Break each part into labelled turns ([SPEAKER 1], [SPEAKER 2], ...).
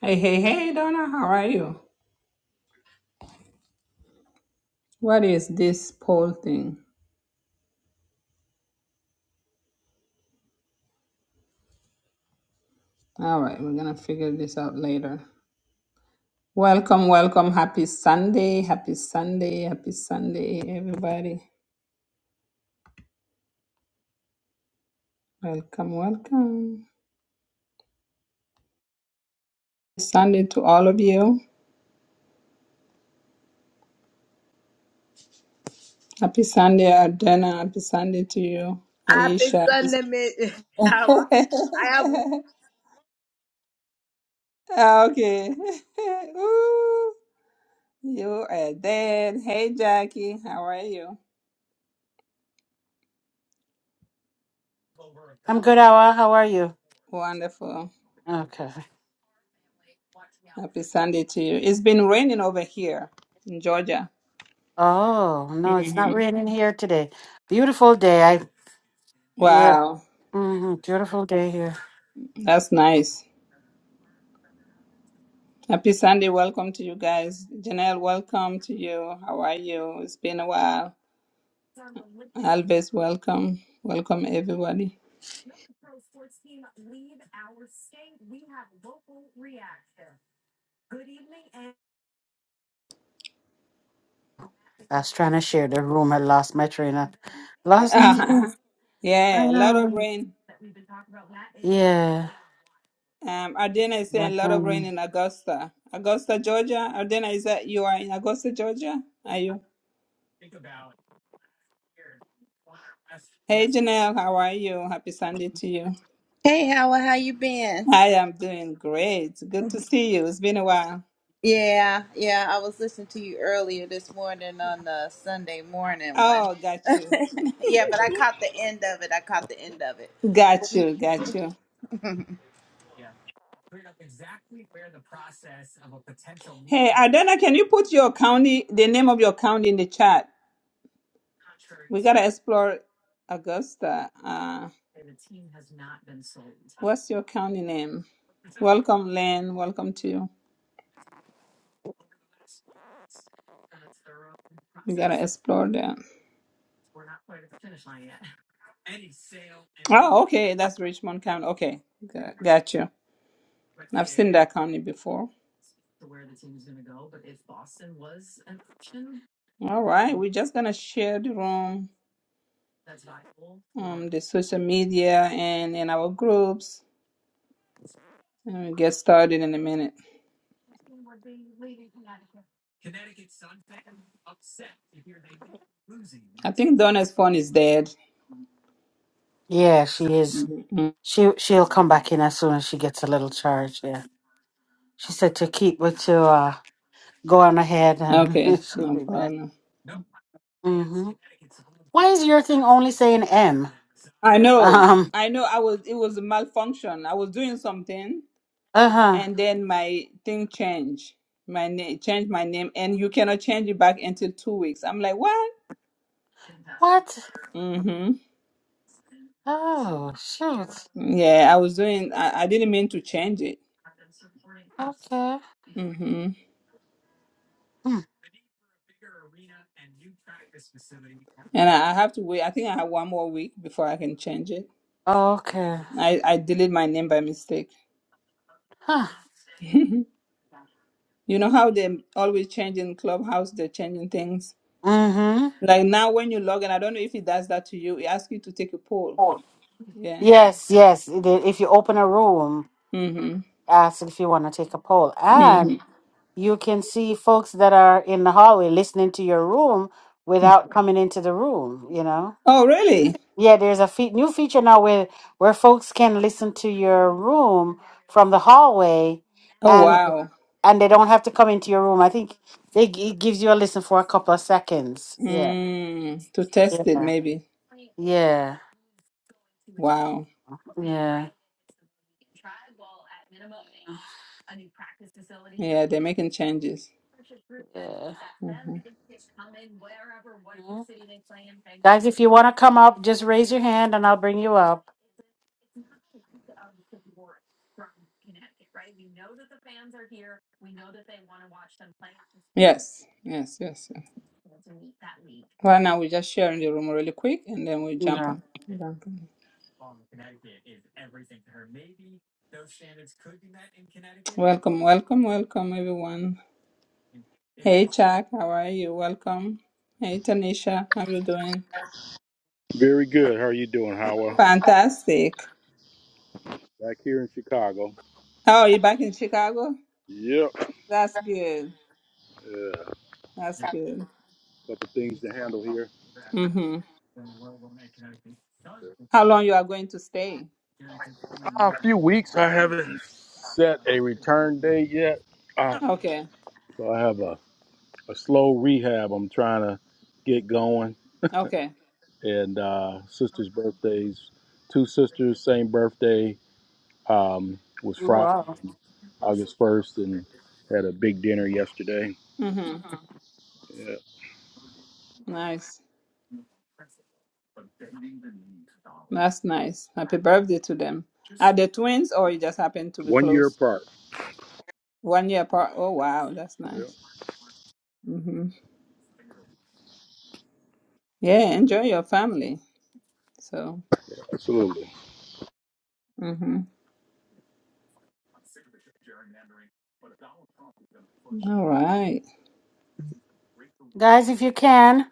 [SPEAKER 1] Hey, hey, hey, Donna, how are you? What is this poll thing? All right, we're gonna figure this out later. Welcome, welcome. Happy Sunday, happy Sunday, happy Sunday, everybody. Welcome, welcome. Sunday to all of you. Happy Sunday, Adana. Happy Sunday to you,
[SPEAKER 2] Happy
[SPEAKER 1] Aisha.
[SPEAKER 2] Sunday, mate. How are- I have
[SPEAKER 1] Ah, okay. Ooh, you are dead. Hey, Jackie, how are you?
[SPEAKER 3] I'm good, Awa. How are you?
[SPEAKER 1] Wonderful.
[SPEAKER 3] Okay.
[SPEAKER 1] Happy Sunday to you. It's been raining over here in Georgia.
[SPEAKER 3] Oh, no, it's
[SPEAKER 1] hmm
[SPEAKER 3] not raining here today. Beautiful day. I yeah,
[SPEAKER 1] Wow,
[SPEAKER 3] hmm beautiful day here.
[SPEAKER 1] that's nice. Happy Sunday. Welcome to you guys. Janelle, welcome to you. How are you? It's been a while. Alves, welcome. Welcome, everybody.
[SPEAKER 3] I was trying to share the room. I lost my train of lost my train.
[SPEAKER 1] Uh-huh. Yeah, a lot
[SPEAKER 3] Ah,
[SPEAKER 1] of rain.
[SPEAKER 3] yeah.
[SPEAKER 1] Um, Ardena is saying
[SPEAKER 3] But,
[SPEAKER 1] a lot of rain
[SPEAKER 3] um,
[SPEAKER 1] in Augusta. Augusta, Georgia. Ardena, is that you are in Augusta, Georgia? Are you? Hey, Janelle, how are you? Happy Sunday to you.
[SPEAKER 4] Hey Howard, how you been?
[SPEAKER 1] I am doing great. Good to see you. It's been a while.
[SPEAKER 4] Yeah, yeah, I was listening to you earlier this morning on the Sunday morning one.
[SPEAKER 1] Oh, got you.
[SPEAKER 4] Yeah, but I caught the end of it. I caught the end of it.
[SPEAKER 1] Got you. Got you. Hey, Adana, can you put your county, the name of your county in the chat? We got to explore Augusta. Uh, what's your county name? Welcome, Lynn. Welcome to you. We got to explore that. Oh, okay. That's Richmond County. Okay. Got, got you. I've seen that county before. All right. We're just going to share the room, um, the social media, and in our groups. All right, get started in a minute. I think Donna's phone is dead.
[SPEAKER 3] yeah, she is.
[SPEAKER 1] hmm
[SPEAKER 3] She she'll come back in as soon as she gets a little charge. Yeah. She said to keep but to uh go on ahead and
[SPEAKER 1] Okay,
[SPEAKER 3] she'll
[SPEAKER 1] no
[SPEAKER 3] be back.
[SPEAKER 1] problem.
[SPEAKER 3] hmm Why is your thing only saying M?
[SPEAKER 1] I know,
[SPEAKER 3] Um.
[SPEAKER 1] I know. I was it was a malfunction. I was doing something,
[SPEAKER 3] Uh huh.
[SPEAKER 1] and then my thing changed. My name changed my name, and you cannot change it back until two weeks. I'm like, what?
[SPEAKER 3] What?
[SPEAKER 1] Mm-hmm.
[SPEAKER 3] Oh shoot.
[SPEAKER 1] Yeah, I was doing. I, I didn't mean to change it.
[SPEAKER 3] Okay.
[SPEAKER 1] Mm-hmm.
[SPEAKER 3] Hmm.
[SPEAKER 1] And I, I have to wait. I think I have one more week before I can change it.
[SPEAKER 3] Okay.
[SPEAKER 1] I I deleted my name by mistake.
[SPEAKER 3] Huh.
[SPEAKER 1] You know how they always changing Clubhouse, they're changing things.
[SPEAKER 3] Mm-hmm.
[SPEAKER 1] Like now, when you log in, I don't know if it does that to you. It asks you to take a poll. Yeah.
[SPEAKER 3] Yes. Yes. it is. If you open a room,
[SPEAKER 1] Mm-hmm.
[SPEAKER 3] ask if you want to take a poll, and
[SPEAKER 1] Mm-hmm.
[SPEAKER 3] you can see folks that are in the hallway listening to your room without coming into the room. You know.
[SPEAKER 1] Oh, really?
[SPEAKER 3] Yeah. There's a fe- new feature now where where folks can listen to your room from the hallway,
[SPEAKER 1] Oh,
[SPEAKER 3] and
[SPEAKER 1] wow.
[SPEAKER 3] and they don't have to come into your room. I think they g- it gives you a listen for a couple of seconds. Yeah.
[SPEAKER 1] Mm, to
[SPEAKER 3] Yeah.
[SPEAKER 1] test it, maybe.
[SPEAKER 3] Yeah.
[SPEAKER 1] Wow.
[SPEAKER 3] Yeah.
[SPEAKER 1] Yeah, they're making changes.
[SPEAKER 3] Yeah.
[SPEAKER 1] hmm
[SPEAKER 3] Guys, if you want to come up, just raise your hand and I'll bring you up.
[SPEAKER 1] Yes. Yes. Yes. yes. Right now, we're just sharing the room really quick, and then we jump
[SPEAKER 3] Yeah.
[SPEAKER 1] on. Jump on. Welcome, welcome, welcome, everyone. Hey, Chuck. How are you? Welcome. Hey, Tanisha. How are you doing?
[SPEAKER 5] Very good. How are you doing, Howard?
[SPEAKER 1] Fantastic.
[SPEAKER 5] Back here in Chicago.
[SPEAKER 1] How are you back in Chicago?
[SPEAKER 5] Yep.
[SPEAKER 1] That's good.
[SPEAKER 5] A
[SPEAKER 1] That's good.
[SPEAKER 5] couple things to handle here.
[SPEAKER 1] Mm-hmm. How long you are going to stay?
[SPEAKER 5] Uh, a few weeks. I haven't set a return date yet. Uh,
[SPEAKER 1] Okay.
[SPEAKER 5] so I have a, a slow rehab I'm trying to get going.
[SPEAKER 1] Okay.
[SPEAKER 5] And uh, sister's birthdays, two sisters, same birthday, um, was
[SPEAKER 3] Oh,
[SPEAKER 5] Friday,
[SPEAKER 3] Wow.
[SPEAKER 5] August 1st, and had a big dinner yesterday.
[SPEAKER 1] Mm-hmm.
[SPEAKER 5] Yeah.
[SPEAKER 1] Nice. That's nice. Happy birthday to them. Are they twins or you just happen to be
[SPEAKER 5] One year
[SPEAKER 1] close?
[SPEAKER 5] apart.
[SPEAKER 1] One year apart. Oh wow, that's
[SPEAKER 5] Yeah,
[SPEAKER 1] nice. Mm-hmm. Yeah, enjoy your family. So
[SPEAKER 5] absolutely.
[SPEAKER 1] mm-hmm. All right.
[SPEAKER 3] Guys, if you can,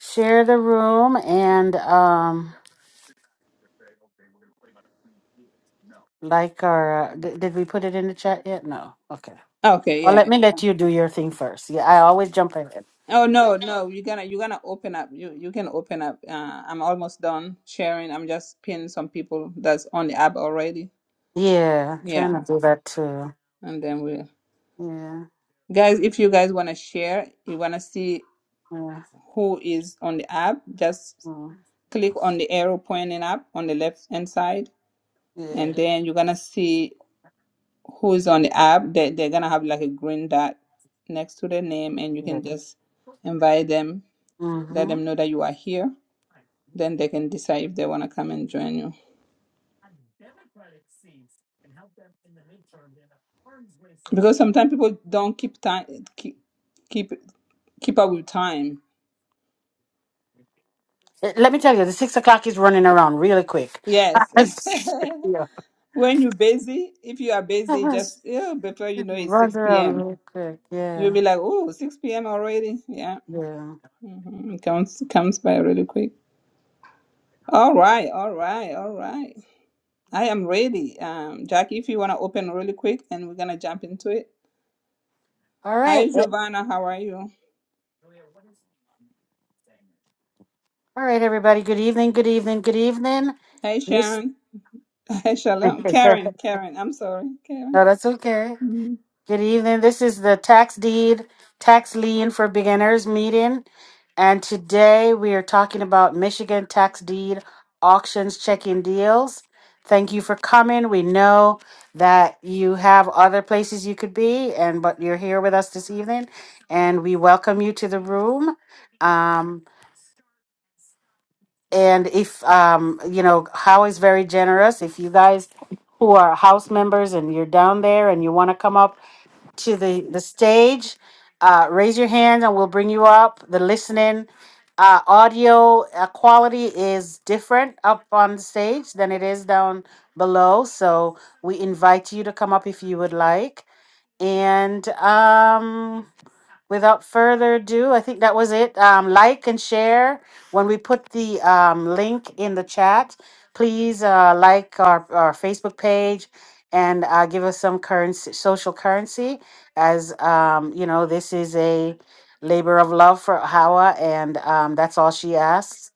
[SPEAKER 3] share the room and um like our uh, d- did we put it in the chat yet? No. Okay.
[SPEAKER 1] Okay,
[SPEAKER 3] Well,
[SPEAKER 1] yeah.
[SPEAKER 3] let me let you do your thing first. Yeah, I always jump in.
[SPEAKER 1] Oh no, no, you're gonna you're gonna open up. You you can open up. Uh, I'm almost done sharing. I'm just pinning some people that's on the app already.
[SPEAKER 3] Yeah, trying to
[SPEAKER 1] Yeah,
[SPEAKER 3] do that too.
[SPEAKER 1] and then we
[SPEAKER 3] Yeah,
[SPEAKER 1] guys, if you guys wanna share, you wanna see
[SPEAKER 3] yeah,
[SPEAKER 1] who is on the app, just
[SPEAKER 3] mm,
[SPEAKER 1] click on the arrow pointing up on the left hand side, and
[SPEAKER 3] yeah.
[SPEAKER 1] then you're gonna see who's on the app. They they're gonna have like a green dot next to their name, and you
[SPEAKER 3] yeah.
[SPEAKER 1] can just invite them, let
[SPEAKER 3] Mm-hmm.
[SPEAKER 1] them know that you are here Then they can decide if they want to come and join you. Because sometimes people don't keep time keep keep keep up with time.
[SPEAKER 3] Eh, Let me tell you, the six o'clock is running around really quick.
[SPEAKER 1] Yes.
[SPEAKER 3] It's- yeah,
[SPEAKER 1] when you're busy, if you are busy, just
[SPEAKER 3] it's
[SPEAKER 1] yeah, before you know it's
[SPEAKER 3] running
[SPEAKER 1] 6
[SPEAKER 3] around
[SPEAKER 1] p.m.
[SPEAKER 3] really quick.
[SPEAKER 1] You'll be
[SPEAKER 3] Yeah,
[SPEAKER 1] like, oh, 6 p.m. already. Yeah.
[SPEAKER 3] yeah.
[SPEAKER 1] Mhm. It comes comes by really quick. All right, all right, all right. I am ready. Um, Jackie, if you want to open really quick and we're going to jump into it.
[SPEAKER 3] All
[SPEAKER 1] Hi,
[SPEAKER 3] right, eh,
[SPEAKER 1] Giovanna. How are you?
[SPEAKER 3] all right, everybody. Good evening. Good evening. Good evening.
[SPEAKER 1] Hi,
[SPEAKER 3] Yes.
[SPEAKER 1] Sharon. Hi, Shalom. Karen,
[SPEAKER 3] no,
[SPEAKER 1] Karen, I'm sorry, Karen.
[SPEAKER 3] that's okay.
[SPEAKER 1] Mhm.
[SPEAKER 3] Good evening. This is the tax deed, tax lien for beginners meeting. And today we are talking about Michigan tax deed auctions checking deals. Thank you for coming. We know that you have other places you could be, and but you're here with us this evening, and we welcome you to the room. Um, and if um, you know, How is very generous. If you guys who are house members and you're down there and you want to come up to the, the stage. Uh, raise your hand and we'll bring you up. The listening uh, audio uh, quality is different up on the stage than it is down below. So we invite you to come up if you would like. And um, Without further ado, I think that was it. Um, like and share. When we put the um, link in the chat, please uh, like our, our Facebook page and uh, give us some currency, social currency, as um, you know, this is a labor of love for Hawa, and um, that's all she asks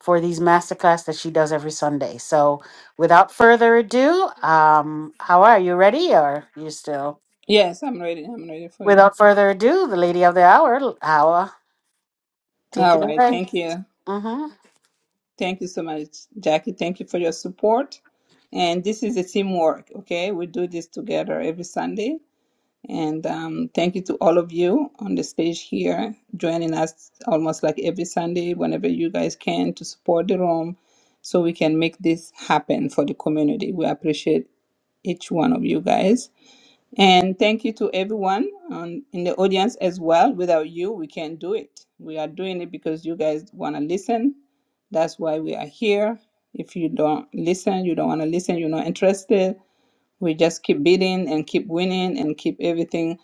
[SPEAKER 3] for these masterclass that she does every Sunday. So, without further ado, um, Hawa, are you ready, or you still?
[SPEAKER 1] Yes, I'm ready. I'm ready for you.
[SPEAKER 3] Without further ado, the lady of the hour, Hawa. Take
[SPEAKER 1] All
[SPEAKER 3] it
[SPEAKER 1] right.
[SPEAKER 3] away.
[SPEAKER 1] Thank you.
[SPEAKER 3] Mm-hmm.
[SPEAKER 1] Thank you so much, Jackie. Thank you for your support. And this is a teamwork, okay? We do this together every Sunday. And um, thank you to all of you on the stage here, joining us almost like every Sunday, whenever you guys can, to support the room so we can make this happen for the community. We appreciate each one of you guys. And thank you to everyone on, in the audience as well. Without you, we can't do it. We are doing it because you guys want to listen. That's why we are here. If you don't listen, you don't want to listen, you're not interested, we just keep beating and keep winning and keep everything.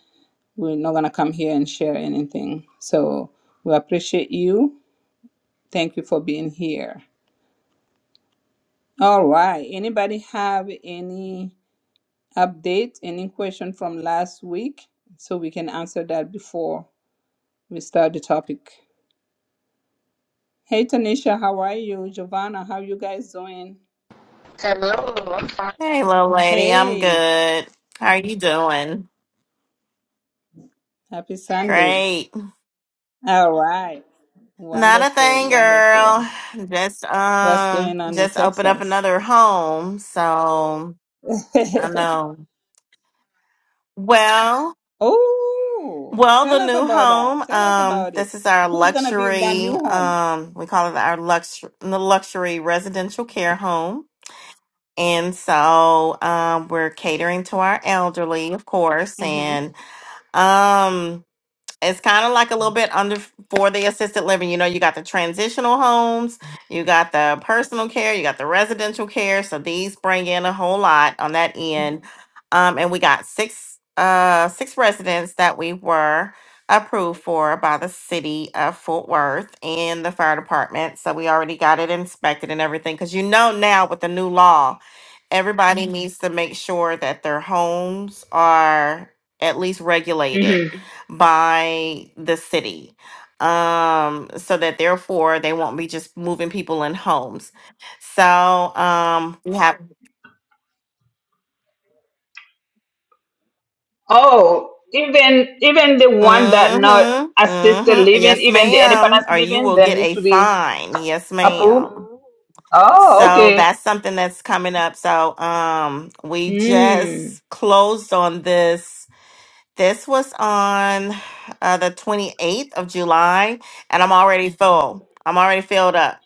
[SPEAKER 1] We're not going to come here and share anything. So we appreciate you. Thank you for being here. All right. Anybody have any update, any question from last week? So we can answer that before We start the topic. Hey Tanisha, how are you? Giovanna, how you guys doing?
[SPEAKER 6] Hello
[SPEAKER 7] Hey, little lady, I'm
[SPEAKER 1] Hey,
[SPEAKER 7] good. How are you doing?
[SPEAKER 1] happy Sunday.
[SPEAKER 7] Great.
[SPEAKER 1] All right.
[SPEAKER 7] Not a
[SPEAKER 1] Wonderful,
[SPEAKER 7] thing, girl.
[SPEAKER 1] wonderful.
[SPEAKER 7] Just
[SPEAKER 1] What's
[SPEAKER 7] um,
[SPEAKER 1] going on in
[SPEAKER 7] just open up
[SPEAKER 1] Texas?
[SPEAKER 7] another home. So I know. Well,
[SPEAKER 1] oh,
[SPEAKER 7] well, the
[SPEAKER 1] tell us
[SPEAKER 7] new
[SPEAKER 1] about that.
[SPEAKER 7] home.
[SPEAKER 1] Tell us
[SPEAKER 7] Um,
[SPEAKER 1] about it.
[SPEAKER 7] this is our
[SPEAKER 1] Who's gonna be in that new
[SPEAKER 7] luxury.
[SPEAKER 1] home?
[SPEAKER 7] Um, we call it our lux the luxury residential care home. And so, um, we're catering to our elderly, of course,
[SPEAKER 1] Mm-hmm.
[SPEAKER 7] and. um. it's kind of like a little bit under for the assisted living. You know, you got the transitional homes, you got the personal care, you got the residential care. So these bring in a whole lot on that end.
[SPEAKER 1] Mm-hmm.
[SPEAKER 7] Um, and we got six uh six residents that we were approved for by the city of Fort Worth and the fire department. So we already got it inspected and everything. Cause you know now with the new law, everybody Mhm. needs to make sure that their homes are at least regulated by the city um so that therefore they won't be just moving people in homes so um we have
[SPEAKER 1] Oh, even even the one that not
[SPEAKER 7] mm-hmm,
[SPEAKER 1] assisted
[SPEAKER 7] mm-hmm,
[SPEAKER 1] living,
[SPEAKER 7] yes
[SPEAKER 1] even the
[SPEAKER 7] ma'am
[SPEAKER 1] independence
[SPEAKER 7] or you
[SPEAKER 1] living,
[SPEAKER 7] will
[SPEAKER 1] they
[SPEAKER 7] get
[SPEAKER 1] need
[SPEAKER 7] a
[SPEAKER 1] to be
[SPEAKER 7] fine yes
[SPEAKER 1] approved.
[SPEAKER 7] ma'am
[SPEAKER 1] Oh,
[SPEAKER 7] so
[SPEAKER 1] okay.
[SPEAKER 7] that's something that's coming up so um we
[SPEAKER 1] Mm.
[SPEAKER 7] just closed on this this was on uh, the 28th of july and i'm already full i'm already filled up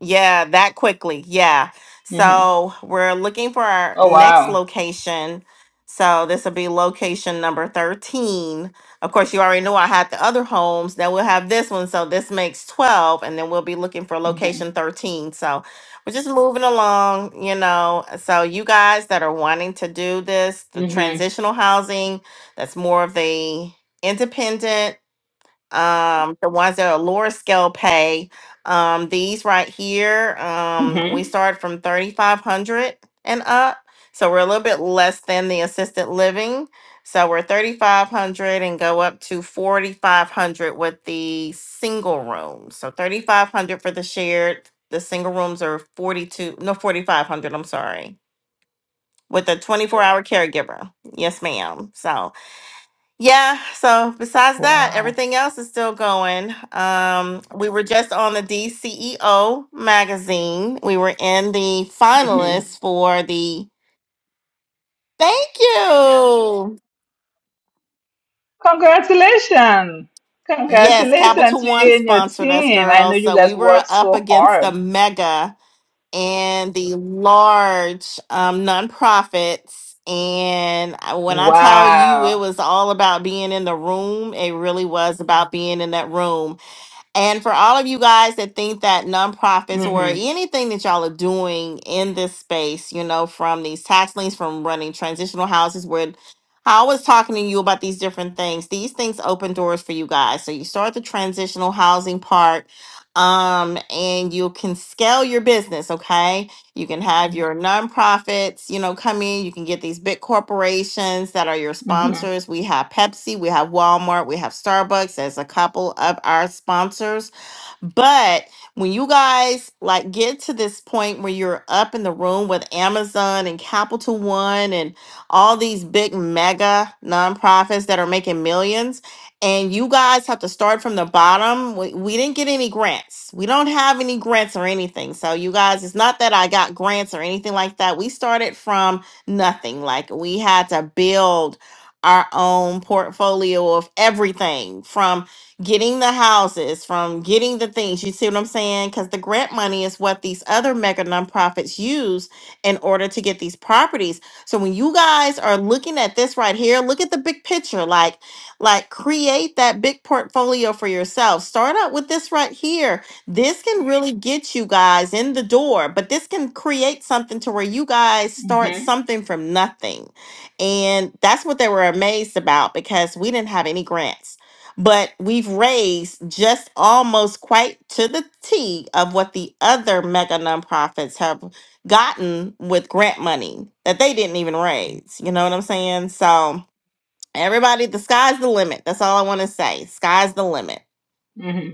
[SPEAKER 7] Yeah, that quickly. Yeah.
[SPEAKER 1] Mm-hmm.
[SPEAKER 7] So we're looking for our
[SPEAKER 1] Oh
[SPEAKER 7] next
[SPEAKER 1] wow.
[SPEAKER 7] location. So this will be location number 13. Of course, you already know I had the other homes. Now we'll have this one. So this makes 12. And then we'll be looking for
[SPEAKER 1] Mm-hmm.
[SPEAKER 7] location 13. So we're just moving along, you know. So you guys that are wanting to do this, the
[SPEAKER 1] Mm-hmm.
[SPEAKER 7] transitional housing, that's more of the independent um the ones that are lower scale pay um these right here um we
[SPEAKER 1] Mm-hmm.
[SPEAKER 7] start from 3500 and up so we're a little bit less than the assisted living so we're 3500 and go up to 4500 with the single rooms so 3500 for the shared the single rooms are 42 no 4500 i'm sorry with a 24 hour caregiver yes ma'am so yeah, so besides that,
[SPEAKER 1] Wow.
[SPEAKER 7] everything else is still going. Um, we were just on the DCEO magazine. We were in the
[SPEAKER 1] Mm-hmm.
[SPEAKER 7] finalists for the Thank you.
[SPEAKER 1] Congratulations.
[SPEAKER 7] Yes,
[SPEAKER 1] Congratulations
[SPEAKER 7] Capital
[SPEAKER 1] to
[SPEAKER 7] One
[SPEAKER 1] you and your
[SPEAKER 7] sponsored us,
[SPEAKER 1] team. I know
[SPEAKER 7] girls.
[SPEAKER 1] you
[SPEAKER 7] So we
[SPEAKER 1] guys
[SPEAKER 7] were
[SPEAKER 1] work
[SPEAKER 7] up
[SPEAKER 1] so
[SPEAKER 7] against the
[SPEAKER 1] hard.
[SPEAKER 7] mega and the large um, nonprofits. And I- when I tell you it
[SPEAKER 1] Wow.
[SPEAKER 7] was all about being in the room, it really was about being in that room And for all of you guys that think that nonprofits or
[SPEAKER 1] Mm-hmm.
[SPEAKER 7] anything that y'all are doing in this space, you know, from these tax liens, from running transitional houses, where I was talking to you about these different things, these things open doors for you guys. So you start the transitional housing part um and you can scale your business okay you can have your nonprofits, you know, come in. You can get these big corporations that are your
[SPEAKER 1] Mm-hmm.
[SPEAKER 7] sponsors. We have Pepsi, we have Walmart, we have Starbucks as a couple of our sponsors but when you guys like get to this point where you're up in the room with Amazon and Capital One and all these big mega nonprofits that are making millions, and you guys have to start from the bottom. We, we didn't get any grants. We don't have any grants or anything. So you guys, it's not that I got grants or anything like that. We started from nothing. Like we had to build our own portfolio of everything from getting the houses, from getting the things. You see what I'm saying? Because the grant money is what these other mega nonprofits use in order to get these properties. So when you guys are looking at this right here, look at the big picture. Like, like create that big portfolio for yourself. Start out with this right here. This can really get you guys in the door, but this can create something to where you guys start
[SPEAKER 1] Mm-hmm.
[SPEAKER 7] something from nothing. And that's what they were amazed about because we didn't have any grants but we've raised just almost quite to the T of what the other mega nonprofits have gotten with grant money that they didn't even raise. You know what I'm saying? So, everybody, the sky's the limit. That's all I want to say. Sky's the limit.
[SPEAKER 1] Mm-hmm.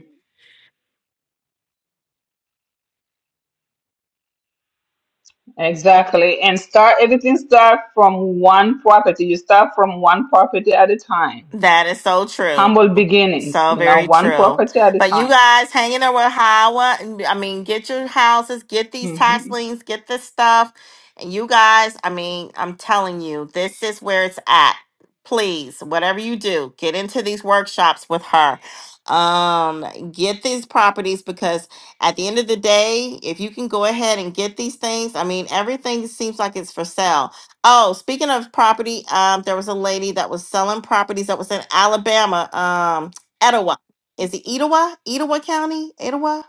[SPEAKER 1] Exactly. And start everything start from one property. You start from one property at a time.
[SPEAKER 7] That is so true.
[SPEAKER 1] Humble beginnings,
[SPEAKER 7] So
[SPEAKER 1] you know,
[SPEAKER 7] very Mhm.
[SPEAKER 1] one
[SPEAKER 7] true.
[SPEAKER 1] property at a
[SPEAKER 7] But you
[SPEAKER 1] time.
[SPEAKER 7] guys hanging around Howard, and- I mean, get your houses, get these tax
[SPEAKER 1] Mm-hmm.
[SPEAKER 7] liens, get this stuff. And you guys, I mean, I'm telling you, this is where it's at. Please, whatever you do, get into these workshops with her. Um, get these properties because at the end of the day, if you can go ahead and get these things, I mean, everything seems like it's for sale. Oh, speaking of property, um, there was a lady that was selling properties that was in Alabama. um, Etowah. Is it Etowah? Etowah County? Etowah?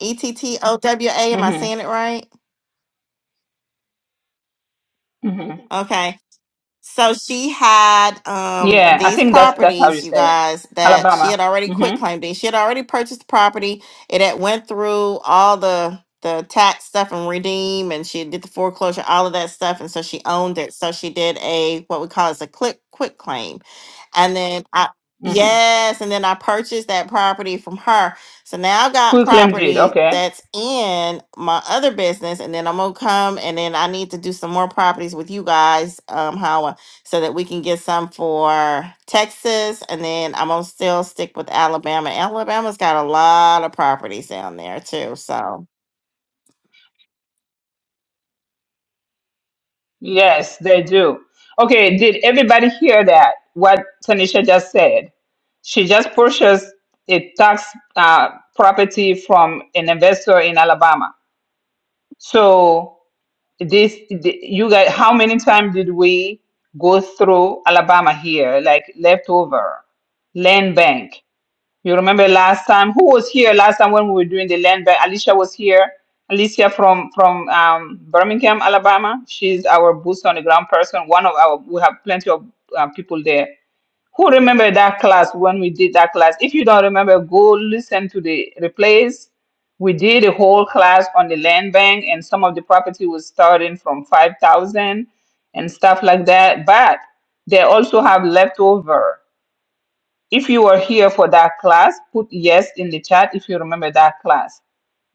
[SPEAKER 7] E T T O W A. Am I saying
[SPEAKER 1] Mm-hmm.
[SPEAKER 7] it right?
[SPEAKER 1] Mm-hmm.
[SPEAKER 7] Okay. So she had um
[SPEAKER 1] Yeah, I
[SPEAKER 7] these
[SPEAKER 1] think that's that's how you
[SPEAKER 7] properties, you
[SPEAKER 1] say it.
[SPEAKER 7] guys, that she
[SPEAKER 1] Alabama.
[SPEAKER 7] had already quit
[SPEAKER 1] Mm-hmm.
[SPEAKER 7] claimed these. She had already purchased the property. It had went through all the the tax stuff and redeem and she did the foreclosure, all of that stuff. And so she owned it. So she did a what we call is a click quit claim. And then I
[SPEAKER 1] Mm-hmm.
[SPEAKER 7] yes, and then I purchased that property from her So now I've got
[SPEAKER 1] Who claim it?
[SPEAKER 7] property
[SPEAKER 1] Okay.
[SPEAKER 7] that's in my other business, and then I'm gonna come and then I need to do some more properties with you guys, um, Hawa, so that we can get some for Texas, and then I'm gonna still stick with Alabama. Alabama's got a lot of properties down there too, so
[SPEAKER 1] Yes, they do. Okay, did everybody hear that? What Tanisha just said? She just purchased a tax uh, property from an investor in Alabama. So this, the, you guys, how many times did we go through Alabama here, like leftover land bank? You remember last time who was here last time when we were doing the land bank? Alicia was here. Alicia from from um, Birmingham, Alabama. She's our boots on the ground person. One of our we have plenty of uh, people there. Who remember that class when we did that class? If you don't remember, go listen to the replays. We did a whole class on the land bank, and some of the property was starting from five thousand and stuff like that. But they also have leftover. If you were here for that class, put yes in the chat if you remember that class.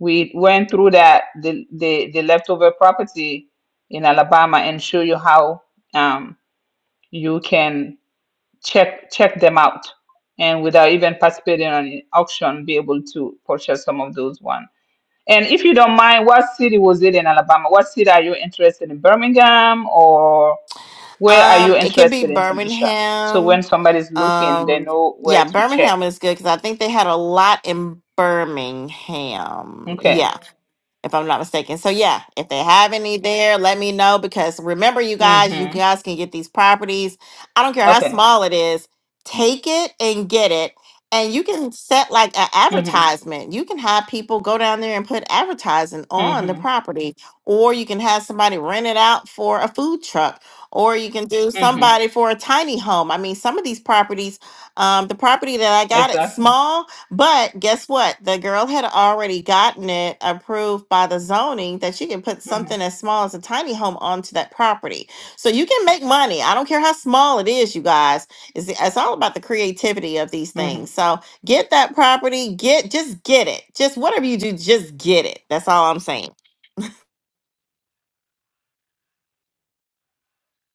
[SPEAKER 1] We went through that the the, the leftover property in Alabama and show you how um, you can check check them out and without even participating on an auction be able to purchase some of those ones. And if you don't mind, what city was it in Alabama? What city are you interested in? Birmingham or where are
[SPEAKER 7] um,
[SPEAKER 1] you
[SPEAKER 7] it could be
[SPEAKER 1] interested in Tanisha? So when
[SPEAKER 7] Birmingham.
[SPEAKER 1] somebody's looking, they
[SPEAKER 7] Um,
[SPEAKER 1] know
[SPEAKER 7] yeah,
[SPEAKER 1] where to check.
[SPEAKER 7] Birmingham is good because I think they had a lot in Birmingham. yeah.
[SPEAKER 1] Okay.
[SPEAKER 7] if I'm not mistaken. So yeah, if they have any there, let me know because remember you guys, you
[SPEAKER 1] Mhm.
[SPEAKER 7] guys can get these properties. I don't care how
[SPEAKER 1] Okay.
[SPEAKER 7] small it is, take it and get it. And you can set like an
[SPEAKER 1] Mhm.
[SPEAKER 7] advertisement. You can have people go down there and put advertising on the
[SPEAKER 1] Mhm.
[SPEAKER 7] property, or you can have somebody rent it out for a food truck, or you can do
[SPEAKER 1] Mhm.
[SPEAKER 7] somebody for a tiny home. I mean, some of these properties, um, the property that I got, it's
[SPEAKER 1] Exactly.
[SPEAKER 7] small, but guess what? The girl had already gotten it approved by the zoning that you can put
[SPEAKER 1] Mhm.
[SPEAKER 7] something as small as a tiny home onto that property. So you can make money. I don't care how small it is, you guys. It's, it's all about the creativity of these
[SPEAKER 1] Mhm.
[SPEAKER 7] things. So get that property, get just get it. Just whatever you do, just get it. That's all I'm saying.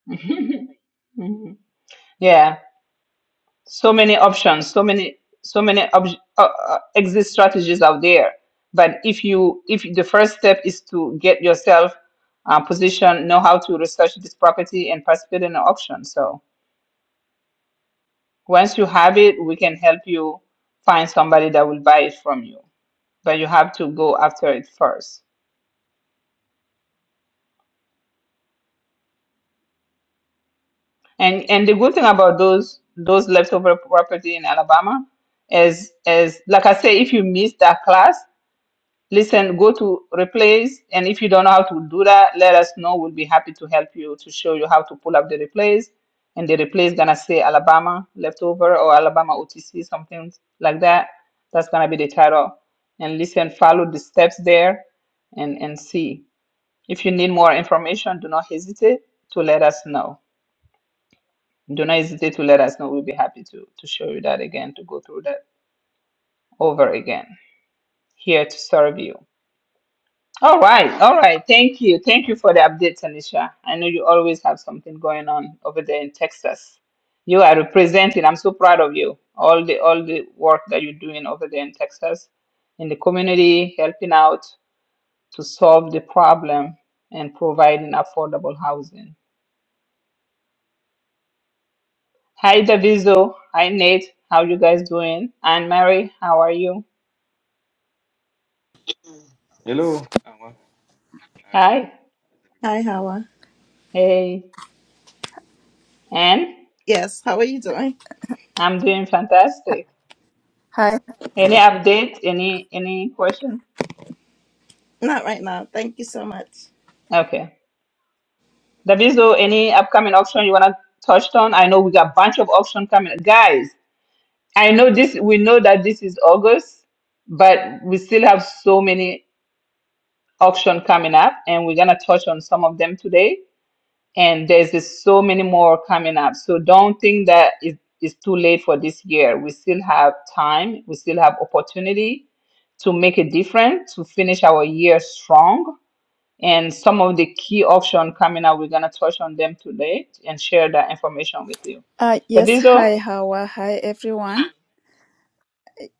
[SPEAKER 1] Mhm. Yeah. So many options. So many. So many ob- uh, uh, exit strategies out there. But if you, if the first step is to get yourself uh, positioned, know how to research this property and participate in an auction. So once you have it, we can help you find somebody that will buy it from you. But you have to go after it first. And and the good thing about those those leftover property in Alabama is is like I say, if you miss that class, listen, go to replays. And if you don't know how to do that, let us know. We'll be happy to help you to show you how to pull up the replays. And the replay is gonna say Alabama leftover or Alabama OTC, something like that. That's gonna be the title. And listen, follow the steps there and, and see. If you need more information, do not hesitate to let us know. Do not hesitate to let us know. We'll be happy to, to show you that again, to go through that over again. Here to serve you. All right, all right. Thank you. Thank you for the update, Tanisha. I know you always have something going on over there in Texas. You are representing. I'm so proud of you. All the all the work that you're doing over there in Texas, in the community, helping out to solve the problem and providing affordable housing. Hi Daviso. Hi Nate. How you guys doing? Anne Mary, how are you?
[SPEAKER 8] Hello. How are- how's
[SPEAKER 1] Hi.
[SPEAKER 9] Hi,
[SPEAKER 8] everybody doing?
[SPEAKER 9] Hawa.
[SPEAKER 1] Hey. And
[SPEAKER 9] Yes, how are you doing?
[SPEAKER 1] I'm doing fantastic.
[SPEAKER 10] Hi.
[SPEAKER 1] Any update? Any any question?
[SPEAKER 9] Not right now. Thank you so much.
[SPEAKER 1] Okay. Daviso, any upcoming auction you wanna touch on? I know we got a bunch of auction coming. Guys, I know this we know that this is August, but we still have so many auction coming up and we're gonna touch on some of them today. and there's just so many more coming up. So don't think that it's too late for this year. We still have time. We still have opportunity to make a difference, to finish our year strong. And some of the key options coming up, we're gonna touch on them today and share that information with you.
[SPEAKER 10] Uh, yes.
[SPEAKER 1] Daviso,
[SPEAKER 10] Hi, Hawa. Hi, everyone.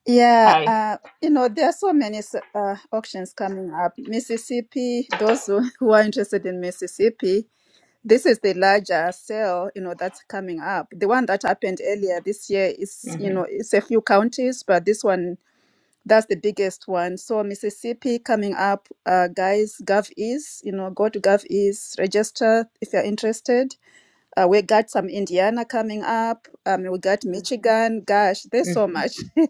[SPEAKER 10] Yeah.
[SPEAKER 1] hi.
[SPEAKER 10] Uh, you know, there are so many s- uh, auctions coming up. Mississippi. Those who, who are interested in Mississippi, this is the larger sale. You know, that's coming up. The one that happened earlier this year is, you
[SPEAKER 1] hmm
[SPEAKER 10] know, it's a few counties, but this one that's the biggest one. So Mississippi coming up. Uh, guys, Gov is. You know, go to Gov is register if you're interested Uh, we got some Indiana coming up. Um, we got Michigan. Gosh, there's so
[SPEAKER 1] hmm
[SPEAKER 10] much.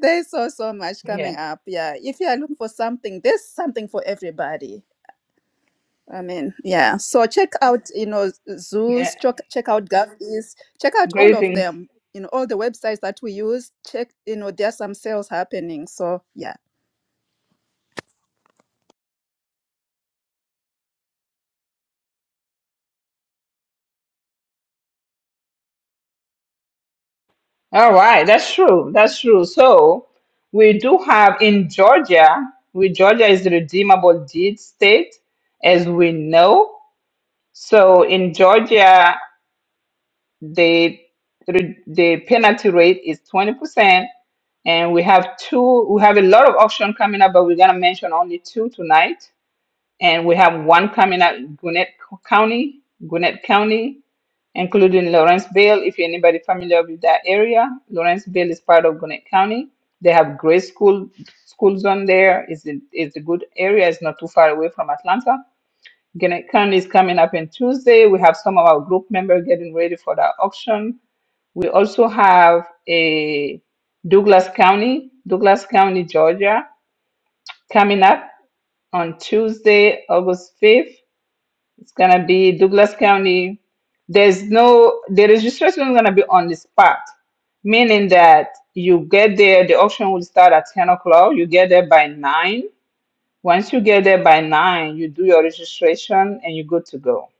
[SPEAKER 10] there's so so much coming
[SPEAKER 1] Yeah,
[SPEAKER 10] up. Yeah, if you are looking for something, there's something for everybody. I mean, yeah. So check out, you know,
[SPEAKER 1] yeah.
[SPEAKER 10] zoos. Check check out GovEase. Check out all of
[SPEAKER 1] Greetings.
[SPEAKER 10] them. You know, all the websites that we use. Check, you know, there are some sales happening. So yeah.
[SPEAKER 1] All right, that's true. That's true. So we do have in Georgia, we Georgia is the redeemable deed state, as we know. So in Georgia, the the the penalty rate is twenty percent, and we have two. We have a lot of auction coming up, but we're gonna mention only two tonight. And we have one coming up Gwinnett County, Gwinnett County, including Lawrenceville. If anybody familiar with that area, Lawrenceville is part of Gwinnett County. They have great school school zone there. It's a, it's a good area. It's not too far away from Atlanta. Gwinnett County is coming up on Tuesday. We have some of our group members getting ready for that auction. We also have a Douglas County, Douglas County, Georgia, coming up on Tuesday, August 5th. It's gonna be Douglas County. There's no the registration is gonna be on the spot, meaning that you get there, the auction will start at 10 o'clock. You get there by nine. Once you get there by nine, you do your registration and you're good to go.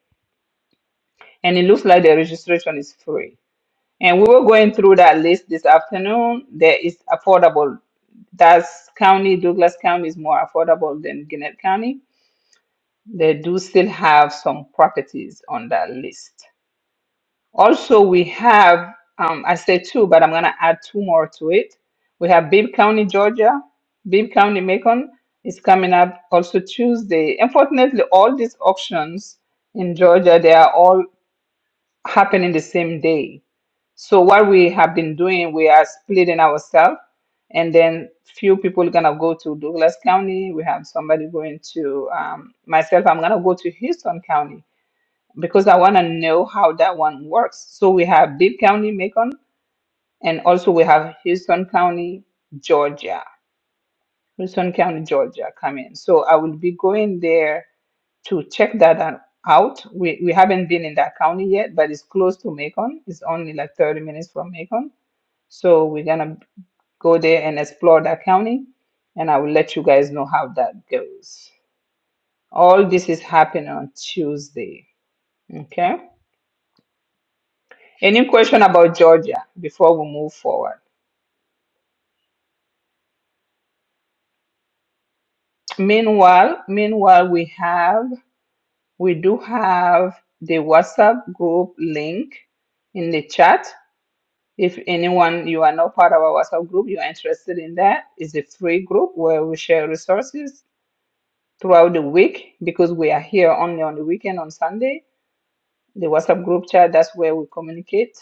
[SPEAKER 1] And it looks like the registration is free. And we were going through that list this afternoon. There is affordable. That's county, Douglas County is more affordable than Gwinnett County. They do still have some properties on that list. Also, we have, um, I say two, but I'm going to add two more to it. We have Bibb County, Georgia. Bibb County, Macon is coming up also Tuesday. Unfortunately, all these auctions in Georgia, they are all happening the same day. So what we have been doing, we are splitting ourselves, and then few people gonna go to Douglas County. We have somebody going to um, myself. I'm gonna go to Houston County because I want to know how that one works. So we have Bibb County, Macon, and also we have Houston County, Georgia. Houston County, Georgia, come in. So I will be going there to check that out. out. We, we haven't been in that county yet, but it's close to Macon. It's only like 30 minutes from Macon. So we're going to go there and explore that county, and I will let you guys know how that goes. All this is happening on Tuesday. Okay. Any question about Georgia before we move forward? Meanwhile, meanwhile, we have we do have the WhatsApp group link in the chat. If anyone you are not part of our WhatsApp group, you're interested in that, it's a free group where we share resources throughout the week because we are here only on the weekend on Sunday. The WhatsApp group chat, that's where we communicate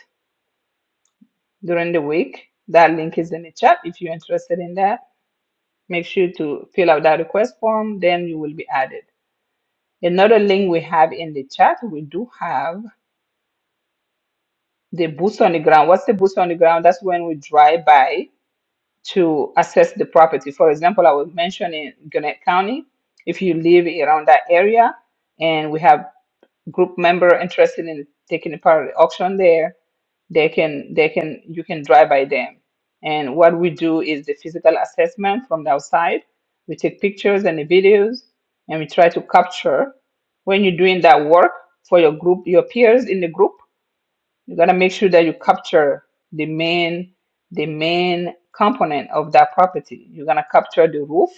[SPEAKER 1] during the week. That link is in the chat if you're interested in that Make sure to fill out that request form, then you will be added. Another link we have in the chat, we do have the boots on the ground. What's the boots on the ground? That's when we drive by to assess the property. For example, I was mentioning Gwinnett County. If you live around that area, and we have group member interested in taking part of the auction there, they can they can you can drive by them. And what we do is the physical assessment from the outside. We take pictures and the videos and we try to capture when you're doing that work for your group, your peers in the group, you gotta make sure that you capture the main the main component of that property. You're gonna capture the roof,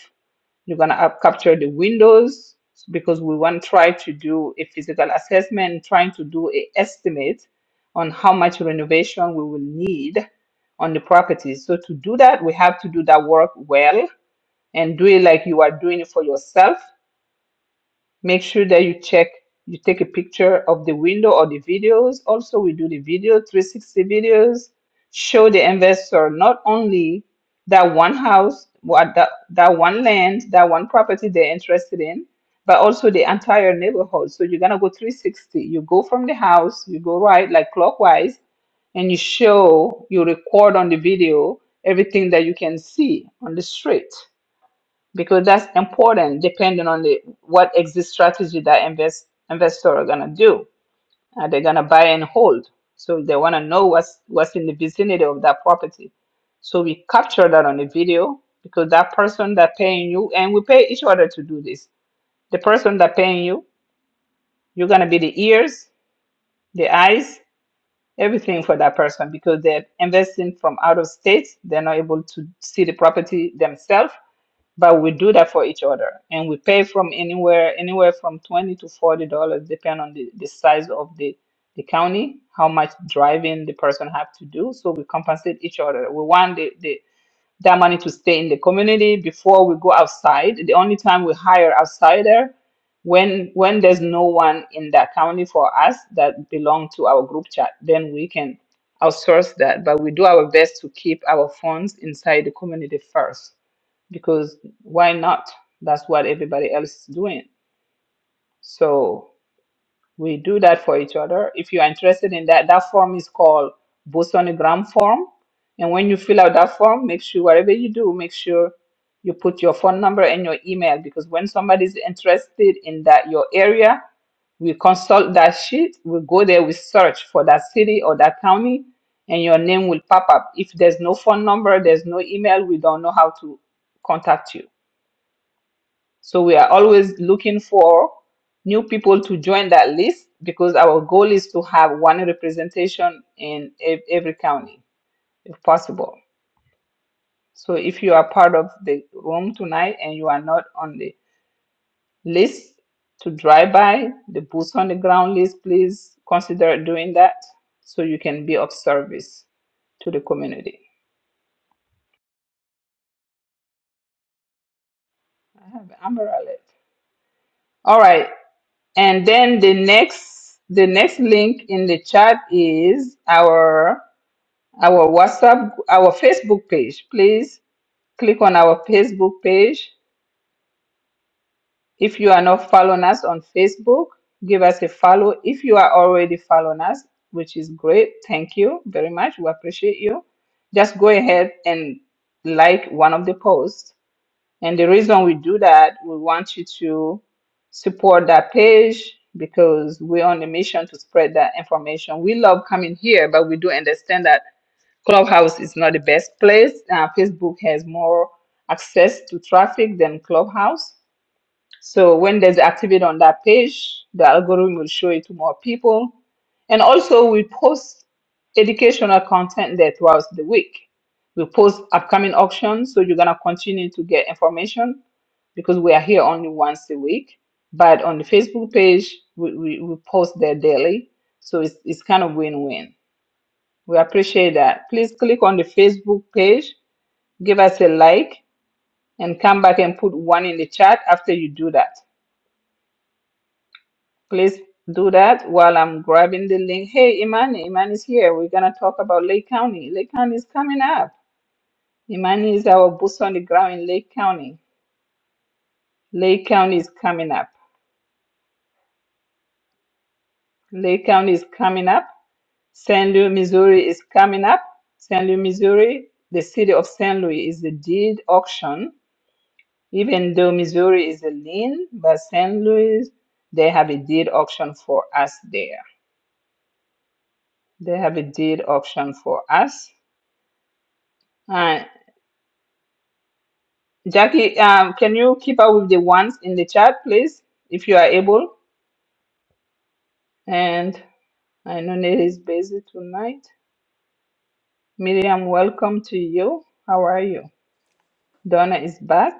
[SPEAKER 1] you're gonna up capture the windows because we want to try to do a physical assessment, trying to do a estimate on how much renovation we will need on the properties. So to do that, we have to do that work well and do it like you are doing it for yourself Make sure that you check, you take a picture of the window or the videos. Also, we do the video, 360 videos. Show the investor not only that one house, what that, that one land, that one property they're interested in, but also the entire neighborhood. So you're gonna go 360. You go from the house, you go right like clockwise, and you show, you record on the video everything that you can see on the street because that's important depending on the what exit strategy that invest investor are gonna do. Are they gonna buy and hold? So they wanna know what's what's in the vicinity of that property. So we capture that on the video because that person that paying you and we pay each other to do this. The person that paying you, you're gonna be the ears, the eyes, everything for that person because they're investing from out of state. They're not able to see the property themselves but we do that for each other and we pay from anywhere anywhere from 20 to 40 dollars depend on the, the size of the the county how much driving the person have to do so we compensate each other we want the, the that money to stay in the community before we go outside. The only time we hire outsider when when there's no one in that county for us that belong to our group chat, then we can outsource that. But we do our best to keep our funds inside the community first because why not? That's what everybody else is doing. So we do that for each other. If you are interested in that, that form is called Bosonogram form. And when you fill out that form, make sure whatever you do, make sure you put your phone number and your email because when somebody is interested in that your area, we consult that sheet. We go there, we search for that city or that county, and your name will pop up. If there's no phone number, there's no email, we don't know how to contact you. So we are always looking for new people to join that list because our goal is to have one representation in ev- every county if possible. So if you are part of the room tonight and you are not on the list to drive by the boots on the ground list, please consider doing that so you can be of service to the community. I have Amber alert. All right. And then the next the next link in the chat is our our WhatsApp our Facebook page. Please click on our Facebook page. If you are not following us on Facebook, give us a follow. If you are already following us, which is great, thank you very much. We appreciate you. Just go ahead and like one of the posts and the reason we do that, we want you to support that page because we're on a mission to spread that information. We love coming here, but we do understand that Clubhouse is not the best place. Uh, Facebook has more access to traffic than Clubhouse. So when there's activity on that page, the algorithm will show it to more people. And also, we post educational content there throughout the week. We post upcoming auctions, so you're gonna continue to get information because we are here only once a week. But on the Facebook page, we, we, we post there daily. So it's, it's kind of win win. We appreciate that. Please click on the Facebook page, give us a like, and come back and put one in the chat after you do that. Please do that while I'm grabbing the link. Hey, Imani, Imani's here. We're going to talk about Lake County. Lake County is coming up. Imani is our boots on the ground in Lake County. Lake County is coming up. Lake County is coming up. St. Louis, Missouri is coming up. St. Louis, Missouri, the city of St. Louis is the deed auction. Even though Missouri is a lien, but St. Louis, they have a deed auction for us there. They have a deed auction for us. Uh, Jackie, um, can you keep up with the ones in the chat, please, if you are able? And I know Nelly is busy tonight. Miriam, welcome to you. How are you? Donna is back.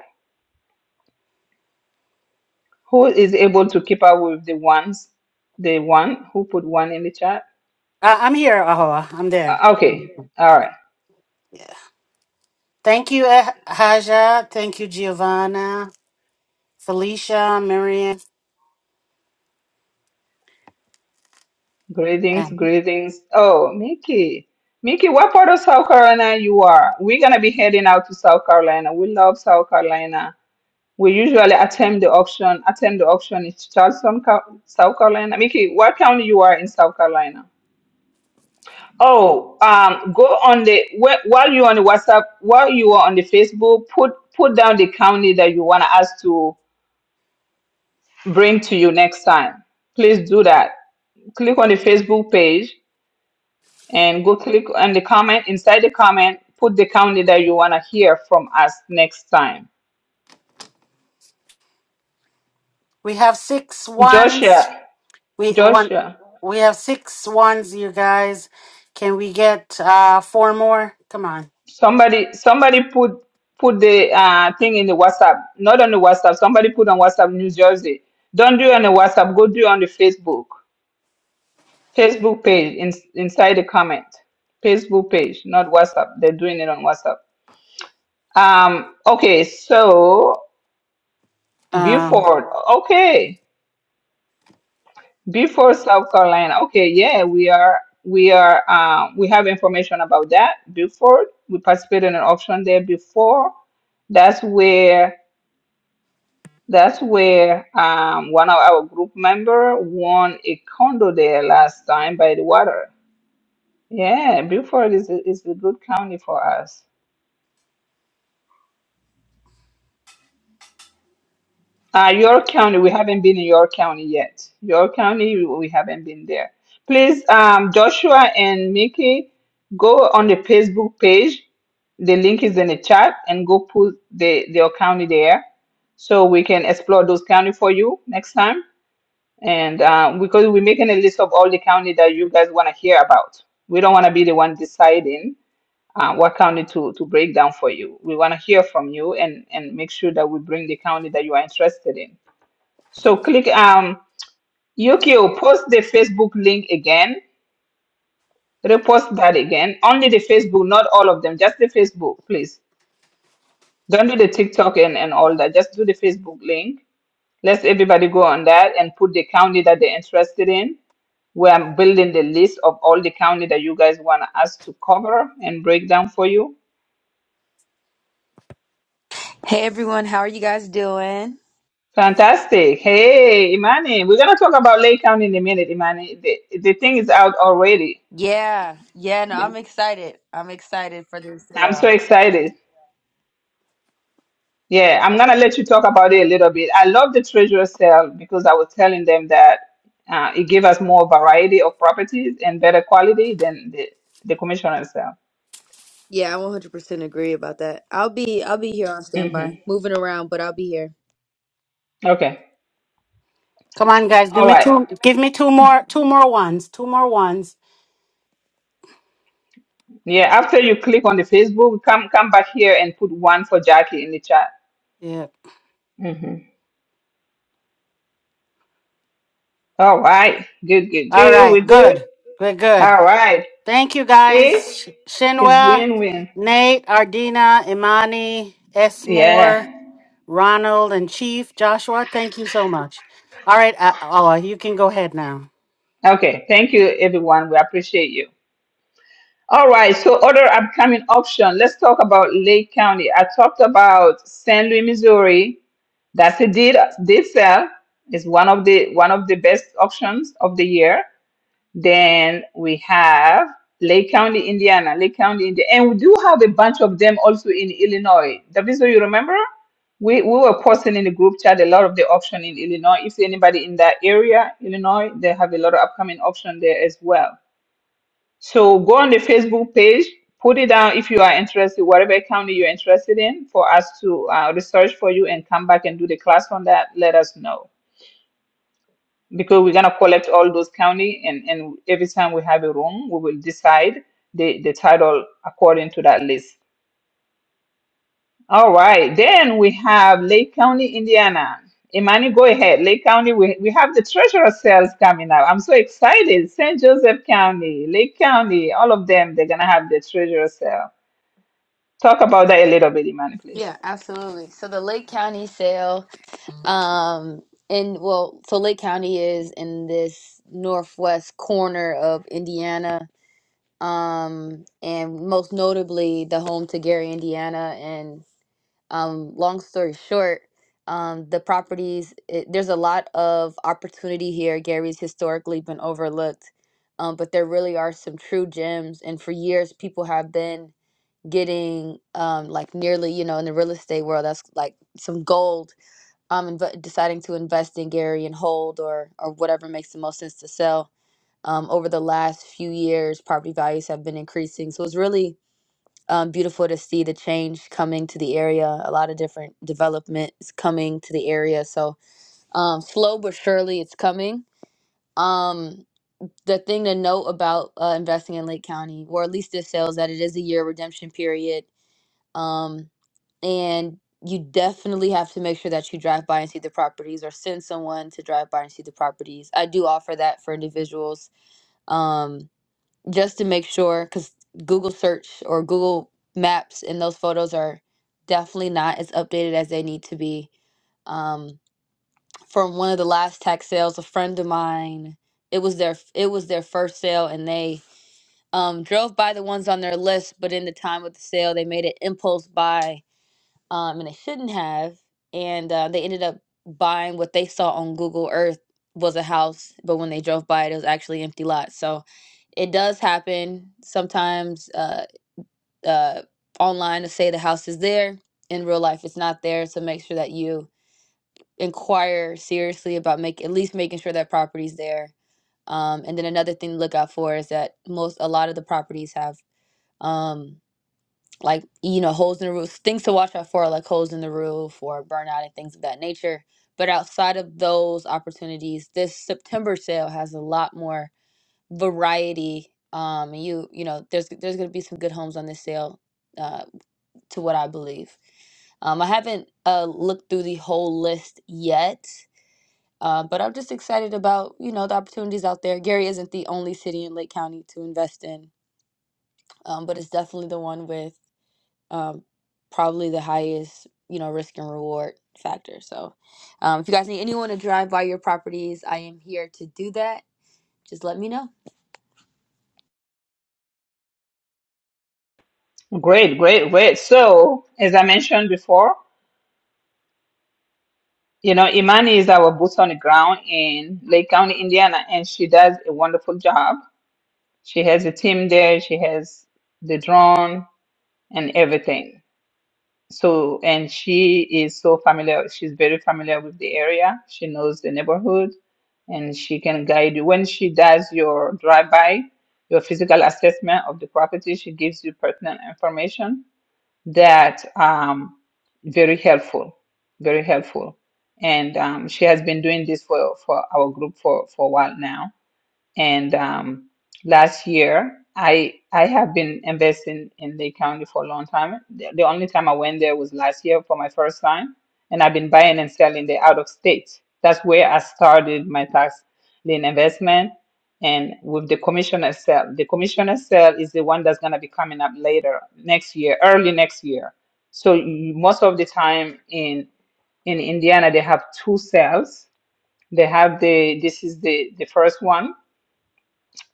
[SPEAKER 1] Who is able to keep up with the ones? The one who put one in the chat?
[SPEAKER 3] I- I'm here, Ahoa. I'm there.
[SPEAKER 1] Uh, okay. All right.
[SPEAKER 3] Yeah. Thank you, Eh- Haja. Thank you, Giovanna, Felicia, Miriam.
[SPEAKER 1] Greetings,
[SPEAKER 3] And
[SPEAKER 1] greetings. Oh, Mickey. Mickey, what part of South Carolina you are? We're gonna be heading out to South Carolina. We love South Carolina. We usually attend the auction. Attend the auction in Charleston, Ca- South Carolina. Mickey, what county you are in South Carolina? Oh, um, go on the wh- while you're on the WhatsApp, while you are on the Facebook, put put down the county that you want us to bring to you next time. Please do that. Click on the Facebook page and go click on the comment. Inside the comment, put the county that you want to hear from us next time.
[SPEAKER 3] we have six ones.
[SPEAKER 1] Joshua,
[SPEAKER 3] We want.
[SPEAKER 1] Joshua,
[SPEAKER 3] We have six ones, you guys. Can we get uh four more? Come on.
[SPEAKER 1] somebody, somebody put put the uh, thing in the WhatsApp. Not on the WhatsApp. Somebody put on WhatsApp New Jersey. Don't do it on the WhatsApp. Go do it on the Facebook Facebook page in, inside the comment. Facebook page, not WhatsApp. They're doing it on WhatsApp. Um, okay, so
[SPEAKER 3] Um,
[SPEAKER 1] Beaufort. Okay. Beaufort, South Carolina. Okay, yeah, we are we are uh, we have information about that. Beaufort. We participated in an auction there before. That's where that's where um, one of our group member won a condo there last time by the water. Yeah, Beaufort is a, is a good county for us. Uh, York County, we haven't been in York County yet. York County, we haven't been there. Please, um, Joshua and Mickey, go on the Facebook page. The link is in the chat and go put the their county there so we can explore those county for you next time. And uh, because we're making a list of all the county that you guys want to hear about. We don't want to be the one deciding uh, what county to, to break down for you. We want to hear from you and, and make sure that we bring the county that you are interested in so click um Yukio, post the Facebook link again. Repost that again. Only the Facebook, not all of them, just the Facebook, please. Don't do the TikTok and, and all that. Just do the Facebook link. Let's everybody go on that and put the county that they're interested in. We are building the list of all the county that you guys want us to cover and break down for you.
[SPEAKER 11] Hey everyone, how are you guys doing?
[SPEAKER 1] Fantastic. Hey, Imani, we're going to talk about Lake County in a minute, Imani. The, the thing is out already.
[SPEAKER 11] Yeah, yeah, no, I'm excited. I'm excited for this
[SPEAKER 1] I'm so
[SPEAKER 11] sale.
[SPEAKER 1] excited. Yeah, I'm gonna let you talk about it a little bit. I love the treasure sale because I was telling them that uh, it gave us more variety of properties and better quality than the, the commissioner sale.
[SPEAKER 11] Yeah, I 100% agree about that. I'll be I'll be here on
[SPEAKER 1] hmm
[SPEAKER 11] standby, moving around, but I'll be here.
[SPEAKER 1] Okay.
[SPEAKER 3] come on, guys. Give
[SPEAKER 1] All
[SPEAKER 3] me
[SPEAKER 1] right.
[SPEAKER 3] two. Give me two more. Two more ones. Two more ones.
[SPEAKER 1] Yeah. After you click on the Facebook, come come back here and put one for Jackie in the chat.
[SPEAKER 3] Yeah.
[SPEAKER 1] hmm All right. Good. Good.
[SPEAKER 3] All
[SPEAKER 1] Good. We're
[SPEAKER 3] right.
[SPEAKER 1] good.
[SPEAKER 3] Good. We're good.
[SPEAKER 1] All right.
[SPEAKER 3] Thank you
[SPEAKER 1] See,
[SPEAKER 3] guys.
[SPEAKER 1] it's
[SPEAKER 3] Shinwa,
[SPEAKER 1] win-win.
[SPEAKER 3] Nate, Ardina, Imani, Esmore,
[SPEAKER 1] Yeah.
[SPEAKER 3] Ronald, and Chief Joshua. Thank you so much. All right, uh, oh, you can go ahead now.
[SPEAKER 1] Okay. Thank you, everyone. We appreciate you. All right, so other upcoming option. Let's talk about Lake County. I talked about St. Louis, Missouri. That's a did did sell. It's one of the one of the best options of the year. Then we have Lake County, Indiana. Lake County, Indiana, and we do have a bunch of them also in Illinois. Daviso, you remember? We we were posting in the group chat a lot of the option in Illinois. If anybody in that area, Illinois, they have a lot of upcoming option there as well. So go on the Facebook page, put it down if you are interested, whatever county you're interested in, for us to uh, research for you and come back and do the class on that. Let us know because we're gonna collect all those county and and every time we have a room, we will decide the the title according to that list. All right, then we have Lake County, Indiana. Imani, go ahead. Lake County, we, we have the treasurer sales coming up. I'm so excited. St. Joseph County, Lake County, all of them, they're going to have the treasurer sale. Talk about that a little bit, Imani, please.
[SPEAKER 11] Yeah, absolutely. So the Lake County sale, um, and well, so Lake County is in this northwest corner of Indiana, um, and most notably the home to Gary, Indiana, um, long story short, um, the properties, it, there's a lot of opportunity here. Gary's historically been overlooked, um, but there really are some true gems. And for years, people have been getting um, like nearly, you know, in the real estate world, that's like some gold, um, inv- deciding to invest in Gary and hold or, or whatever makes the most sense to sell. Um, over the last few years, property values have been increasing. So it's really um, beautiful to see the change coming to the area. A lot of different developments coming to the area. So um, slow but surely, it's coming. Um, the thing to note about uh, investing in Lake County, or at least this sales, that it is a year redemption period, um, and you definitely have to make sure that you drive by and see the properties, or send someone to drive by and see the properties. I do offer that for individuals. Um, just to make sure because google search or google maps and those photos are definitely not as updated as they need to be um, from one of the last tax sales a friend of mine it was their it was their first sale and they um, drove by the ones on their list but in the time of the sale they made an impulse buy um, and they shouldn't have. And uh, they ended up buying what they saw on Google Earth was a house, but when they drove by it, it was actually empty lot. So it does happen sometimes. Uh, uh, online to say the house is there, in real life it's not there. So make sure that you inquire seriously about make at least making sure that property's there. Um, and then another thing to look out for is that most a lot of the properties have. um, like you know holes in the roof things to watch out for like holes in the roof or burnout and things of that nature but outside of those opportunities this september sale has a lot more variety um and you you know there's there's going to be some good homes on this sale uh to what i believe um i haven't uh looked through the whole list yet uh, but i'm just excited about you know the opportunities out there gary isn't the only city in lake county to invest in um, but it's definitely the one with um, probably the highest, you know, risk and reward factor. So, um, if you guys need anyone to drive by your properties, I am here to do that. Just let me know.
[SPEAKER 1] Great, great, great. So, as I mentioned before, you know, Imani is our boots on the ground in Lake County, Indiana, and she does a wonderful job. She has a team there, she has the drone and everything. So, and she is so familiar, she's very familiar with the area. She knows the neighborhood and she can guide you. When she does your drive by, your physical assessment of the property, she gives you pertinent information that um, very helpful, very helpful. And um, she has been doing this for, for our group for, for a while now. And um, last year, I I have been investing in Lake County for a long time. The, the only time I went there was last year for my first time, and I've been buying and selling the out of state. That's where I started my tax lien investment. And with the commissioner sale, the commissioner sale is the one that's gonna be coming up later next year, early next year. So you- most of the time in in Indiana, they have two sales. They have the this is the the first one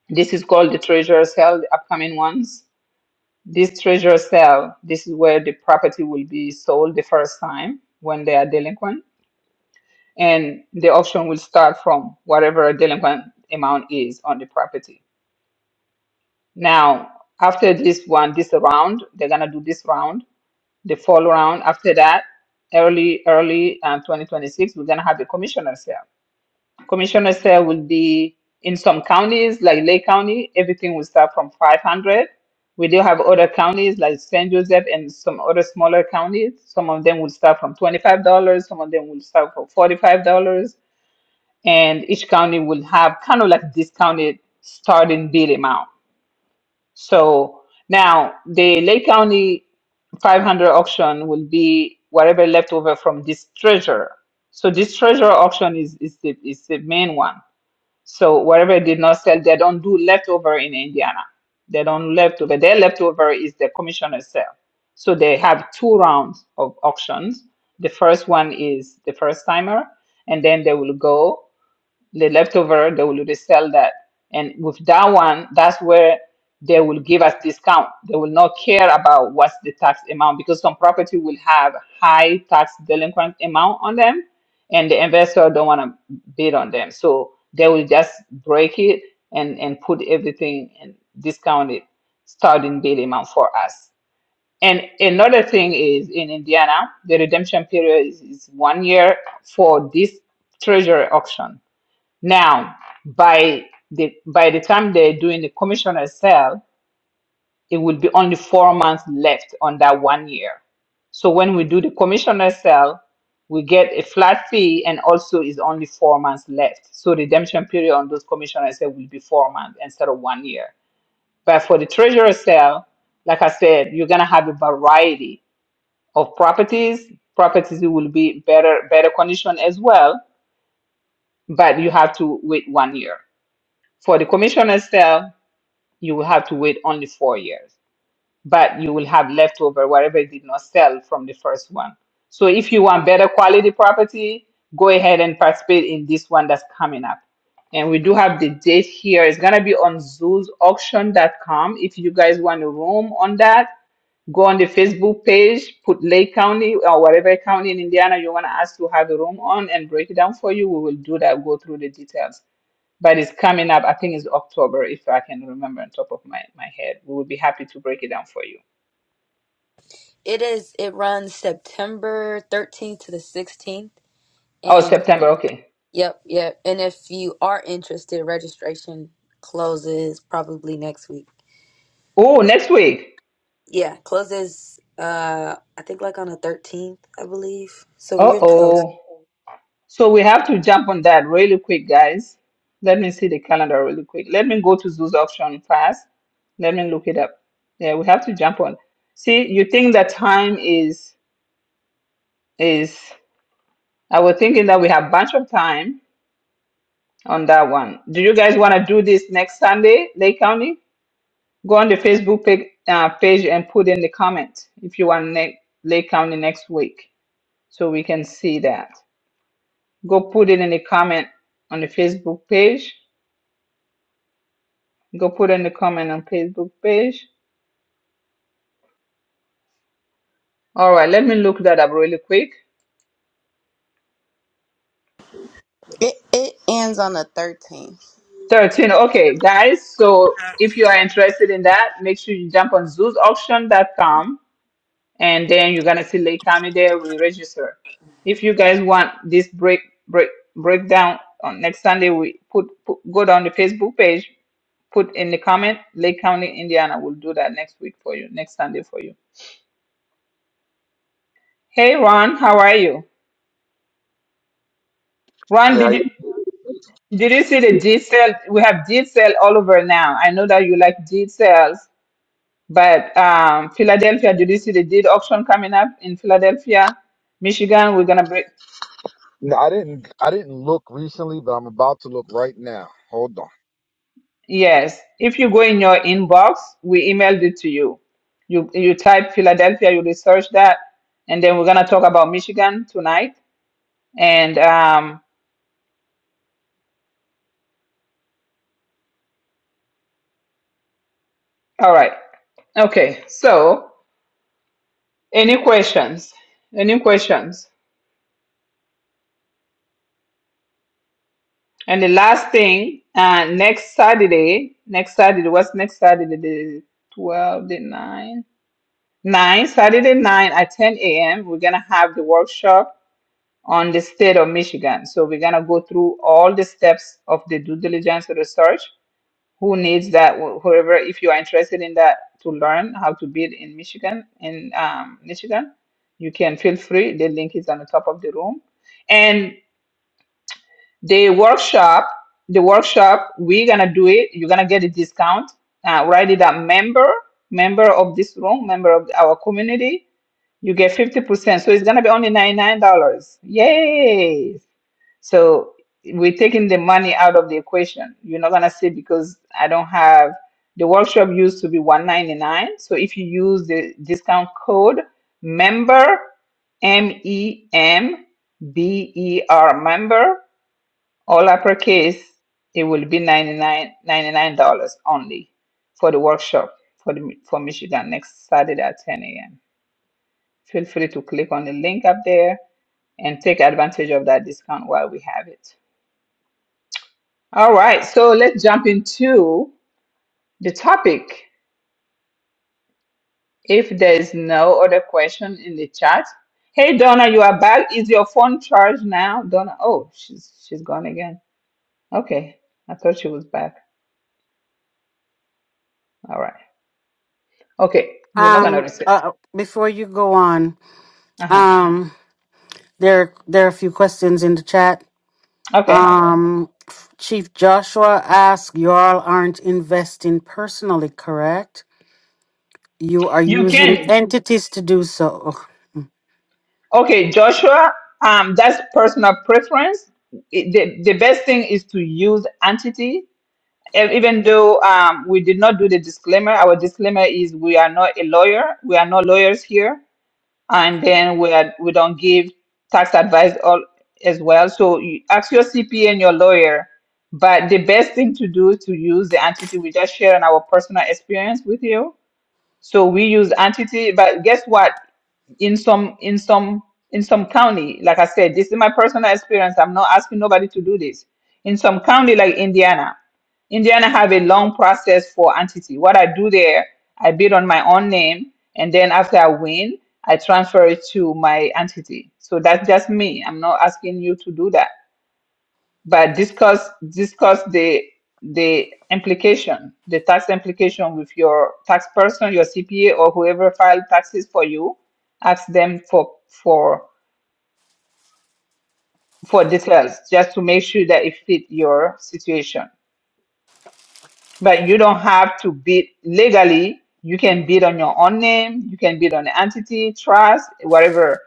[SPEAKER 1] this is called the treasure sale, the upcoming ones. This treasure sale, this is where the property will be sold the first time when they are delinquent. And the auction will start from whatever a delinquent amount is on the property. Now, after this one, this round, they're gonna do this round, the fall round. After that, early, early um, 2026, we're gonna have the commissioner sale. Commissioner said "Will be in some counties like Lake County, everything will start from 500. We do have other counties like San Joseph and some other smaller counties. Some of them will start from $25. Some of them will start for $45. And each county will have kind of like discounted starting bid amount. So now the Lake County 500 auction will be whatever left over from this treasure. So this treasure auction is, is the, is the main one. So whatever they did not sell, they don't do leftover in Indiana. They don't leftover. Their leftover is the commissioner's sale. So they have two rounds of auctions. The first one is the first timer, and then they will go the leftover, they will resell that. And with that one, that's where they will give us discount. They will not care about what's the tax amount because some property will have high tax delinquent amount on them, and the investor don't want to bid on them. So they will just break it and and put everything and discount it starting bid amount for us. And another thing is in Indiana, the redemption period is, is one year for this treasury auction now, by the by the time they're doing the commissioner sale, it will be only four months left on that one year. So when we do the commissioner sale, we get a flat fee and also is only four months left. So redemption period on those commissioner sale will be four months instead of one year. But for the treasurer sale, like I said, you're gonna have a variety of properties. Properties will be better better condition as well, but you have to wait one year. For the commissioner sale, you will have to wait only four years, but you will have leftover whatever did not sell from the first one. So if you want better quality property, go ahead and participate in this one that's coming up. And we do have the date here. It's gonna be on Zoos Auction dot com. If you guys want a room on that, go on the Facebook page, put Lake County or whatever county in Indiana you wanna ask to have a room on and break it down for you. We will do that, go through the details but it's coming up. I think it's October, if I can remember on top of my, my head. We will be happy to break it down for you.
[SPEAKER 11] It is. It runs September 13th to the 16th,
[SPEAKER 1] Oh,
[SPEAKER 11] and
[SPEAKER 1] September. Okay.
[SPEAKER 11] yep, yep. And if you are interested, registration closes probably next week.
[SPEAKER 1] Oh, next week.
[SPEAKER 11] Yeah, closes. Uh, I think like on the 13th, I believe. So we're
[SPEAKER 1] Uh
[SPEAKER 11] getting close.
[SPEAKER 1] oh. So we have to jump on that really quick, guys. Let me see the calendar really quick. Let me go to Zoos option fast. Let me look it up. Yeah, we have to jump on. See, you think that time is is I was thinking that we have bunch of time on that one. Do you guys want to do this next Sunday, Lake County? Go on the Facebook page, uh, page and put in the comment if you want Lake, Lake County next week so we can see that. Go put it in the comment on the Facebook page. Go put in the comment on Facebook page. All right, let me look that up really quick.
[SPEAKER 4] It it ends on the 13th.
[SPEAKER 1] 13. Okay, guys. So if you are interested in that, make sure you jump on zoosauction.com and then you're gonna see Lake County there. We register. If you guys want this break break breakdown on next Sunday, we put, put go down the Facebook page, put in the comment Lake County, Indiana. We'll do that next week for you, next Sunday for you. Hey Ron, how are you? Ron,
[SPEAKER 12] Yeah, how
[SPEAKER 1] did you did you see the G cell? We have G cell all over now. I know that you like G cells, but um, Philadelphia, did you see the deed auction coming up in Philadelphia? Michigan, we're gonna break.
[SPEAKER 12] No, I didn't. I didn't look recently, but I'm about to look right now. Hold on.
[SPEAKER 1] Yes, if you go in your inbox, we emailed it to you. You you type Philadelphia, you research that, and then we're gonna talk about Michigan tonight. And um, all right, okay. So, any questions? Any questions? And the last thing, uh, next Saturday, next Saturday, what's next Saturday? The 12, the 9, 9, Saturday 9 at 10 a.m. We're gonna have the workshop on the state of Michigan. So we're gonna go through all the steps of the due diligence research. Who needs that? Whoever, if you are interested in that to learn how to build in Michigan, in um, Michigan, you can feel free. The link is on the top of the room. And the workshop, the workshop, we're gonna do it. You're gonna get a discount. Uh, write it up, member, member of this room, member of our community. You get fifty percent. So it's gonna be only ninety nine dollars. Yay! So we're taking the money out of the equation. You're not gonna say because I don't have the workshop used to be 199. So if you use the discount code member M E M B E R member all uppercase, it will be ninety nine ninety nine dollars only for the workshop for the for Michigan next Saturday at 10 a.m. Feel free to click on the link up there and take advantage of that discount while we have it. All right, so let's jump into the topic. If there's no other question in the chat, hey Donna, you are back. Is your phone charged now, Donna? Oh, she's she's gone again. Okay, I thought she was back. All right. Okay, we're not gonna
[SPEAKER 3] Um,
[SPEAKER 1] reset.
[SPEAKER 3] uh, before you go on,
[SPEAKER 1] Uh huh.
[SPEAKER 3] um, there there are a few questions in the chat.
[SPEAKER 1] Okay,
[SPEAKER 3] Um, Chief Joshua asks, "You all aren't investing personally, correct? You are
[SPEAKER 1] you
[SPEAKER 3] using
[SPEAKER 1] can.
[SPEAKER 3] entities to do so."
[SPEAKER 1] Okay, Joshua. Um, that's personal preference. It- the the best thing is to use entity E- even though um, we did not do the disclaimer, our disclaimer is we are not a lawyer. We are not lawyers here, and then we are, we don't give tax advice all as well. So you ask your CPA and your lawyer. But the best thing to do is to use the entity we just shared on our personal experience with you so we use entity, but guess what? In some in some in some county, like I said, this is my personal experience. I'm not asking nobody to do this. In some county like Indiana, Indiana have a long process for entity. What I do there, I bid on my own name, and then after I win, I transfer it to my entity. So that's just me. I'm not asking you to do that but discuss discuss the the implication, the tax implication with your tax person, your CPA, or whoever filed taxes for you. Ask them for for for details just to make sure that it fit your situation. But you don't have to bid legally. You can bid on your own name. You can bid on the entity, trust, whatever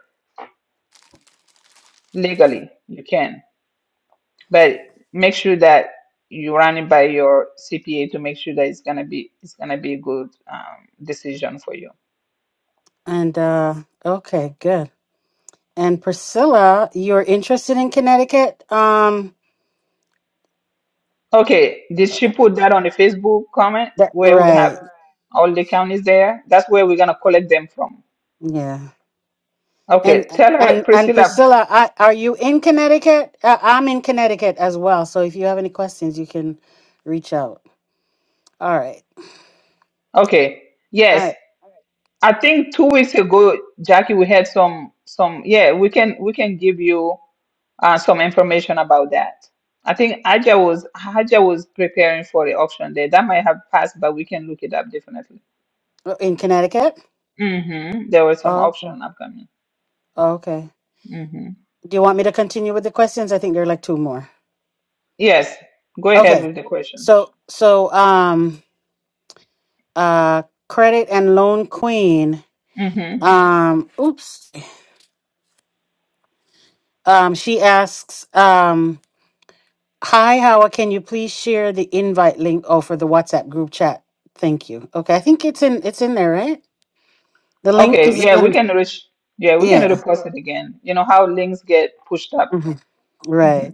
[SPEAKER 1] legally you can. but make sure that you run it by your CPA to make sure that it's gonna be it's gonna be a good um, decision for you.
[SPEAKER 3] And uh, okay, good. And Priscilla, you're interested in Connecticut? Um,
[SPEAKER 1] Okay, did she put that on the Facebook comment
[SPEAKER 3] that,
[SPEAKER 1] where we have
[SPEAKER 3] right.
[SPEAKER 1] all the counties there? That's where we're gonna collect them from.
[SPEAKER 3] Yeah. And
[SPEAKER 1] Okay, tell her
[SPEAKER 3] and and
[SPEAKER 1] Priscilla.
[SPEAKER 3] Priscilla, I, are you in Connecticut? Uh, I'm in Connecticut as well. So if you have any questions, you can reach out. All right.
[SPEAKER 1] Okay,
[SPEAKER 3] All
[SPEAKER 1] yes,
[SPEAKER 3] right.
[SPEAKER 1] I think two weeks ago, Jackie, we had some some yeah we can we can give you. uh, some information about that. I think Aja was Aja was preparing for the auction there. That might have passed, but we can look it up definitely.
[SPEAKER 3] Uh, In Connecticut?
[SPEAKER 1] hmm There was some
[SPEAKER 3] Oh, okay.
[SPEAKER 1] auction upcoming.
[SPEAKER 3] Okay.
[SPEAKER 1] hmm
[SPEAKER 3] Do you want me to continue with the questions? I think there are like two more.
[SPEAKER 1] Yes, go ahead
[SPEAKER 3] Okay.
[SPEAKER 1] with the question.
[SPEAKER 3] So so um uh credit and loan queen
[SPEAKER 1] hmm
[SPEAKER 3] um oops um she asks um Hi, Howard. Can you please share the invite link oh, for the WhatsApp group chat? Thank you. Okay, I think it's in it's in there, right? The link
[SPEAKER 1] Okay,
[SPEAKER 3] is
[SPEAKER 1] yeah, we
[SPEAKER 3] in.
[SPEAKER 1] can reach. Yeah, we can
[SPEAKER 3] Yeah.
[SPEAKER 1] repost it again. You know how links get pushed up.
[SPEAKER 3] hmm
[SPEAKER 1] hmm
[SPEAKER 3] Right.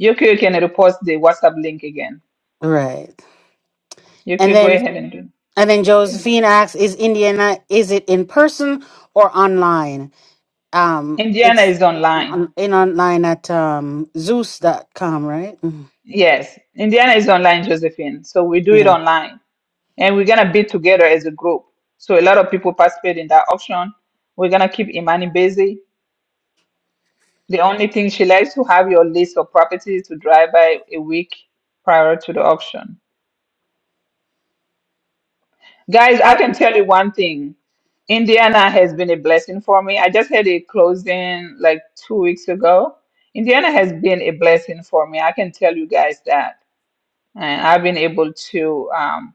[SPEAKER 1] Yoko can repost the WhatsApp link again.
[SPEAKER 3] Right. And
[SPEAKER 1] Yoko, go
[SPEAKER 3] then
[SPEAKER 1] ahead and do.
[SPEAKER 3] and then Josephine asks, "Is Indiana? Is it in person or online?" Um,
[SPEAKER 1] Indiana
[SPEAKER 3] it's
[SPEAKER 1] is online.
[SPEAKER 3] on, in online at um Zeus dot com, right? Mhm.
[SPEAKER 1] Yes, Indiana is online, Josephine. So we do it
[SPEAKER 3] Yeah.
[SPEAKER 1] online. and we're gonna bid together as a group. So a lot of people participate in that auction. We're gonna keep Imani busy. The only thing she likes to have your list of properties to drive by a week prior to the auction. Guys, I
[SPEAKER 3] Oh,
[SPEAKER 1] can tell you one thing. Indiana has been a blessing for me. I just had a closing like two weeks ago. Indiana has been a blessing for me. I can tell you guys that. And I've been able to um,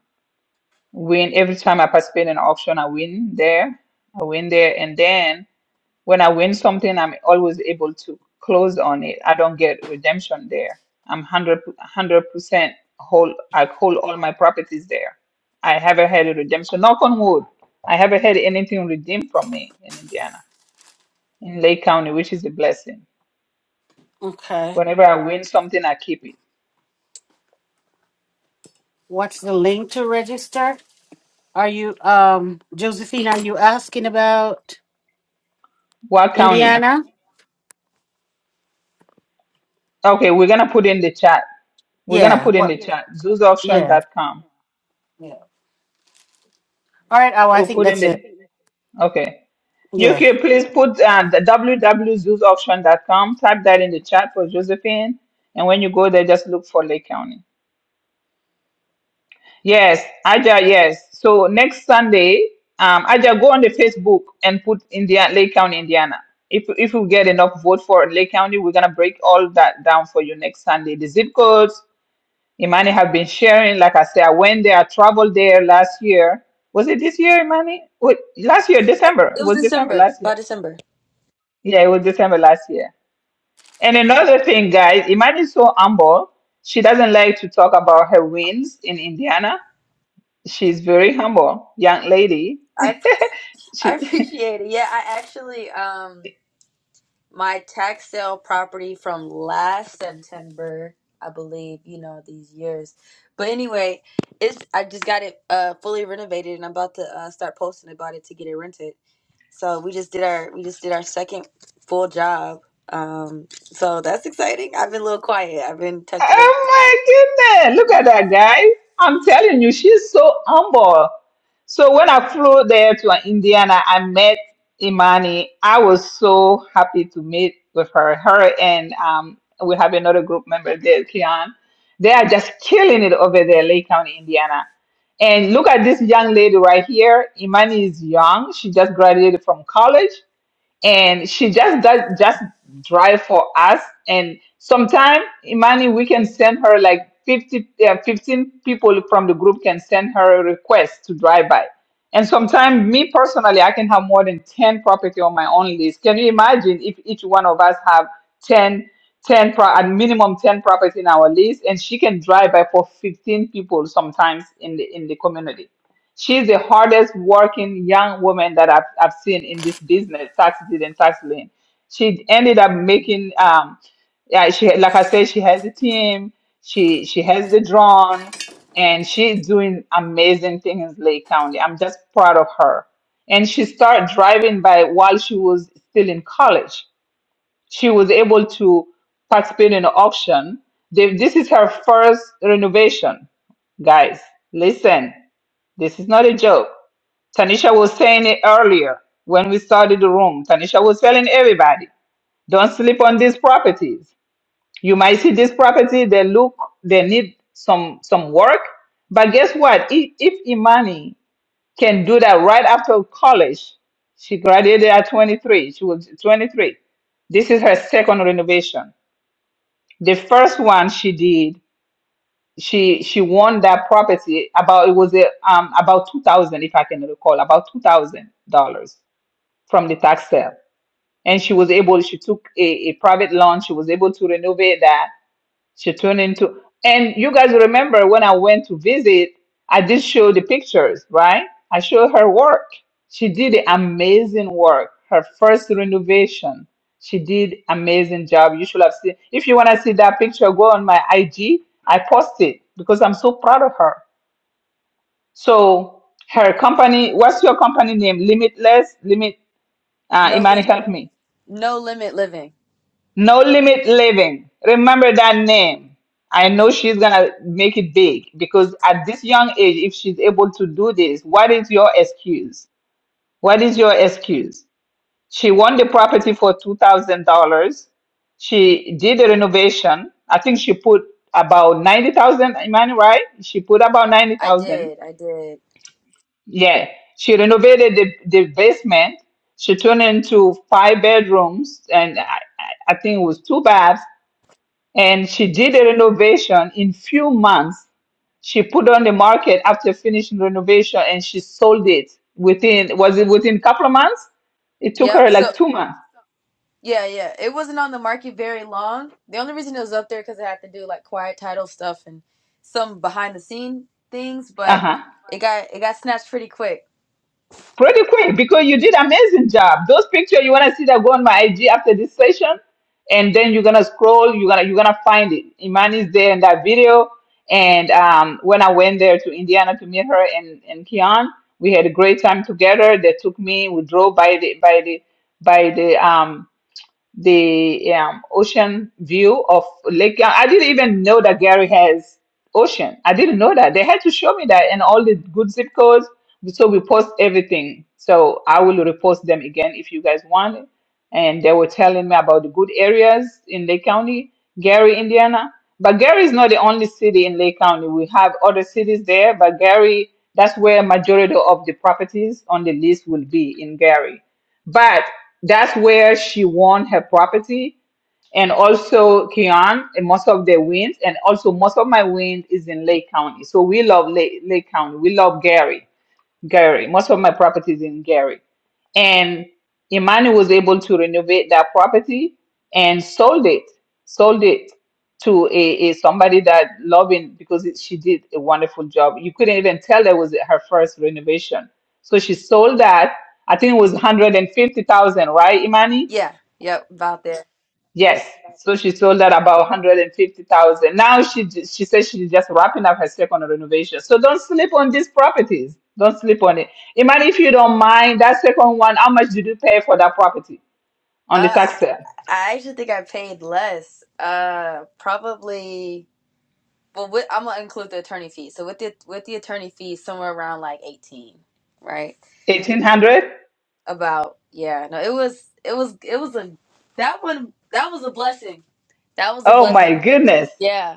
[SPEAKER 1] win every time I participate in an auction, I win there. I win there. And then When I win something, I'm always able to close on it. I don't get redemption there. I'm 100 percent hold. I hold all my properties there. I haven't had a redemption. Knock on wood. I haven't had anything redeemed from me in Indiana, in Lake County, which is a blessing.
[SPEAKER 3] okay.
[SPEAKER 1] Whenever I win something, I keep it.
[SPEAKER 3] What's the link to register? Are you um Josephine? Are you asking about
[SPEAKER 1] What county?
[SPEAKER 3] Indiana?
[SPEAKER 1] Okay, we're gonna put in the chat. We're gonna
[SPEAKER 3] Yeah.
[SPEAKER 1] put in the
[SPEAKER 3] What?
[SPEAKER 1] chat. zoos auction
[SPEAKER 3] Yeah.
[SPEAKER 1] dot com.
[SPEAKER 3] Yeah. All right. Oh, I
[SPEAKER 1] We'll
[SPEAKER 3] think
[SPEAKER 1] put in
[SPEAKER 3] that's
[SPEAKER 1] the.
[SPEAKER 3] it.
[SPEAKER 1] Okay. You
[SPEAKER 3] Yeah.
[SPEAKER 1] can please put uh, the www.zoosauction.com, type that in the chat for Josephine. And when you go there, just look for Lake County. Yes, Aja, yes. So next Sunday, um, Aja, go on the Facebook and put Indiana, Lake County, Indiana. If, if we get enough vote for Lake County, we're going to break all that down for you next Sunday. The zip codes, Imani have been sharing. Like I said, I went there, I traveled there last year. Was it this year, Imani? Wait, last year,
[SPEAKER 11] I-
[SPEAKER 1] December.
[SPEAKER 11] It
[SPEAKER 1] It
[SPEAKER 11] was
[SPEAKER 1] was December
[SPEAKER 11] December,
[SPEAKER 1] last year.
[SPEAKER 11] by December.
[SPEAKER 1] Yeah, it was December last year And another thing, guys, Imani's so humble. She doesn't like to talk about her wins in Indiana. She's very humble, young lady.
[SPEAKER 11] I've. I
[SPEAKER 1] She
[SPEAKER 11] appreciate it. Yeah, I actually um my tax sale property from last September, I believe, you know, these years. But anyway, it's I just got it uh fully renovated and I'm about to uh, start posting about it to get it rented. So we just did our we just did our second full job. Um so that's exciting. I've been a little quiet. I've been tucked away.
[SPEAKER 1] Oh my goodness. Look at that, guys. I'm telling you, she's so humble. So when I flew there to Indiana, I met Imani. I was so happy to meet with her. Her and um, we have another group member there, Kian. They are just killing it over there, Lake County, Indiana. And look at this young lady right here. Imani is young. She just graduated from college and she just does just drive for us and sometime imani we can send her like 50 uh, 15 people from the group can send her a request to drive by and sometimes me personally i can have more than 10 property on my own list can you imagine if each one of us have 10, 10 pro- at minimum 10 property in our list and she can drive by for 15 people sometimes in the in the community She's the hardest working young woman that I've, I've seen in this business, taxi deed and tax lien. She ended up making, um, yeah, she like I said, she has a team, she she has the drone, and she's doing amazing things in Lake County. I'm just proud of her. And she started driving by while she was still in college. She was able to participate in an auction. They, this is her first renovation guys listen this is not a joke Tanisha was saying it earlier when we started the room. Tanisha was telling everybody, don't sleep on these properties. You might see this property, they look, they need some some work. But guess what? If, if Imani can do that right after college, she graduated at 23. She was 23. This is her second renovation. The first one she did, she she won that property about it was a, um about two thousand if I can recall, about two thousand dollars from the tax sale. And she was able, she took a, a private loan, she was able to renovate that. She turned into, and you guys remember when I went to visit, I did show the pictures, right? I showed her work. She did the amazing work. Her first renovation, she did amazing job. You should have seen. If you want to see that picture, go on my IG. I post it because I'm so proud of her. So her company, what's your company name? Limitless, limit. Uh,
[SPEAKER 11] No
[SPEAKER 1] Imani,
[SPEAKER 11] li-
[SPEAKER 1] help me.
[SPEAKER 11] no limit living.
[SPEAKER 1] No Limit Living. Remember that name. I know she's gonna make it big because at this young age, if she's able to do this, what is your excuse? What is your excuse? She won the property for two thousand dollars. She did the renovation. I think she put about ninety thousand. Am I right? She put about ninety
[SPEAKER 11] I
[SPEAKER 1] thousand.
[SPEAKER 11] did. I did.
[SPEAKER 1] Yeah. She renovated the, the basement. She turned it into five bedrooms and I, I I think it was two baths and she did a renovation in few months she put on the market after finishing renovation and she sold it within was it within couple of months it took
[SPEAKER 11] Yep.
[SPEAKER 1] her
[SPEAKER 11] So
[SPEAKER 1] like two months
[SPEAKER 11] Yeah, yeah. It wasn't on the market very long. The only reason it was up there because I had to do like quiet title stuff and some behind the scene things, but
[SPEAKER 1] uh-huh
[SPEAKER 11] it got it got snatched pretty quick.
[SPEAKER 1] pretty quick because you did amazing job. Those pictures you wanna see that go on my IG after this session, and then you're gonna scroll. You're gonna you're gonna find it. Imani's there in that video, and um, when I went there to Indiana to meet her and and Kian, we had a great time together. They took me. We drove by the by the by the um the um, ocean view of Lake. I didn't even know that Gary has ocean. I didn't know that. They had to show me that and all the good zip codes. So we post everything. So I will repost them again if you guys want. it. And they were telling me about the good areas in Lake County, Gary, Indiana. But Gary is not the only city in Lake County. We have other cities there, but Gary, that's where majority of the properties on the list will be in Gary but that's where she won her property and also Kian and most of the wins and also most of my wins is in Lake County. So we love Lake, Lake County. We love Gary. Gary. Most of my property is in Gary. And Imani was able to renovate that property and sold it, sold it to a, a somebody that loving because it, she did a wonderful job. You couldn't even tell that was her first renovation. So she sold that. I think it was 150,000, right, Imani?
[SPEAKER 11] Yeah, yep, about there.
[SPEAKER 1] Yes. So she sold that about 150,000. Now she ju- she says she's just wrapping up her second renovation. So don't sleep on these properties. Don't sleep on it. Imagine if you don't mind that second one, how much did you pay for that property on the
[SPEAKER 11] Uh,
[SPEAKER 1] tax
[SPEAKER 11] I
[SPEAKER 1] sale?
[SPEAKER 11] I actually think I paid less. Uh, probably. Well, with, I'm gonna include the attorney fee. So with the with the attorney fee, somewhere around like 18, right?
[SPEAKER 1] 1800?
[SPEAKER 11] About yeah. No, it was it was it was a that one that was a blessing. That was a
[SPEAKER 1] Oh my
[SPEAKER 11] blessing.
[SPEAKER 1] goodness.
[SPEAKER 11] Yeah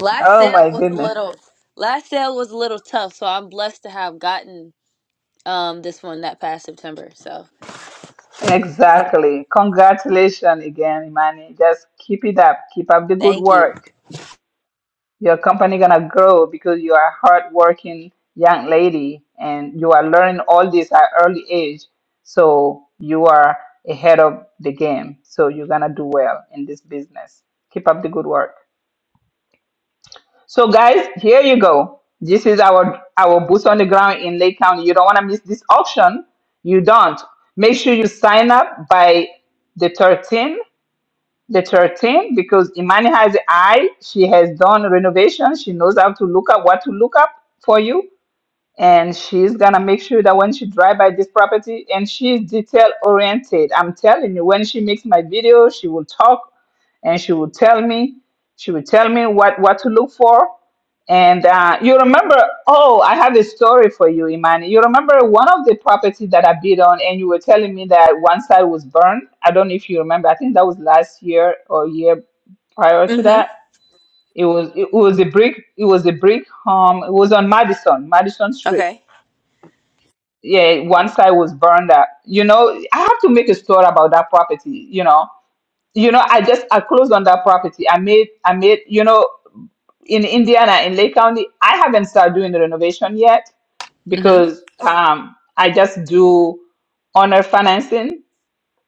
[SPEAKER 11] Last
[SPEAKER 1] Oh
[SPEAKER 11] sale
[SPEAKER 1] my
[SPEAKER 11] was a
[SPEAKER 1] goodness.
[SPEAKER 11] little last sale was a little tough, so I'm blessed to have gotten um this one that past September. So
[SPEAKER 1] Exactly. Congratulations again, Imani. Just keep it up. Keep up the good
[SPEAKER 11] thank you.
[SPEAKER 1] work. Your company gonna grow because you are hardworking young lady and you are learning all this at early age. So you are ahead of the game. So you're gonna do well in this business. Keep up the good work. So guys, here you go. This is our our boots on the ground in Lake County. You don't want to miss this auction. You don't. Make sure you sign up by the 13th the 13, because Imani has the eye, she has done renovation, she knows how to look up what to look up for you and she's gonna make sure that when she drive by this property and she's detail oriented i'm telling you when she makes my video she will talk and she will tell me she will tell me what what to look for and uh, you remember oh i have a story for you imani you remember one of the property that i bid on and you were telling me that one side was burned i don't know if you remember i think that was last year or year prior to
[SPEAKER 11] Mm-hmm.
[SPEAKER 1] that it was it was a brick it was a brick home it was on madison madison street
[SPEAKER 11] Okay.
[SPEAKER 1] yeah, one side was burned up. You know, I have to make a story about that property. You know, you know, I just I closed on that property. I made I made you know in Indiana in Lake County. I haven't started doing the renovation yet
[SPEAKER 11] hmm
[SPEAKER 1] because um I just do owner financing.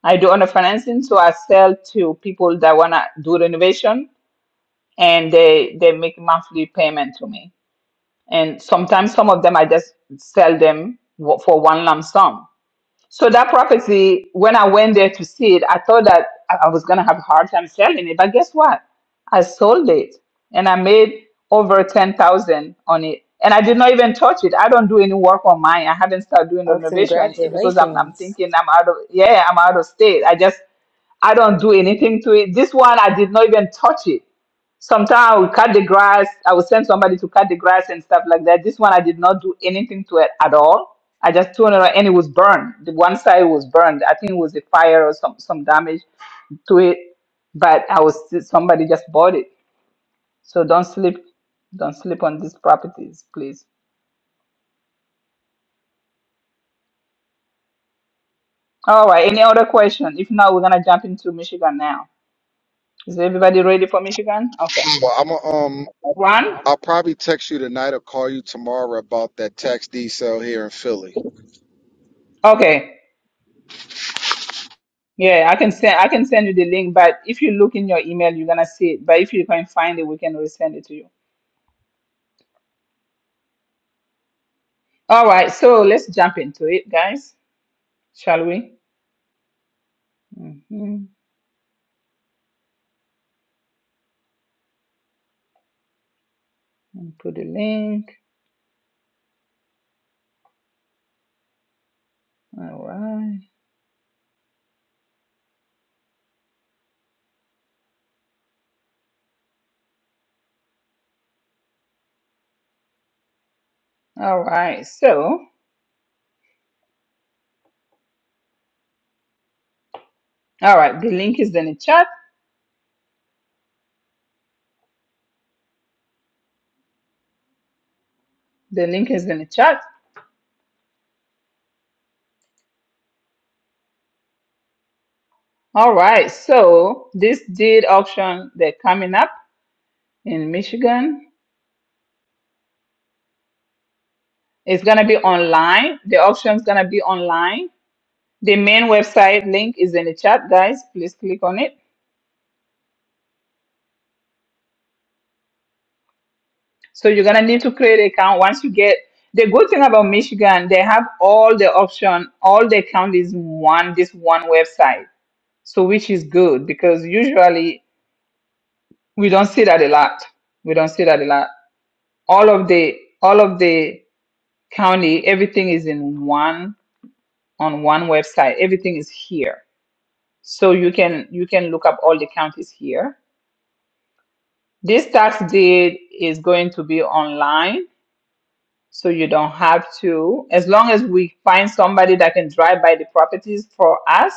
[SPEAKER 1] I do owner financing, so I sell to people that wanna do renovation, and they they make monthly payment to me. And sometimes some of them I just sell them w- for one lump sum So that property, when I went there to see it, I thought that I I was gonna have a hard time selling it. But guess what? I sold it and I made over ten thousand on it. And I did not even touch it. I don't do any work on mine. I haven't started doing
[SPEAKER 11] Oh,
[SPEAKER 1] renovation because I'm I'm
[SPEAKER 11] congratulations.
[SPEAKER 1] thinking I'm out of yeah, I'm out of state. I just I don't do anything to it. This one I did not even touch it. Sometimes I would cut the grass. I would send somebody to cut the grass and stuff like that. This one I did not do anything to it at all. I just threw it around and it was burned. The one side was burned. I think it was a fire or some some damage to it. But I was somebody just bought it. So don't sleep, don't sleep on these properties, please. All right. Any other question? If not, we're gonna jump into Michigan now. Is everybody ready for Michigan? Okay.
[SPEAKER 12] Well, I'm a, um,
[SPEAKER 1] One.
[SPEAKER 12] I'll probably text you tonight or call you tomorrow about that tax D cell here in Philly.
[SPEAKER 1] Okay. Yeah, I can send I can send you the link, but if you look in your email, you're gonna see it. But if you can't find it, we can resend it to you. All right, so let's jump into it, guys. Shall we? Mm-hmm. Put the link. All right. All right. So, all right. The link is in the chat. The link is in the chat. All right. So this deed auction they're coming up in Michigan. It's gonna be online. The auction's gonna be online. The main website link is in the chat, guys. Please click on it So you're gonna need to create account once you get the good thing about Michigan, they have all the option, all the account is one this one website. So which is good because usually we don't see that a lot. We don't see that a lot. All of the all of the county, everything is in one on one website. Everything is here. So you can you can look up all the counties here. This tax deed is going to be online So you don't have to, as long as we find somebody that can drive by the properties for us,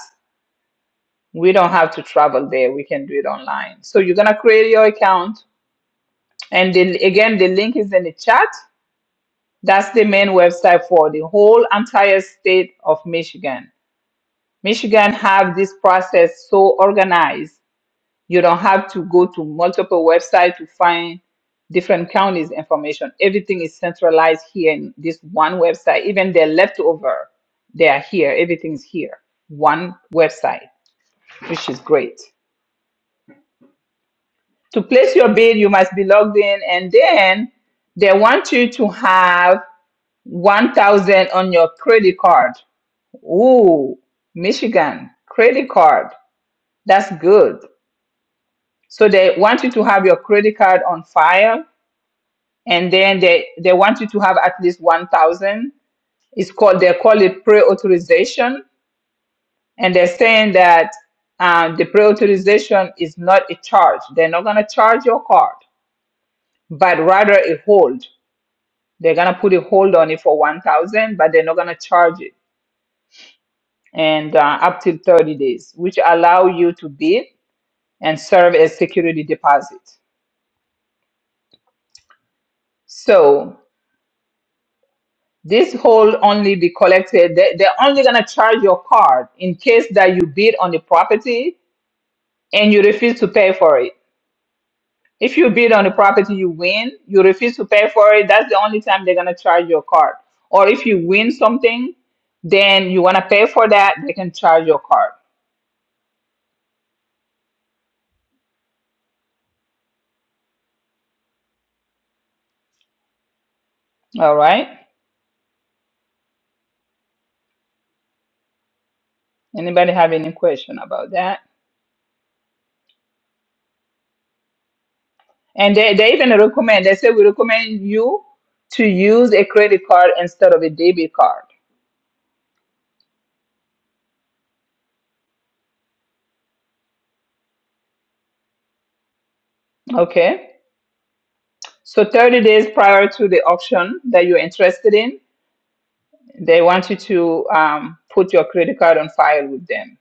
[SPEAKER 1] we don't have to travel there. We can do it online. So you're gonna create your account, and then again, the link is in the chat. That's the main website for the whole entire state of Michigan. Michigan have this process so organized You don't have to go to multiple websites to find different counties information. Everything is centralized here in this one website. Even the leftover, they are here. Everything's here. One website, which is great. To place your bid, you must be logged in, and then they want you to have one thousand on your credit card. Ooh, Michigan credit card. That's good. So they want you to have your credit card on file and then they they want you to have at least 1000 it's called they call it pre-authorization and they're saying that um, the pre-authorization is not a charge they're not going to charge your card but rather a hold they're going to put a hold on it for 1000 but they're not going to charge it and uh, up to 30 days which allow you to bid and serve as security deposit so This whole only be collected. They, they're only gonna charge your card in case that you bid on the property and you refuse to pay for it. If you bid on the property, you win. You refuse to pay for it. That's the only time they're gonna charge your card. Or if you win something, then you wanna pay for that. They can charge your card. All right. Anybody have any question about that? And they, they even recommend. They say we recommend you to use a credit card instead of a debit card. Okay. So 30 days prior to the auction that you're interested in, they want you to um, put your credit card on file with them.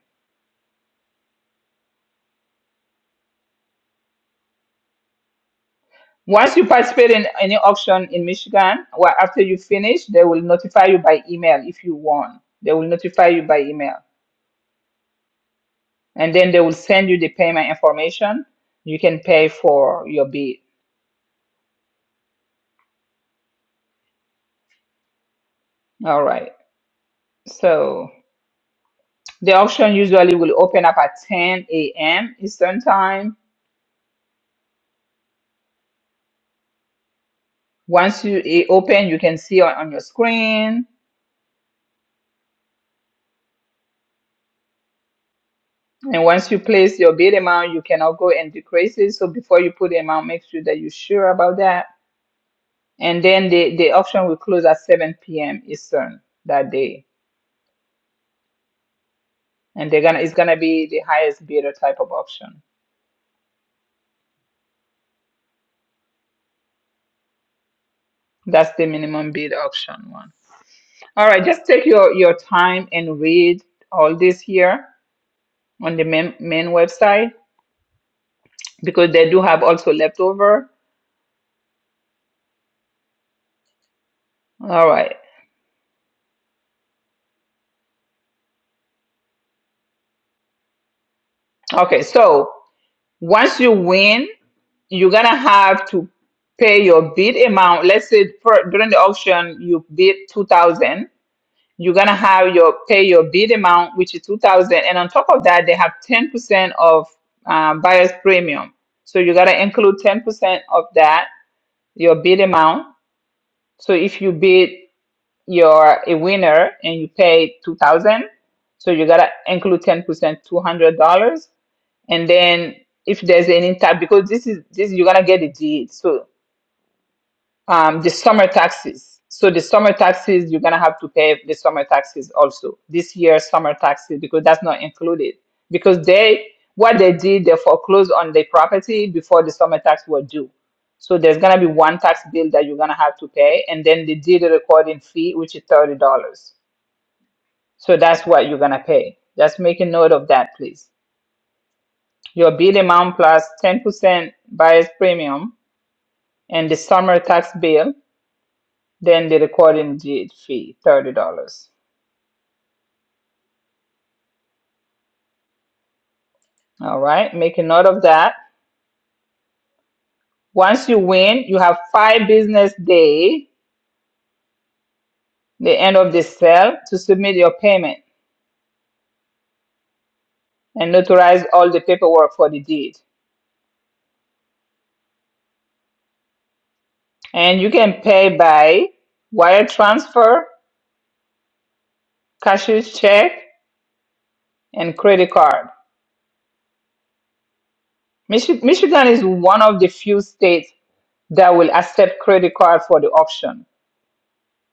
[SPEAKER 1] Once you participate in any auction in Michigan, well, after you finish, they will notify you by email if you won. They will notify you by email, and then they will send you the payment information. You can pay for your bid. All right. So the auction usually will open up at 10 a.m. Eastern time. Once you it open, you can see on on your screen And once you place your bid amount, you cannot go and decrease it. So before you put the amount, make sure that you're sure about that. And then the, the auction will close at 7 p.m. Eastern that day. And they're gonna it's gonna be the highest bidder type of auction. That's the minimum bid auction one. All right, just take your, your time and read all this here on the main, main website because they do have also leftover. All right. Okay, so once you win you're gonna have to pay your bid amount. Let's say for, during the auction you bid two thousand. You're gonna have your pay your bid amount, which is two thousand, and on top of that they have ten percent of uh, buyer's premium. So you gotta include ten percent of that your bid amount. So if you bid you're a winner and you pay two thousand, so you gotta include ten percent, two hundred dollars, and then if there's any type because this is this you're gonna get a deed. So um, the summer taxes. So the summer taxes, you're gonna have to pay the summer taxes also this year summer taxes because that's not included because they what they did they foreclosed on the property before the summer tax were due. So there's gonna be one tax bill that you're gonna have to pay, and then they did a recording fee, which is thirty dollars. So that's what you're gonna pay. Just make a note of that, please. Your bill amount plus ten percent buyer's premium and the summer tax bill then the recording did fee $30 all right make a note of that once you win you have five business day the end of the sale to submit your payment and notarize all the paperwork for the deed and you can pay by wire transfer cashier's check and credit card Michi- michigan is one of the few states that will accept credit card for the auction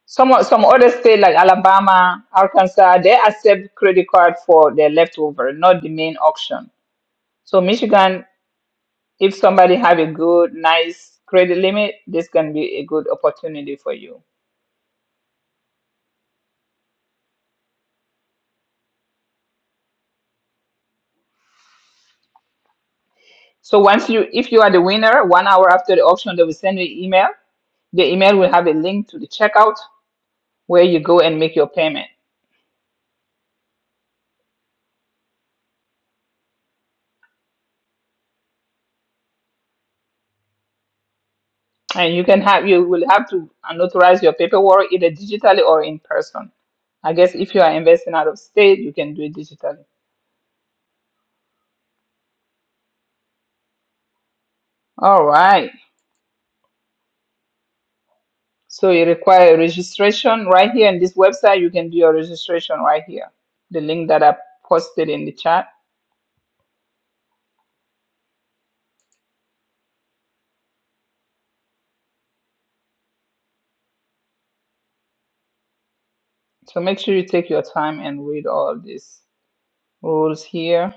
[SPEAKER 1] Some o- some other states like Alabama, Arkansas, they accept credit card for their leftover, not the main auction. So Michigan, if somebody have a good, nice credit limit, this can be a good opportunity for you. So once you, if you are the winner, one hour after the auction, they will send you an email. The email will have a link to the checkout where you go and make your payment. And you can have, you will have to notarize your paperwork either digitally or in person. I guess if you are investing out of state, you can do it digitally. All right. So you require registration right here in this website. You can do your registration right here. The link that I posted in the chat. So make sure you take your time and read all these rules here.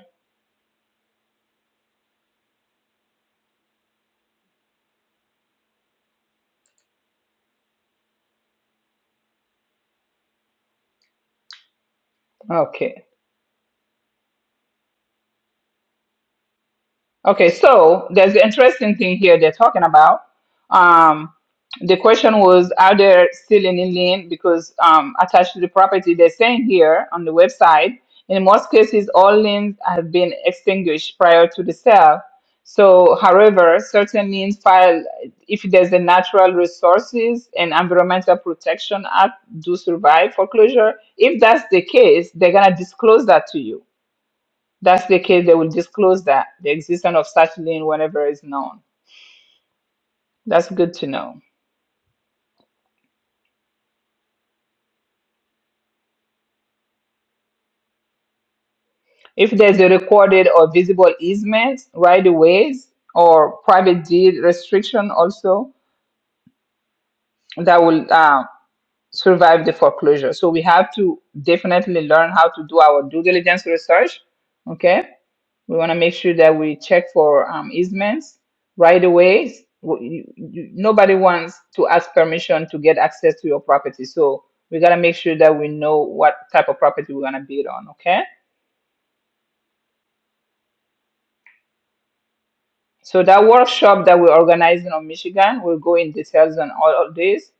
[SPEAKER 1] Okay. Okay, so there's an interesting thing here they're talking about. Um, the question was, are there still any lien because um, attached to the property? They're saying here on the website, in most cases, all liens have been extinguished prior to the sale. So, however, certain liens filed, if there's a Natural Resources and Environmental Protection Act, do survive foreclosure. If that's the case, they're gonna disclose that to you that's the case, they will disclose that the existence of such lien whenever it's known. That's good to know. If there's a recorded or visible easement, right of ways, or private deed restriction also that will uh, survive the foreclosure. So we have to definitely learn how to do our due diligence research, okay? We want to make sure that we check for um, easements right away. Nobody wants to ask permission to get access to your property. So we got to make sure that we know what type of property we're going to build on. Okay. So that workshop that we're organizing on Michigan, we'll go in details on all of this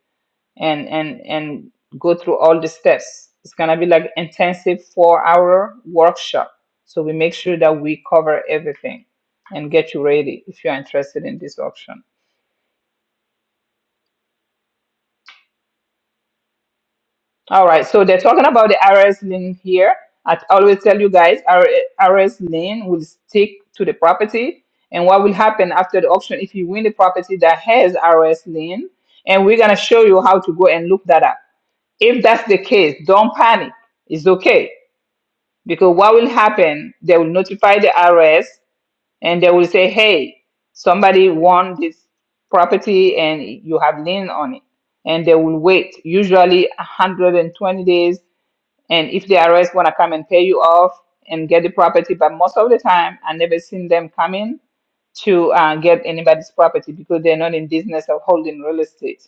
[SPEAKER 1] and, and, and go through all the steps. It's going to be like intensive four hour workshop. So we make sure that we cover everything and get you ready if you're interested in this option. All right, so they're talking about the RS lien here. I always tell you guys, our RS lien will stick to the property. And what will happen after the auction if you win the property that has RS lien? And we're gonna show you how to go and look that up. If that's the case, don't panic. It's okay because what will happen? They will notify the RS and they will say, "Hey, somebody won this property and you have lien on it." and they will wait usually 120 days and if the IRS want to come and pay you off and get the property, but most of the time I never seen them coming to uh, get anybody's property because they're not in business of holding real estate.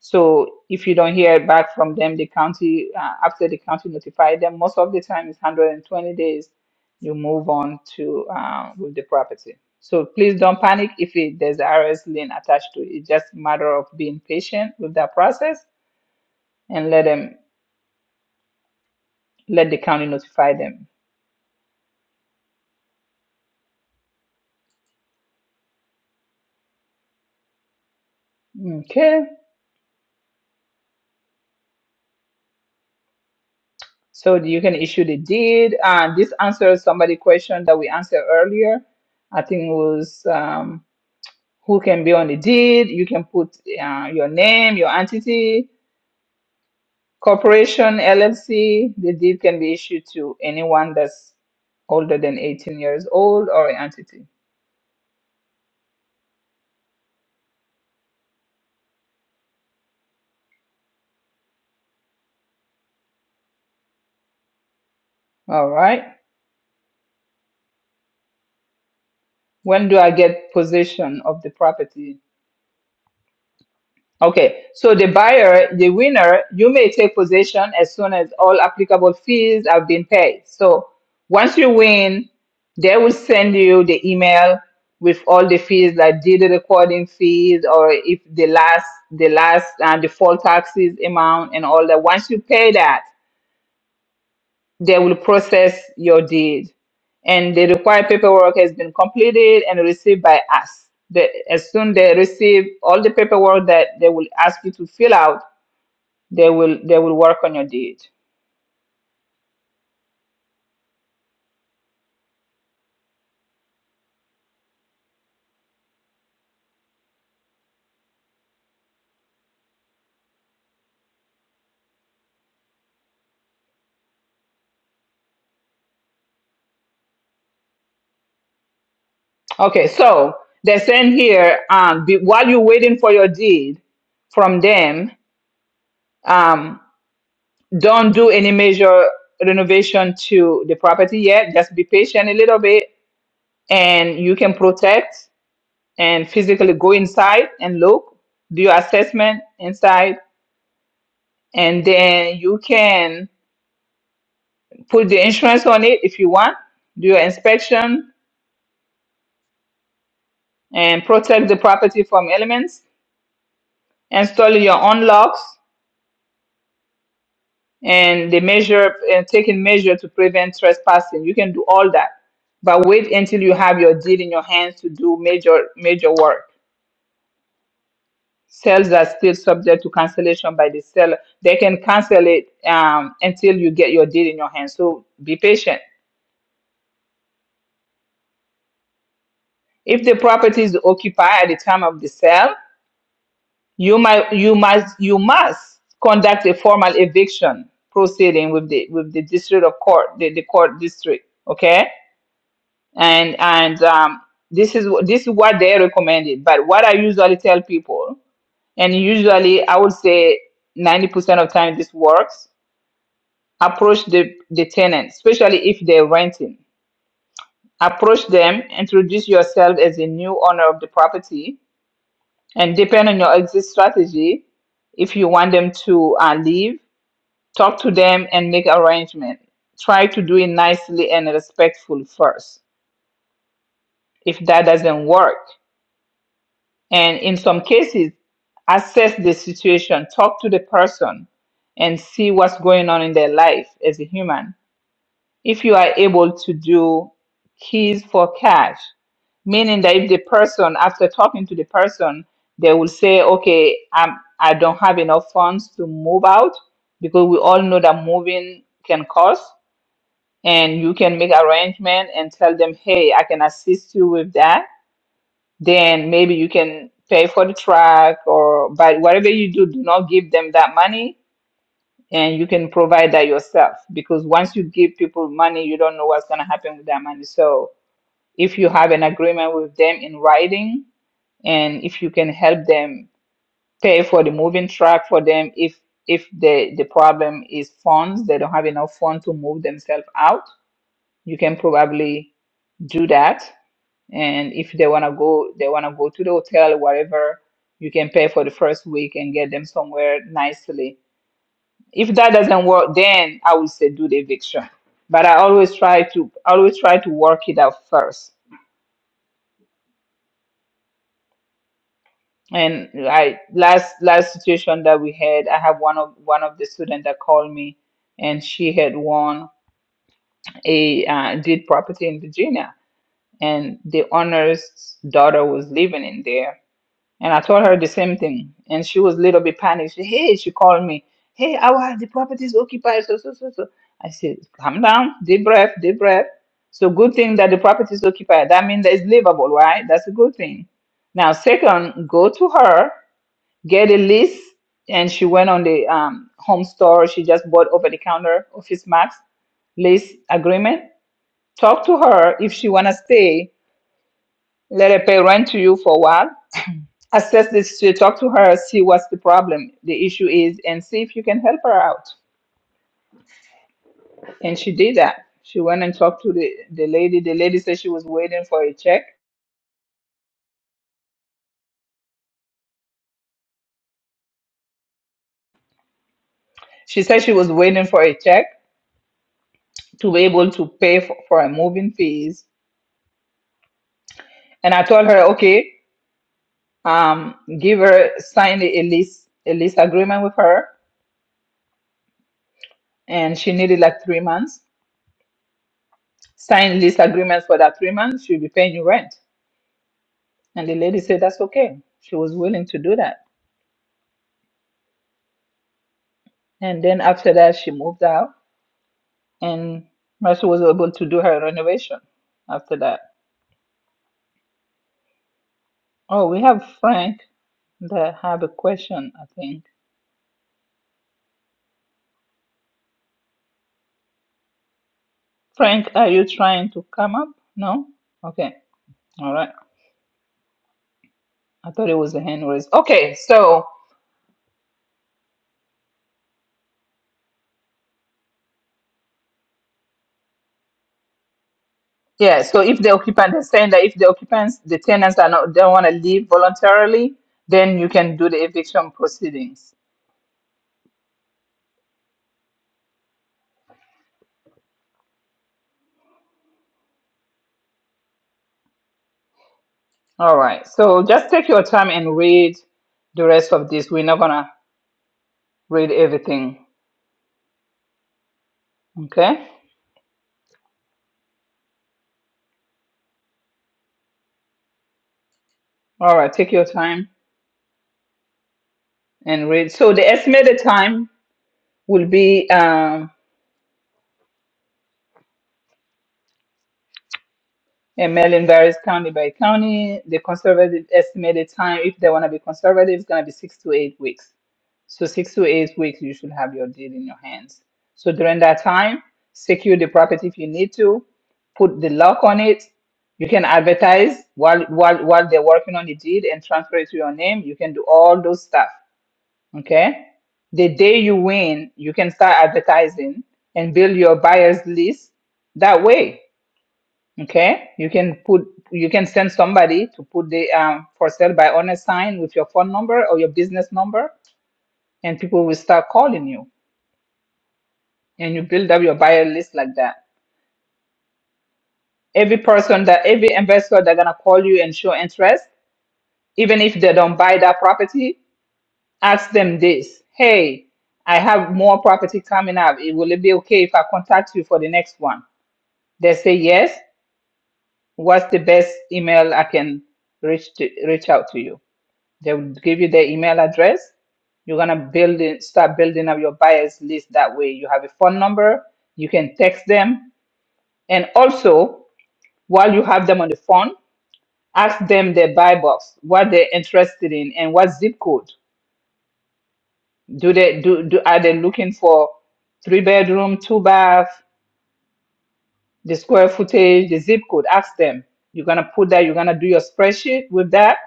[SPEAKER 1] So if you don't hear back from them, the county uh, after the county notify them, most of the time it's 120 days. You move on to uh, with the property. So please don't panic if it, there's RS lien attached to it. It's just a matter of being patient with that process and let them let the county notify them. Okay. So you can issue the deed. and this answers somebody question that we answered earlier. I think it was um, who can be on the deed. You can put uh, your name, your entity, corporation, LLC. The deed can be issued to anyone that's older than 18 years old or an entity. All right. When do I get possession of the property? Okay, so the buyer, the winner, you may take possession as soon as all applicable fees have been paid. So once you win, they will send you the email with all the fees, like did the recording fees, or if the last, the last, and the full taxes amount and all that. Once you pay that, they will process your deed, and the required paperwork has been completed and received by us. The, as soon they receive all the paperwork that they will ask you to fill out they will they will work on your deed okay so they're saying here um be, while you're waiting for your deed from them um don't do any major renovation to the property yet just be patient a little bit and you can protect and physically go inside and look do your assessment inside and then you can put the insurance on it if you want do your inspection and protect the property from elements install your own locks and the measure and taking measure to prevent trespassing. You can do all that. But wait until you have your deed in your hands to do major major work. Sales are still subject to cancellation by the seller. They can cancel it um, until you get your deed in your hands. So be patient. If the property is occupied at the time of the sale, you might you must you must conduct a formal eviction proceeding with the with the district of court, the, the court district. Okay and and um, this is wh- this is what they recommended. But what I usually tell people, and usually I would say ninety percent of time this works. Approach the the tenant, especially if they're renting. Approach them, introduce yourself as a new owner of the property, and depend on your exit strategy. If you want them to uh, leave, talk to them and make arrangement. Try to do it nicely and respectful first. If that doesn't work, and in some cases assess the situation talk to the person and see what's going on in their life as a human if you are able to do keys for cash meaning that if the person after talking to the person they will say okay I'm, i don't have enough funds to move out because we all know that moving can cost and you can make arrangement and tell them hey i can assist you with that then maybe you can pay for the truck or but whatever you do do not give them that money and you can provide that yourself because once you give people money you don't know what's going to happen with that money so if you have an agreement with them in writing and if you can help them pay for the moving truck for them if if the the problem is funds they don't have enough funds to move themselves out you can probably do that and if they want to go they want to go to the hotel whatever you can pay for the first week and get them somewhere nicely if that doesn't work then i would say do the eviction but i always try to always try to work it out first and i last last situation that we had i have one of one of the students that called me and she had won a uh, deed property in virginia and the owner's daughter was living in there And I told her the same thing. And she was a little bit panicked. She, hey, she called me. Hey, our the property is occupied. So, so, so, so. I said, calm down, deep breath, deep breath. So good thing that the property is occupied. That means that it's livable, right? That's a good thing. Now, second, go to her, get a list. And she went on the um, home store. She just bought over the counter Office Max lease agreement. Talk to her if she wanna stay. Let her pay rent to you for a while assess this to talk to her see what's the problem the issue is and see if you can help her out and she did that she went and talked to the, the lady the lady said she was waiting for a check she said she was waiting for a check to be able to pay for, for her moving fees and i told her okay um give her sign a lease a lease agreement with her and she needed like three months sign lease agreements for that three months she'll be paying you rent and the lady said that's okay she was willing to do that And then after that, she moved out, and Mercy was able to do her renovation after that. Oh, we have Frank that have a question, I think. Frank, are you trying to come up? No? Okay. All right. I thought it was a hand raised. Okay, so yeah, so if the occupant is saying that if the occupants, the tenants are not don't want to leave voluntarily, then you can do the eviction proceedings. All right. So just take your time and read the rest of this. We're not gonna read everything Okay. All right. Take your time and read. So the estimated time will be um, a in varies county by county. The conservative estimated time, if they want to be conservative, is going to be six to eight weeks. So six to eight weeks, you should have your deed in your hands. So during that time, secure the property if you need to. Put the lock on it. You can advertise while while while they're working on the deed and transfer it to your name. You can do all those stuff. Okay. The day you win, you can start advertising and build your buyers list that way. Okay. You can put, you can send somebody to put the um, for sale by owner sign with your phone number or your business number, and people will start calling you. And you build up your buyer list like that. Every person that, every investor that's going to call you and show interest, even if they don't buy that property, ask them this hey i have more property coming up it will it be okay if i contact you for the next one they say yes what's the best email i can reach to, reach out to you they will give you their email address you're going to build it, start building up your buyers list that way you have a phone number you can text them and also while you have them on the phone ask them their buy box what they're interested in and what zip code Do they do, do are they looking for three bedroom, two bath, the square footage, the zip code? Ask them. You're gonna put that, you're gonna do your spreadsheet with that,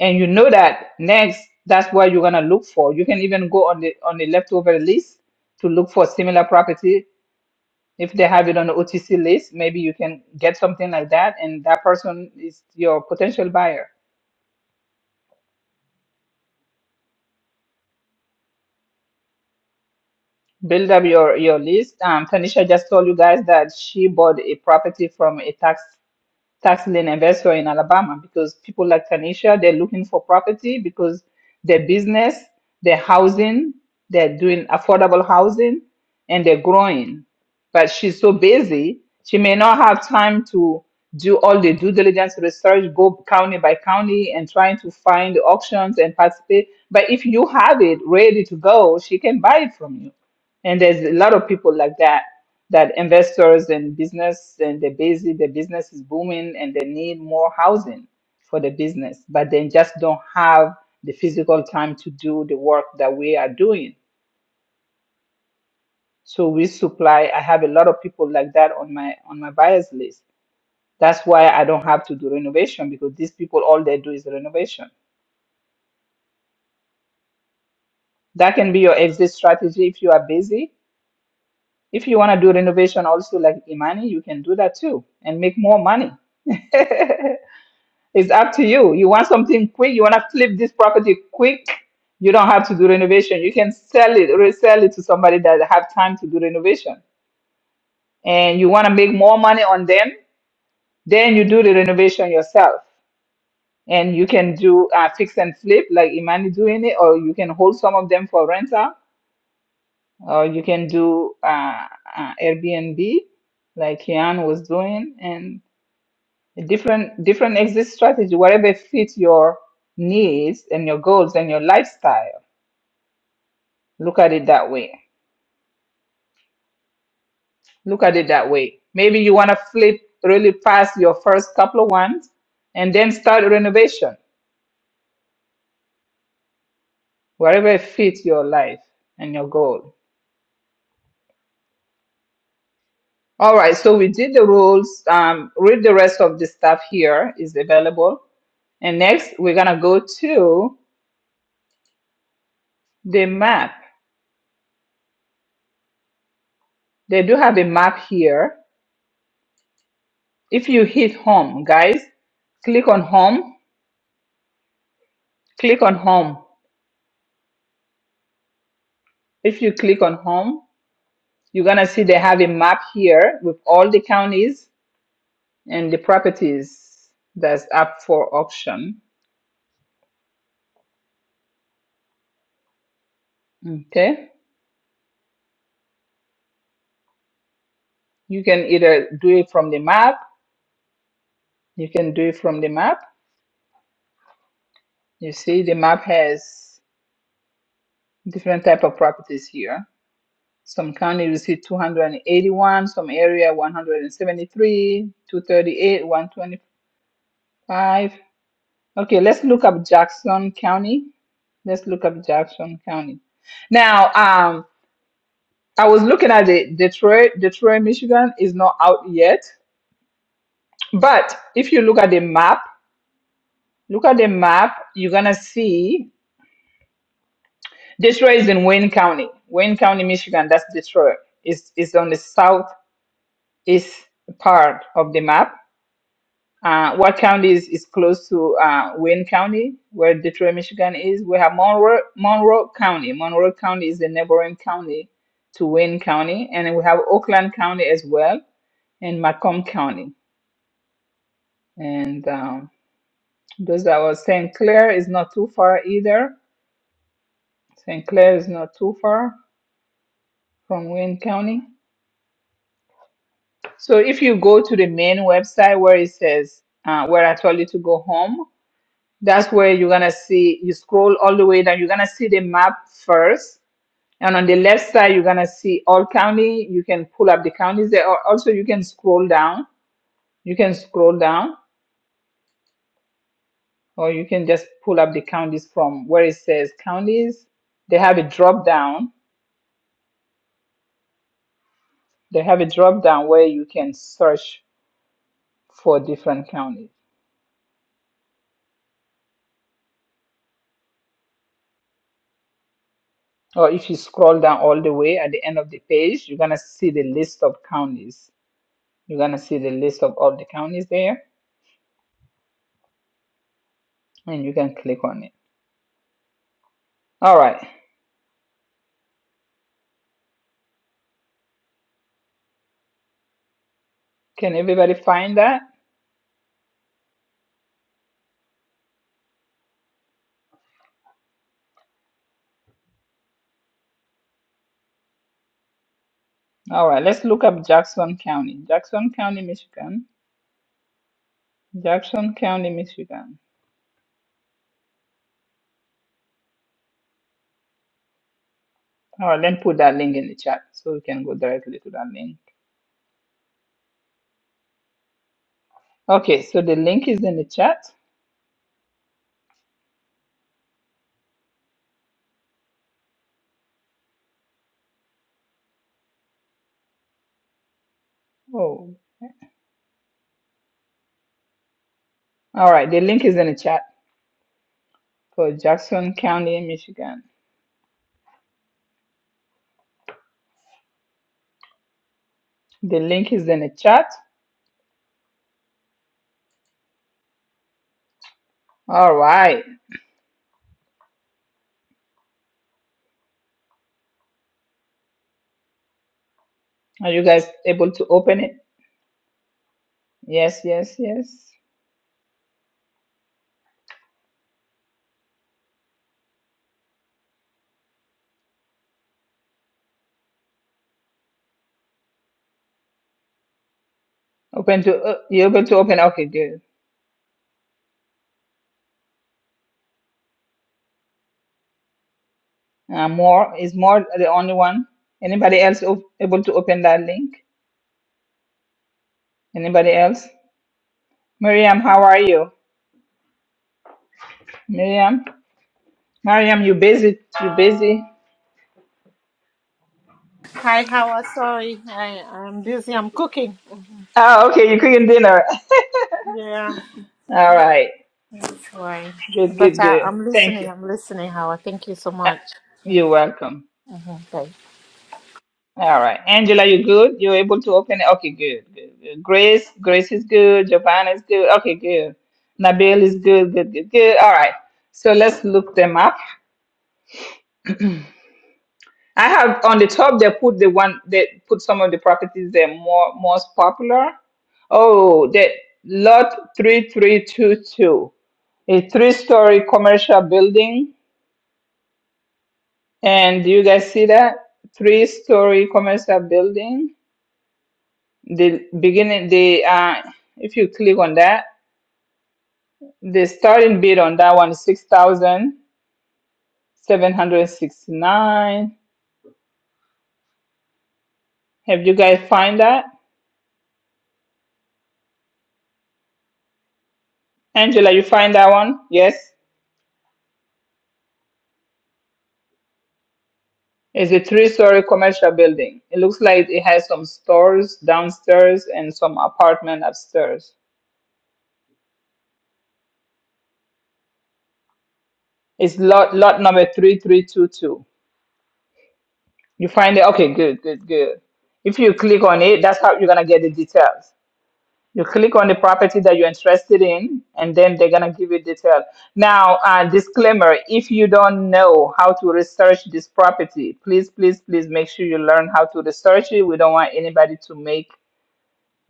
[SPEAKER 1] and you know that next that's what you're gonna look for. You can even go on the on the leftover list to look for similar property. If they have it on the OTC list, maybe you can get something like that, and that person is your potential buyer build up your your list. Um, Tanisha just told you guys that she bought a property from a tax tax lien investor in Alabama because people like Tanisha, they're looking for property because their business, their housing, they're doing affordable housing and they're growing. But she's so busy, she may not have time to do all the due diligence research, go county by county and trying to find auctions and participate. But if you have it ready to go, she can buy it from you and there's a lot of people like that, that investors and business and they're busy, the business is booming and they need more housing for the business, but they just don't have the physical time to do the work that we are doing. So we supply, I have a lot of people like that on my on my buyers list. That's why I don't have to do renovation because these people all they do is renovation. That can be your exit strategy if you are busy If you want to do renovation also like Imani, you can do that too and make more money. it's up to you. You want something quick, you want to flip this property quick, you don't have to do renovation. You can sell it, resell it to somebody that have time to do renovation. And you want to make more money on them, then you do the renovation yourself. And you can do uh, fix and flip like Imani doing it, or you can hold some of them for rental or you can do uh, uh, Airbnb like Kian was doing and different different exit strategy, whatever fits your needs and your goals and your lifestyle. Look at it that way. Look at it that way. Maybe you want to flip really fast your first couple of ones and then start renovation, whatever fits your life and your goal. All right, so we did the rules. Um, read the rest of the stuff here is available. And next, we're gonna go to The map. They do have a map here. If you hit home, guys, click on home, click on home. If you click on home, you're going to see they have a map here with all the counties and the properties that's up for auction. Okay. You can either do it from the map. You can do it from the map. You see the map has different type of properties here. Some county received 281, some area 173, 238, 125. Okay, let's look up Jackson County. Let's look up Jackson County. Now, um, I was looking at the Detroit. Detroit, Michigan is not out yet, but if you look at the map, look at the map, you're gonna see Detroit is in Wayne County. Wayne County, Michigan. That's Detroit. It's it's on the southeast part of the map Uh, what county is, is close to uh, Wayne County, where Detroit, Michigan is? We have Monroe, Monroe County. Monroe County is the neighboring county to Wayne County. And then we have Oakland County as well and Macomb County. And um, those that was St. Clair is not too far either. St. Clair is not too far from Wayne County. So if you go to the main website where it says, uh, where I told you to go home, That's where you're gonna see, you scroll all the way down, you're gonna see the map first. And on the left side, you're gonna see all county. You can pull up the counties there. Al- Also, you can scroll down. You can scroll down, or you can just pull up the counties from where it says counties. They have a drop down. They have a drop down where you can search for different counties. Or if you scroll down all the way at the end of the page, you're gonna see the list of counties. You're gonna see the list of all the counties there and you can click on it. All right. Can everybody find that? All right. Let's look up Jackson County. Jackson County, Michigan. Jackson County, Michigan. All right. Then put that link in the chat so we can go directly to that link. Okay. So the link is in the chat. Oh. All right. The link is in the chat for Jackson County, Michigan. The link is in the chat. All right. Are you guys able to open it? Yes. Yes. Yes. Open to uh, you able to open? Okay. Good. Uh, more is more the only one. Anybody else op- able to open that link? Anybody else? Miriam, how are you? Miriam, Miriam, you busy? You busy?
[SPEAKER 13] Hi, how are sorry. I, I'm busy. I'm cooking.
[SPEAKER 1] Oh, okay. You cooking dinner?
[SPEAKER 13] Yeah,
[SPEAKER 1] All right.
[SPEAKER 13] that's why.
[SPEAKER 1] Good, good,
[SPEAKER 13] But I,
[SPEAKER 1] good.
[SPEAKER 13] I'm
[SPEAKER 1] Thank
[SPEAKER 13] listening.
[SPEAKER 1] you.
[SPEAKER 13] I'm listening, Howard. Thank you so
[SPEAKER 1] Uh,
[SPEAKER 13] much.
[SPEAKER 1] you're welcome.
[SPEAKER 13] Mm-hmm.
[SPEAKER 1] All right, Angela, you good? You're able to open it? Okay, good, good, good. Grace, Grace is good. Giovanna is good. Okay, good. Nabil is good, good, good, good. All right. So let's look them up. I have on the top they put the one that put some of the properties that are more most popular. Oh, that lot three three two two, a three-story commercial building, and you guys see that three-story commercial building? The beginning, the uh, if you click on that, the starting bid on that one is six thousand seven hundred sixty-nine. Have you guys find that? Angela, you find that one? Yes. It's a three-story commercial building. It looks like it has some stores downstairs and some apartment upstairs. It's lot lot number 3322. You find it? Okay, good, good, good. If you click on it, that's how you're gonna get the details. You click on the property that you're interested in, and then they're gonna give you detail. Now, uh, disclaimer: if you don't know how to research this property, please, please, please make sure you learn how to research it. We don't want anybody to make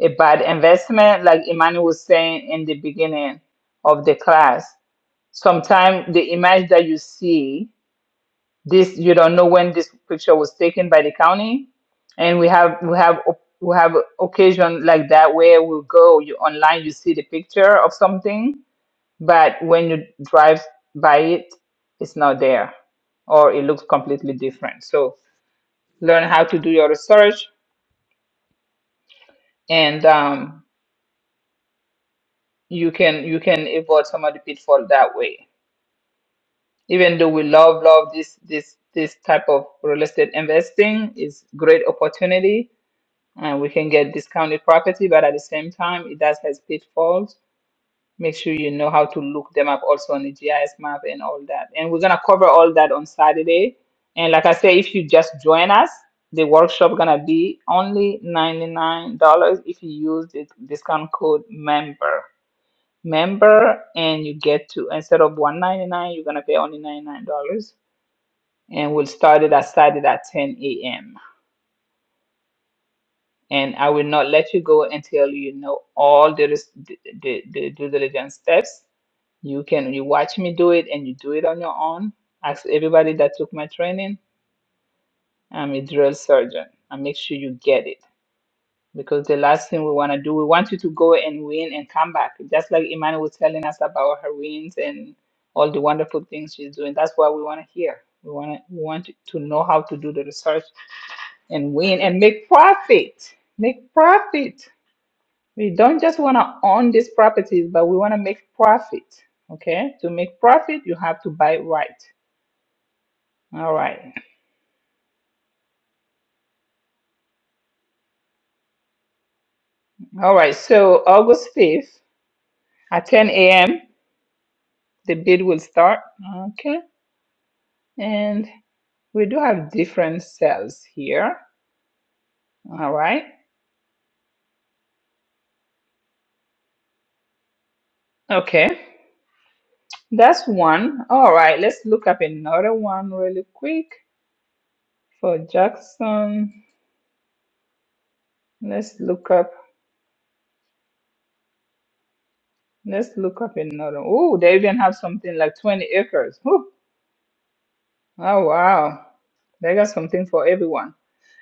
[SPEAKER 1] a bad investment, like Imani was saying in the beginning of the class. Sometimes the image that you see, this you don't know when this picture was taken by the county, and we have we have op- we have occasion like that where we go you online you see the picture of something, but when you drive by it, it's not there, or it looks completely different. So learn how to do your research and um, you can you can avoid some of the pitfall that way even though we love love this this this type of real estate investing is great opportunity and we can get discounted property but at the same time it does has pitfalls make sure you know how to look them up also on the gis map and all that and we're going to cover all that on saturday and like i say if you just join us the workshop gonna be only $99 if you use the discount code member member and you get to instead of 199 you're going to pay only $99 and we'll start it i started at 10 a.m and i will not let you go until you know all the, res- the, the, the due diligence steps you can you watch me do it and you do it on your own ask everybody that took my training i'm a drill surgeon i make sure you get it because the last thing we want to do, we want you to go and win and come back. Just like Imani was telling us about her wins and all the wonderful things she's doing. That's what we want to hear. We want to, we want to know how to do the research and win and make profit. Make profit. We don't just want to own these properties, but we want to make profit. Okay. To make profit, you have to buy right. All right. All right. So August 5th at 10 a.m., the bid will start. Okay. And we do have different cells here. All right. Okay. That's one. All right. Let's look up another one really quick for Jackson. Let's look up. Let's look up another. Oh, they even have something like 20 acres. Whew. Oh, wow. They got something for everyone.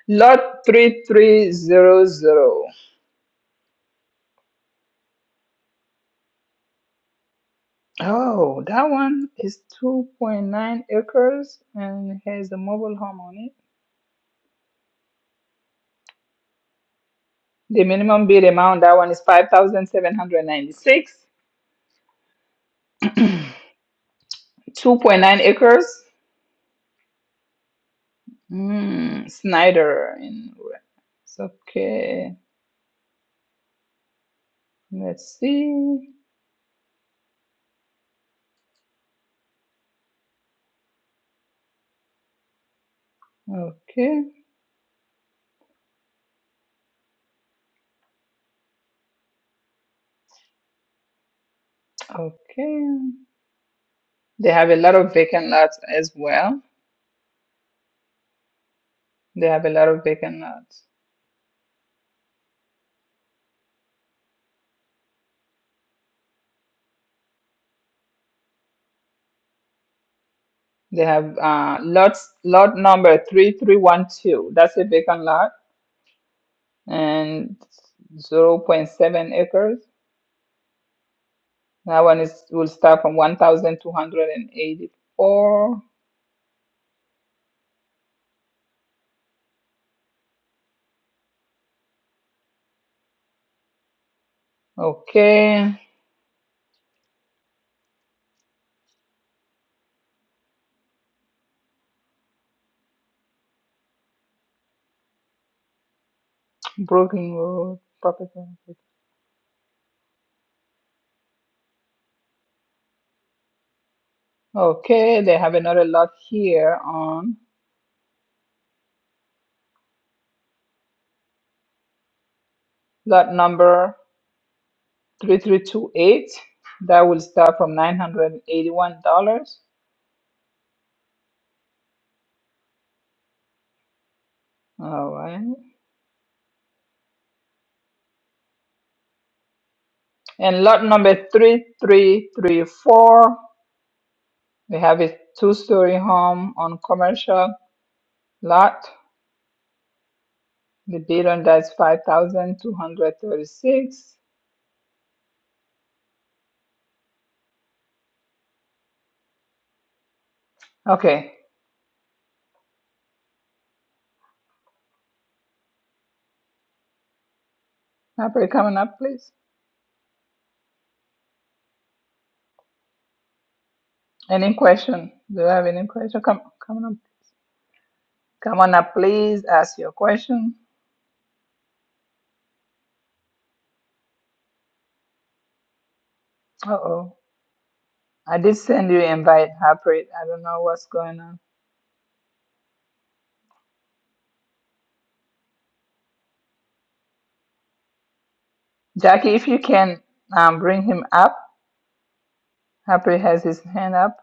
[SPEAKER 1] Lot 3300. Oh, that one is 2.9 acres and has a mobile home on it. The minimum bid amount, that one is 5,796. 2.9 acres. Mm, Snyder in it's okay. Let's see. Okay, okay. They have a lot of vacant lots as well. They have a lot of vacant lots. They have uh lots lot number 3312. That's a vacant lot and zero point 0.7 acres. That one is will start from 1,284. Okay, Brooklyn Road property. Okay, they have another lot here on lot number 3328. That will start from $981. All right. And lot number 3334, we have a two-story home on commercial lot. The bid on that is 5,236. Okay, April, coming up, please. Any question? Do you have any question? Come, come on up. Come on up, please. Ask your question. Uh oh. I did send you invite, Harpreet. I don't know what's going on. Jackie, if you can um, bring him up. Harpreet has his hand up.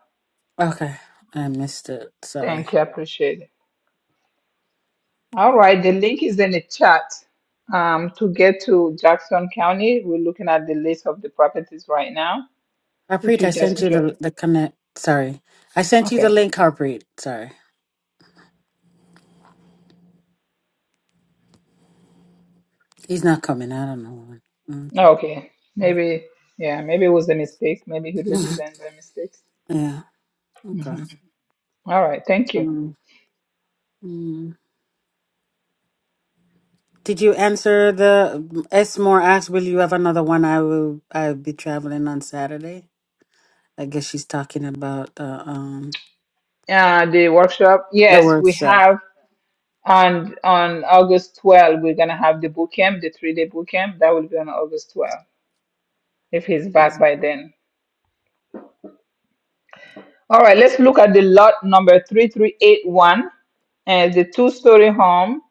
[SPEAKER 3] Okay. I missed it. Sorry.
[SPEAKER 1] Thank you. I appreciate it. All right. The link is in the chat. Um, to get to Jackson County, we're looking at the list of the properties right now. If
[SPEAKER 3] Harpreet, I
[SPEAKER 1] you just
[SPEAKER 3] sent you
[SPEAKER 1] join.
[SPEAKER 3] the the connect. Sorry. I sent you the
[SPEAKER 1] Okay.
[SPEAKER 3] link, Harpreet. Sorry. He's not coming. I don't know. why.
[SPEAKER 1] Oh, Okay, maybe, yeah, maybe it was a mistake. Maybe he raised
[SPEAKER 3] Okay.
[SPEAKER 1] his hand by mistake.
[SPEAKER 3] yeah. Okay.
[SPEAKER 1] hmm All right, thank you.
[SPEAKER 3] Um, mm. Did you answer the S more asked, will you have another one? I will I'll be traveling on Saturday. I guess she's talking about the um
[SPEAKER 1] Uh, the workshop,
[SPEAKER 3] the
[SPEAKER 1] yes, we
[SPEAKER 3] workshop.
[SPEAKER 1] have on on August 12th we're gonna have the boot camp, the three day boot camp. That will be on August twelfth. if he's back by then. All right, let's look at the lot number 3381 and the two story home.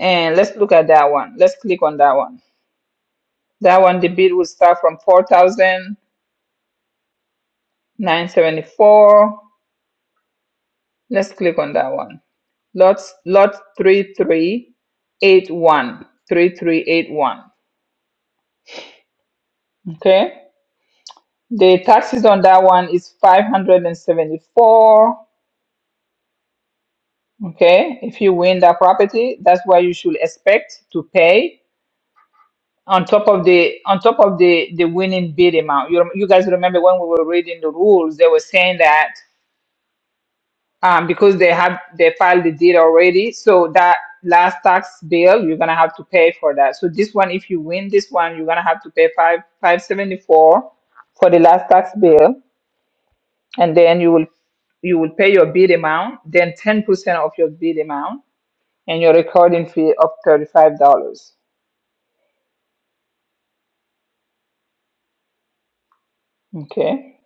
[SPEAKER 1] And let's look at that one. Let's click on that one. That one, the bid will start from four thousand nine seventy four. Let's click on that one. Lots lot three three eight one three three eight one. Okay. The taxes on that one is five hundred and seventy four. Okay. If you win that property, that's what you should expect to pay on top of the on top of the the winning bid amount. You rem- you guys remember when we were reading the rules, they were saying that. um, because they have they filed the deed already. So that last tax bill, you're gonna have to pay for that. So this one, if you win this one, you're gonna have to pay five five seventy four for the last tax bill, and then you will you will pay your bid amount, then ten percent of your bid amount, and your recording fee of thirty five dollars. Okay,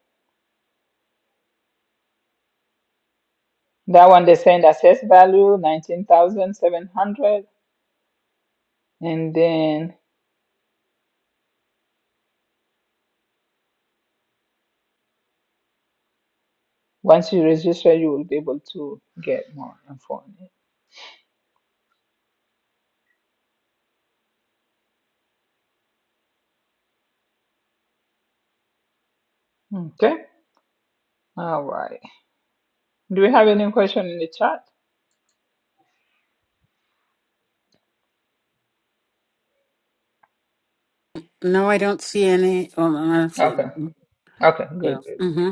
[SPEAKER 1] that one they send assessed value nineteen thousand seven hundred, and then once you register, you will be able to get more info. on it. Okay. All right. Do we have any question in the chat?
[SPEAKER 3] No, I don't see any. Oh, I don't see
[SPEAKER 1] Okay.
[SPEAKER 3] any.
[SPEAKER 1] Okay. Good.
[SPEAKER 3] Yeah.
[SPEAKER 1] Good.
[SPEAKER 3] Mm-hmm.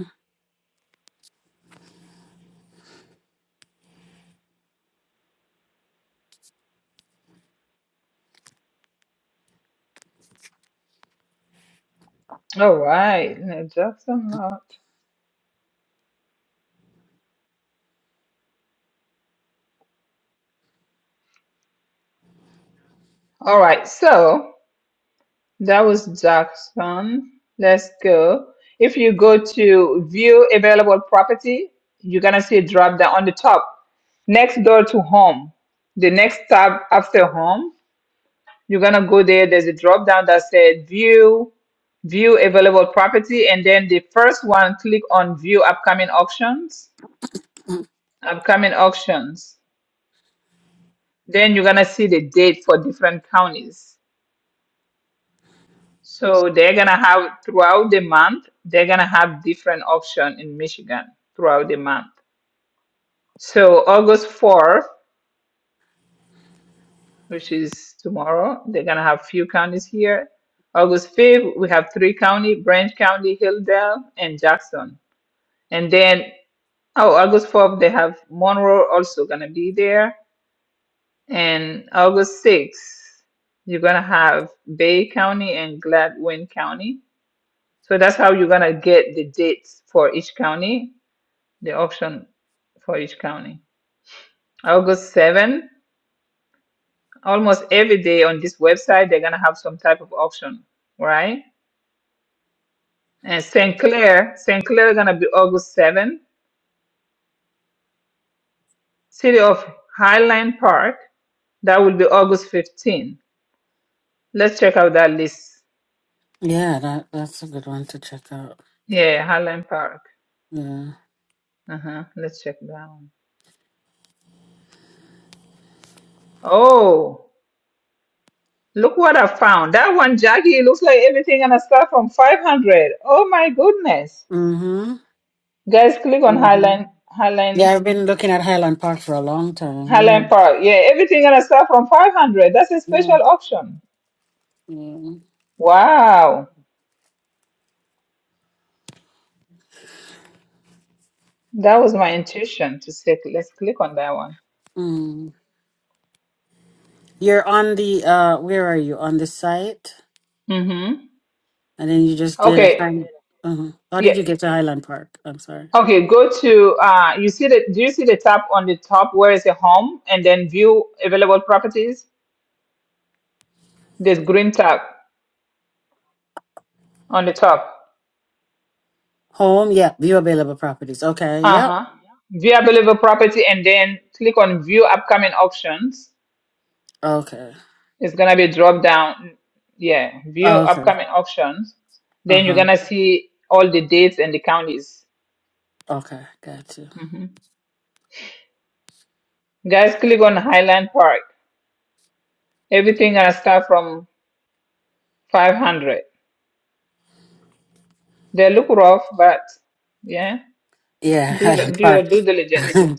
[SPEAKER 1] All right. No, Jackson Lot. All right. So that was Jackson. Let's go. If you go to view available property, you're gonna see a drop down on the top next door to home. The next tab after home, you're gonna go there. There's a drop down that said view view available property, and then the first one click on view upcoming auctions upcoming auctions, then you're gonna see the date for different counties. So they're gonna have throughout the month, they're gonna have different auction in Michigan throughout the month. So August 4th, which is tomorrow, they're gonna have few counties here. August 5th, we have three county, Branch County, Hilldale, and Jackson. And then, oh, August 4th, they have Monroe also gonna be there. And August 6th, you're going to have Bay County and Gladwin County. So that's how you're going to get the dates for each county, the option for each county. August 7th, almost every day on this website, they're going to have some type of option, right? And St. Clair, St. Clair is going to be August 7th. City of Highland Park, that will be August 15th. Let's check out that list.
[SPEAKER 3] Yeah, that that's a good one to check out.
[SPEAKER 1] Yeah, Highland Park.
[SPEAKER 3] Yeah.
[SPEAKER 1] Uh-huh. Let's check that one. Oh, look what I found. That one, Jackie, it looks like everything gonna start from 500. Oh my goodness.
[SPEAKER 3] Mm-hmm.
[SPEAKER 1] Guys, click on
[SPEAKER 3] Mm-hmm.
[SPEAKER 1] Highline, Highline,
[SPEAKER 3] Yeah, I've been looking at Highland Park for a long time. Yeah.
[SPEAKER 1] Highline Park. Yeah, everything gonna start from 500. That's a
[SPEAKER 3] Yeah.
[SPEAKER 1] special option.
[SPEAKER 3] Yeah.
[SPEAKER 1] Wow. That was my intuition to say, let's click on that one.
[SPEAKER 3] Mm. You're on the uh where are you? On the site?
[SPEAKER 1] Mm-hmm.
[SPEAKER 3] And then you just did a
[SPEAKER 1] Okay.
[SPEAKER 3] high uh How
[SPEAKER 1] Yeah.
[SPEAKER 3] did you get to Highland Park? I'm sorry.
[SPEAKER 1] Okay, go to uh you see the do you see the tab on the top where is the home and then view available properties? There's green tab on the top.
[SPEAKER 3] Home, yeah, view available properties. Okay, yep.
[SPEAKER 1] Uh-huh. View available property and then click on view upcoming options.
[SPEAKER 3] Okay.
[SPEAKER 1] It's gonna be drop down. Yeah, view
[SPEAKER 3] okay.
[SPEAKER 1] upcoming options. Then you're
[SPEAKER 3] Uh-huh.
[SPEAKER 1] gonna see all the dates and the counties.
[SPEAKER 3] Okay, got you.
[SPEAKER 1] hmm Guys, click on Highland Park. Everything gonna start from 500. They look rough, but yeah,
[SPEAKER 3] Yeah,
[SPEAKER 1] do your,
[SPEAKER 3] Highland
[SPEAKER 1] do your
[SPEAKER 3] Park.
[SPEAKER 1] due diligence.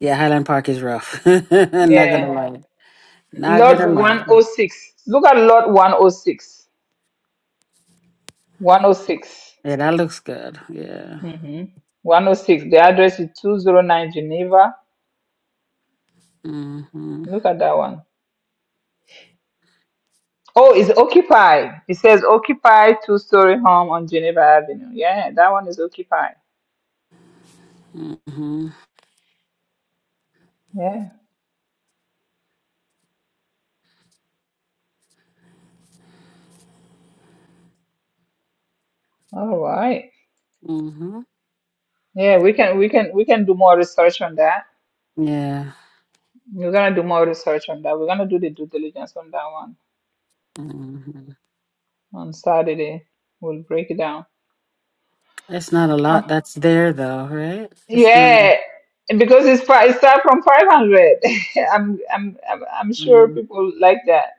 [SPEAKER 3] yeah, Highland Park is rough. I'm not
[SPEAKER 1] Yeah,
[SPEAKER 3] gonna lie. Not gonna
[SPEAKER 1] lot
[SPEAKER 3] lie.
[SPEAKER 1] 106. Look at lot 106. 106.
[SPEAKER 3] Yeah, that looks good. Yeah.
[SPEAKER 1] Mm-hmm. 106. The address is 209 Geneva.
[SPEAKER 3] Mm-hmm.
[SPEAKER 1] Look at that one. Oh, it's occupied. It says occupied two story home on Geneva Avenue. Yeah, that one is occupied.
[SPEAKER 3] Mm-hmm.
[SPEAKER 1] Yeah. All right.
[SPEAKER 3] Mm-hmm.
[SPEAKER 1] Yeah, we can we can we can do more research on that.
[SPEAKER 3] Yeah.
[SPEAKER 1] We're gonna do more research on that. We're gonna do the due diligence on that one
[SPEAKER 3] Mm-hmm.
[SPEAKER 1] on Saturday. We'll break it down.
[SPEAKER 3] It's not a lot
[SPEAKER 1] Oh,
[SPEAKER 3] that's there though, right? It's not
[SPEAKER 1] yeah, because it's fi- it start from 500. I'm I'm I'm I'm sure
[SPEAKER 3] um,
[SPEAKER 1] people like that.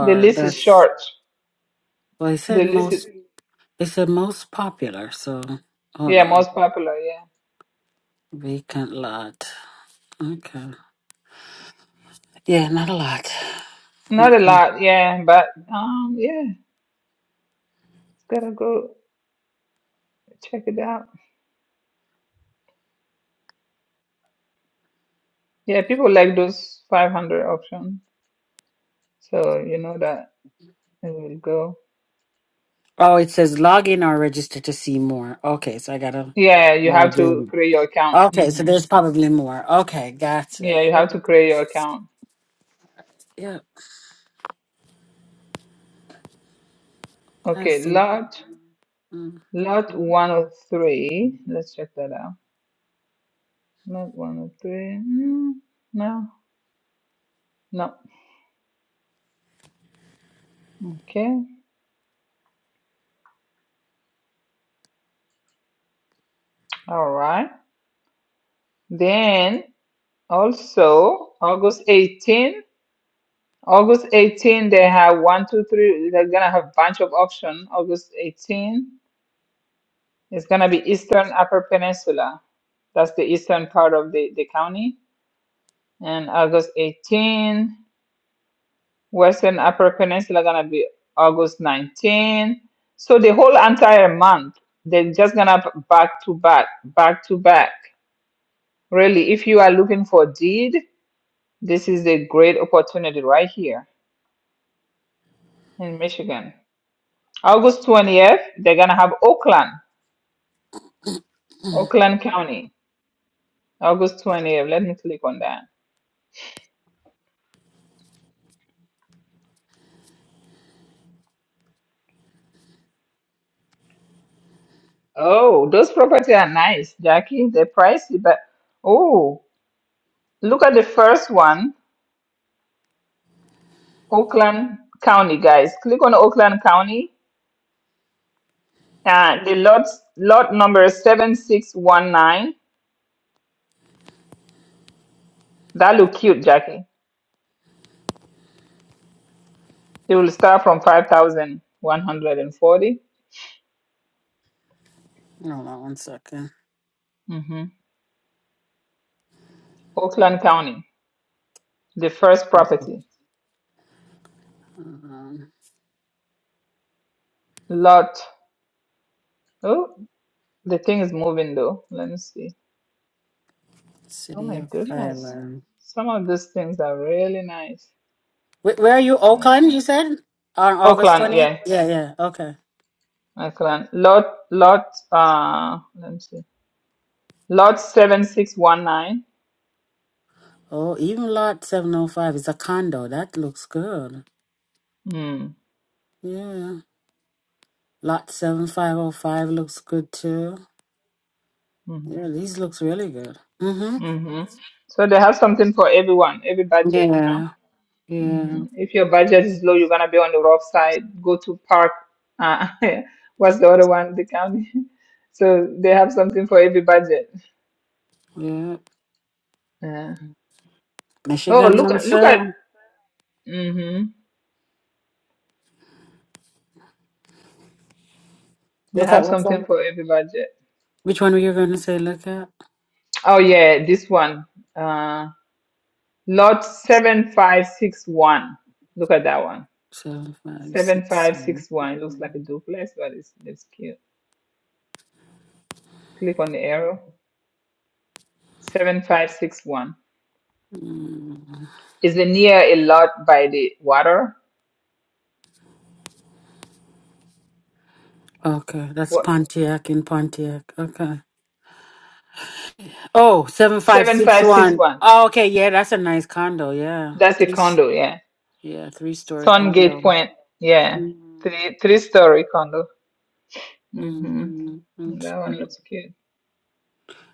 [SPEAKER 1] The list is
[SPEAKER 3] that's
[SPEAKER 1] short.
[SPEAKER 3] well he
[SPEAKER 1] The
[SPEAKER 3] said
[SPEAKER 1] least,
[SPEAKER 3] most he said most popular, so hold
[SPEAKER 1] yeah,
[SPEAKER 3] on.
[SPEAKER 1] most popular, yeah.
[SPEAKER 3] Vacant lot. Okay. Yeah, not a lot.
[SPEAKER 1] Not a lot, yeah, but um, yeah, it's gotta go check it out. Yeah, people like those 500 options, so you know that it will go.
[SPEAKER 3] Oh, it says log in or register to see more. Okay, so I gotta
[SPEAKER 1] Yeah, you have
[SPEAKER 3] log
[SPEAKER 1] to
[SPEAKER 3] in.
[SPEAKER 1] create your account.
[SPEAKER 3] Okay, so
[SPEAKER 1] hmm
[SPEAKER 3] there's probably more. Okay,
[SPEAKER 1] Yeah,
[SPEAKER 3] gotcha.
[SPEAKER 1] you have to create your account.
[SPEAKER 3] Yeah, I
[SPEAKER 1] Okay,
[SPEAKER 3] see.
[SPEAKER 1] lot
[SPEAKER 3] Mm,
[SPEAKER 1] lot 103. Let's check that out. Lot 103. Mm, no, no. Okay, all right. Then also August 18. August 18, they have one, two, three. They're gonna have bunch of option. August 18 is gonna be Eastern Upper Peninsula. That's the eastern part of the, the county. And August 18, Western Upper Peninsula gonna be August 19. So the whole entire month, they're just gonna b- back to back, back to back. Really, if you are looking for deed, this is a great opportunity right here in Michigan. August 20th, they're gonna have Oakland, Oakland County, August 20th. Let me click on that. Oh, those property are nice, Jackie. They're pricey, but oh, look at the first one, Oakland County, guys. Click on Oakland County. Uh, the lot lot number 7619. That look cute, Jackie. It will start from 5,140.
[SPEAKER 3] Hold on one second.
[SPEAKER 1] Mm-hmm. Oakland County, the first property.
[SPEAKER 3] Um,
[SPEAKER 1] Lot. Oh. The thing is moving though. Let me see. Oh
[SPEAKER 3] City
[SPEAKER 1] my
[SPEAKER 3] of
[SPEAKER 1] goodness.
[SPEAKER 3] Highland.
[SPEAKER 1] Some of these things are really nice.
[SPEAKER 3] Where, where are you?
[SPEAKER 1] Uh,
[SPEAKER 3] Oakland, you said? On August
[SPEAKER 1] Oakland,
[SPEAKER 3] 20th?
[SPEAKER 1] yeah.
[SPEAKER 3] Yeah, yeah. Okay.
[SPEAKER 1] Oakland. Lot lot uh let me see. Lot seven six one nine.
[SPEAKER 3] Oh, even lot 705 is a condo. That looks good.
[SPEAKER 1] Mm.
[SPEAKER 3] Yeah. Lot 7505 looks good too. Yeah,
[SPEAKER 1] Mm-hmm.
[SPEAKER 3] these looks really good. Mm-hmm.
[SPEAKER 1] Mm-hmm. So they have something for everyone, every budget, you know.
[SPEAKER 3] Yeah. Yeah.
[SPEAKER 1] hmm If your budget is low, you're gonna be on the rough side. Go to park. Uh, what's the other one? The county. So they have something for every budget.
[SPEAKER 3] Yeah.
[SPEAKER 1] Yeah. Oh,
[SPEAKER 3] Michigan's
[SPEAKER 1] look
[SPEAKER 3] on
[SPEAKER 1] at look at.
[SPEAKER 3] sale.
[SPEAKER 1] mm-hmm. They
[SPEAKER 3] Look
[SPEAKER 1] have
[SPEAKER 3] at what's
[SPEAKER 1] something
[SPEAKER 3] on.
[SPEAKER 1] for every budget.
[SPEAKER 3] Which one were you going to say look at?
[SPEAKER 1] Oh yeah, this one. Uh, lot seven five six one. Look at that one.
[SPEAKER 3] seven five six.
[SPEAKER 1] Seven five six one. It looks like a duplex, but it's it's cute. Click on the arrow. Seven five six one.
[SPEAKER 3] Mm.
[SPEAKER 1] Is it near a lot by the water?
[SPEAKER 3] Okay, that's
[SPEAKER 1] What?
[SPEAKER 3] Pontiac in Pontiac. Okay. Oh, seven five
[SPEAKER 1] Seven
[SPEAKER 3] six
[SPEAKER 1] five six
[SPEAKER 3] one.
[SPEAKER 1] one.
[SPEAKER 3] Oh, okay, yeah, that's a nice condo. Yeah.
[SPEAKER 1] That's a
[SPEAKER 3] Three, s-
[SPEAKER 1] condo. Yeah.
[SPEAKER 3] yeah, three story
[SPEAKER 1] Sungate
[SPEAKER 3] condo.
[SPEAKER 1] Point. Yeah.
[SPEAKER 3] Mm-hmm.
[SPEAKER 1] Three three story condo. Mhm.
[SPEAKER 3] mm-hmm, That's
[SPEAKER 1] That one
[SPEAKER 3] good.
[SPEAKER 1] looks cute.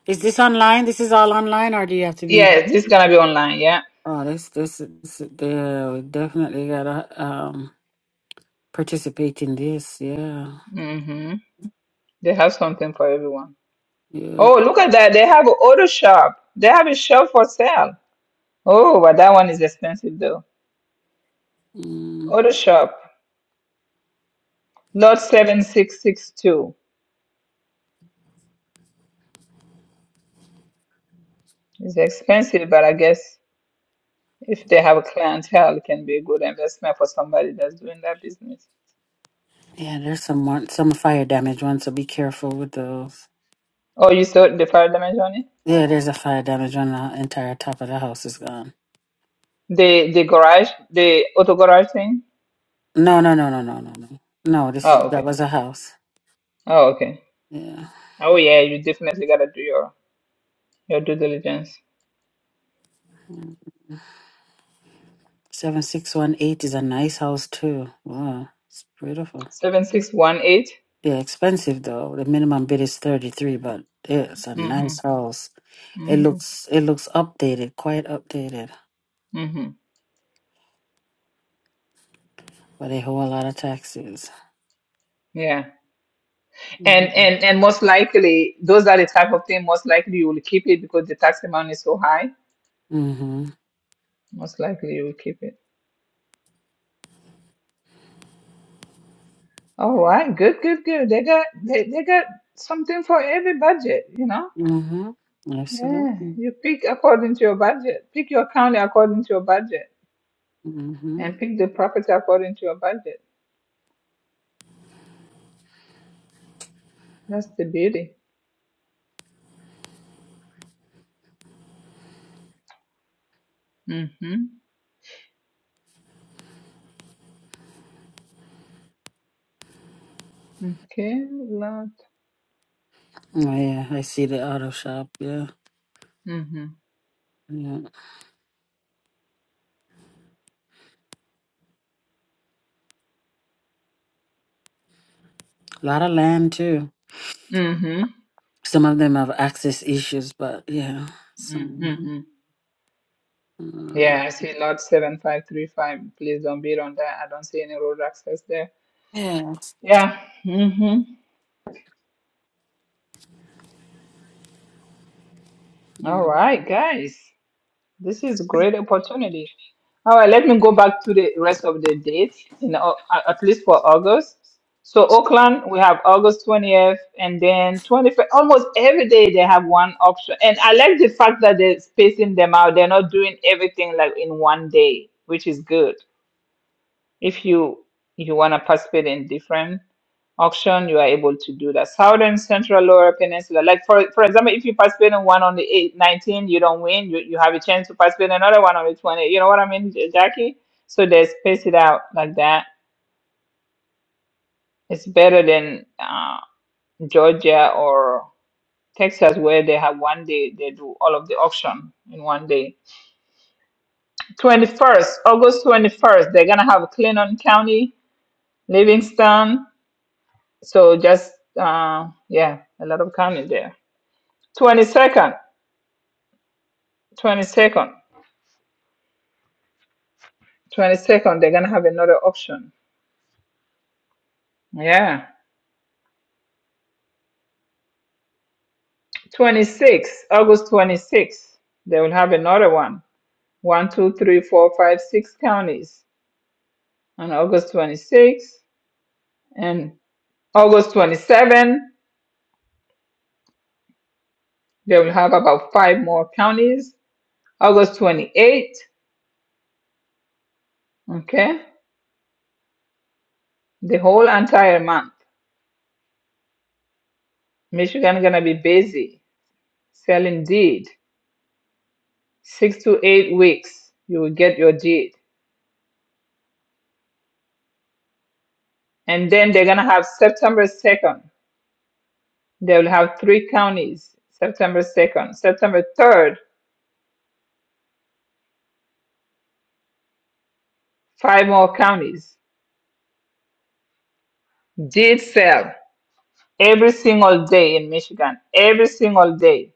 [SPEAKER 3] Is this online? This is all online, or do you have to be in?
[SPEAKER 1] Yeah, this is gonna be online. Yeah.
[SPEAKER 3] Oh, this, this, this yeah, we definitely gotta um participate in this. Yeah,
[SPEAKER 1] Mhm. They have something for everyone.
[SPEAKER 3] yeah,
[SPEAKER 1] Oh, look at that. They have an auto shop. They have a shop for sale. Oh, but that one is expensive though.
[SPEAKER 3] mm.
[SPEAKER 1] Auto shop. Lot 7662 It's expensive, but I guess if they have a clientele, it can be a good investment for somebody that's doing that business.
[SPEAKER 3] yeah. There's some one- some fire damage ones, so be careful with those.
[SPEAKER 1] Oh, you saw the fire damage on it?
[SPEAKER 3] Yeah, there's a fire damage on the entire top of the house is gone.
[SPEAKER 1] The the garage, the auto garage thing?
[SPEAKER 3] No, no, no, no, no, no, no. No, this is
[SPEAKER 1] Oh,
[SPEAKER 3] that
[SPEAKER 1] okay.
[SPEAKER 3] was a house.
[SPEAKER 1] Oh, okay.
[SPEAKER 3] Yeah.
[SPEAKER 1] Oh, yeah, you definitely gotta do your your due diligence.
[SPEAKER 3] Seven six one eight is a nice house too. Wow. It's beautiful.
[SPEAKER 1] 7618?
[SPEAKER 3] Yeah, expensive though. The minimum bid is thirty three, but it's a
[SPEAKER 1] Mm-hmm.
[SPEAKER 3] nice house. It
[SPEAKER 1] Mm-hmm.
[SPEAKER 3] looks it looks updated, quite updated,
[SPEAKER 1] Mm-hmm.
[SPEAKER 3] but they owe a lot of taxes.
[SPEAKER 1] Yeah. And
[SPEAKER 3] Mm-hmm.
[SPEAKER 1] and and most likely those are the type of thing most likely you will keep it because the tax amount is so high. Most likely you will keep it. All right, good, good, good. They got they, they got something for every budget, you know?
[SPEAKER 3] Mm-hmm.
[SPEAKER 1] Yeah.
[SPEAKER 3] Absolutely.
[SPEAKER 1] You pick according to your budget. Pick your county according to your budget
[SPEAKER 3] Mm-hmm.
[SPEAKER 1] and pick the property according to your budget. That's the beauty. Mm-hmm. Okay. Lot.
[SPEAKER 3] Oh yeah, I see the auto shop, yeah.
[SPEAKER 1] Mm-hmm.
[SPEAKER 3] Yeah. A lot of land too.
[SPEAKER 1] Mm-hmm.
[SPEAKER 3] Some of them have access issues, but yeah. Some
[SPEAKER 1] Mm-hmm.
[SPEAKER 3] uh,
[SPEAKER 1] Yeah, I see Lot 7535. Please don't bid on that. I don't see any road access there.
[SPEAKER 3] yeah.
[SPEAKER 1] Yeah. Mm-hmm. All
[SPEAKER 3] Mm.
[SPEAKER 1] right, guys. This is a great opportunity. All right, let me go back to the rest of the dates, in Au- a- at least for August. So Oakland, we have August 20th, and then 25th. Almost every day they have one option. And I like the fact that they're spacing them out. They're not doing everything like in one day, which is good. if you you want to participate in different auction you are able to do that southern central lower peninsula like for for example if you participate in one on the eight, nineteen, you don't win you, you have a chance to participate in another one on the 20 you know what i mean J- jackie so they space it out like that it's better than uh, georgia or texas where they have one day they do all of the auction in one day 21st august 21st they're gonna have clinton county livingston So just uh, yeah, a lot of coming there. Twenty second, twenty second, twenty second. They're gonna have another auction. Yeah, twenty six, August twenty sixth. They will have another one. One, two, three, four, five, six counties on August twenty sixth and August twenty seven. They will have about five more counties. August twenty eighth. Okay, the whole entire month. Michigan gonna be busy selling deed. six to eight weeks, you will get your deed. And then they're going to have September 2nd. They will have three counties, September 2nd. September 3rd, five more counties. Deed sale every single day in Michigan, every single day,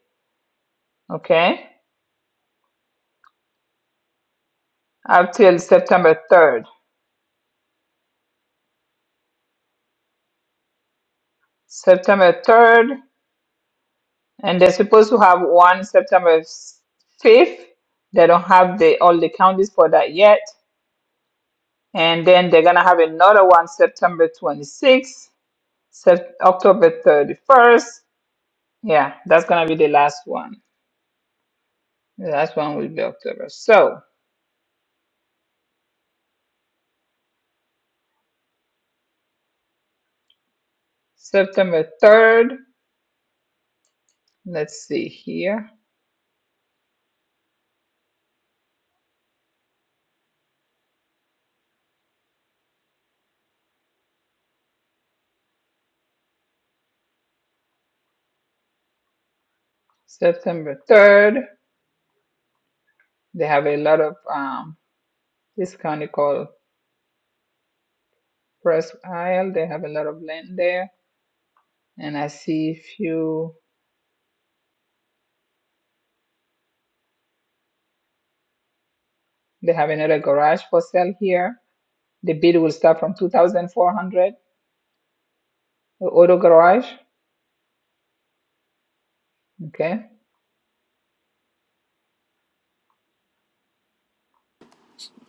[SPEAKER 1] okay? Up till September 3rd. September 3rd, and they're supposed to have one September 5th. They don't have the all the counties for that yet. And then they're gonna have another one September 26th, Sep- October 31st. Yeah, that's gonna be the last one. The last one will be October. So September 3rd, let's see here. September 3rd, they have a lot of um this county called Press Isle. They have a lot of land there. And I see a few they have another garage for sale here. The bid will start from 2,400, the auto garage. Okay.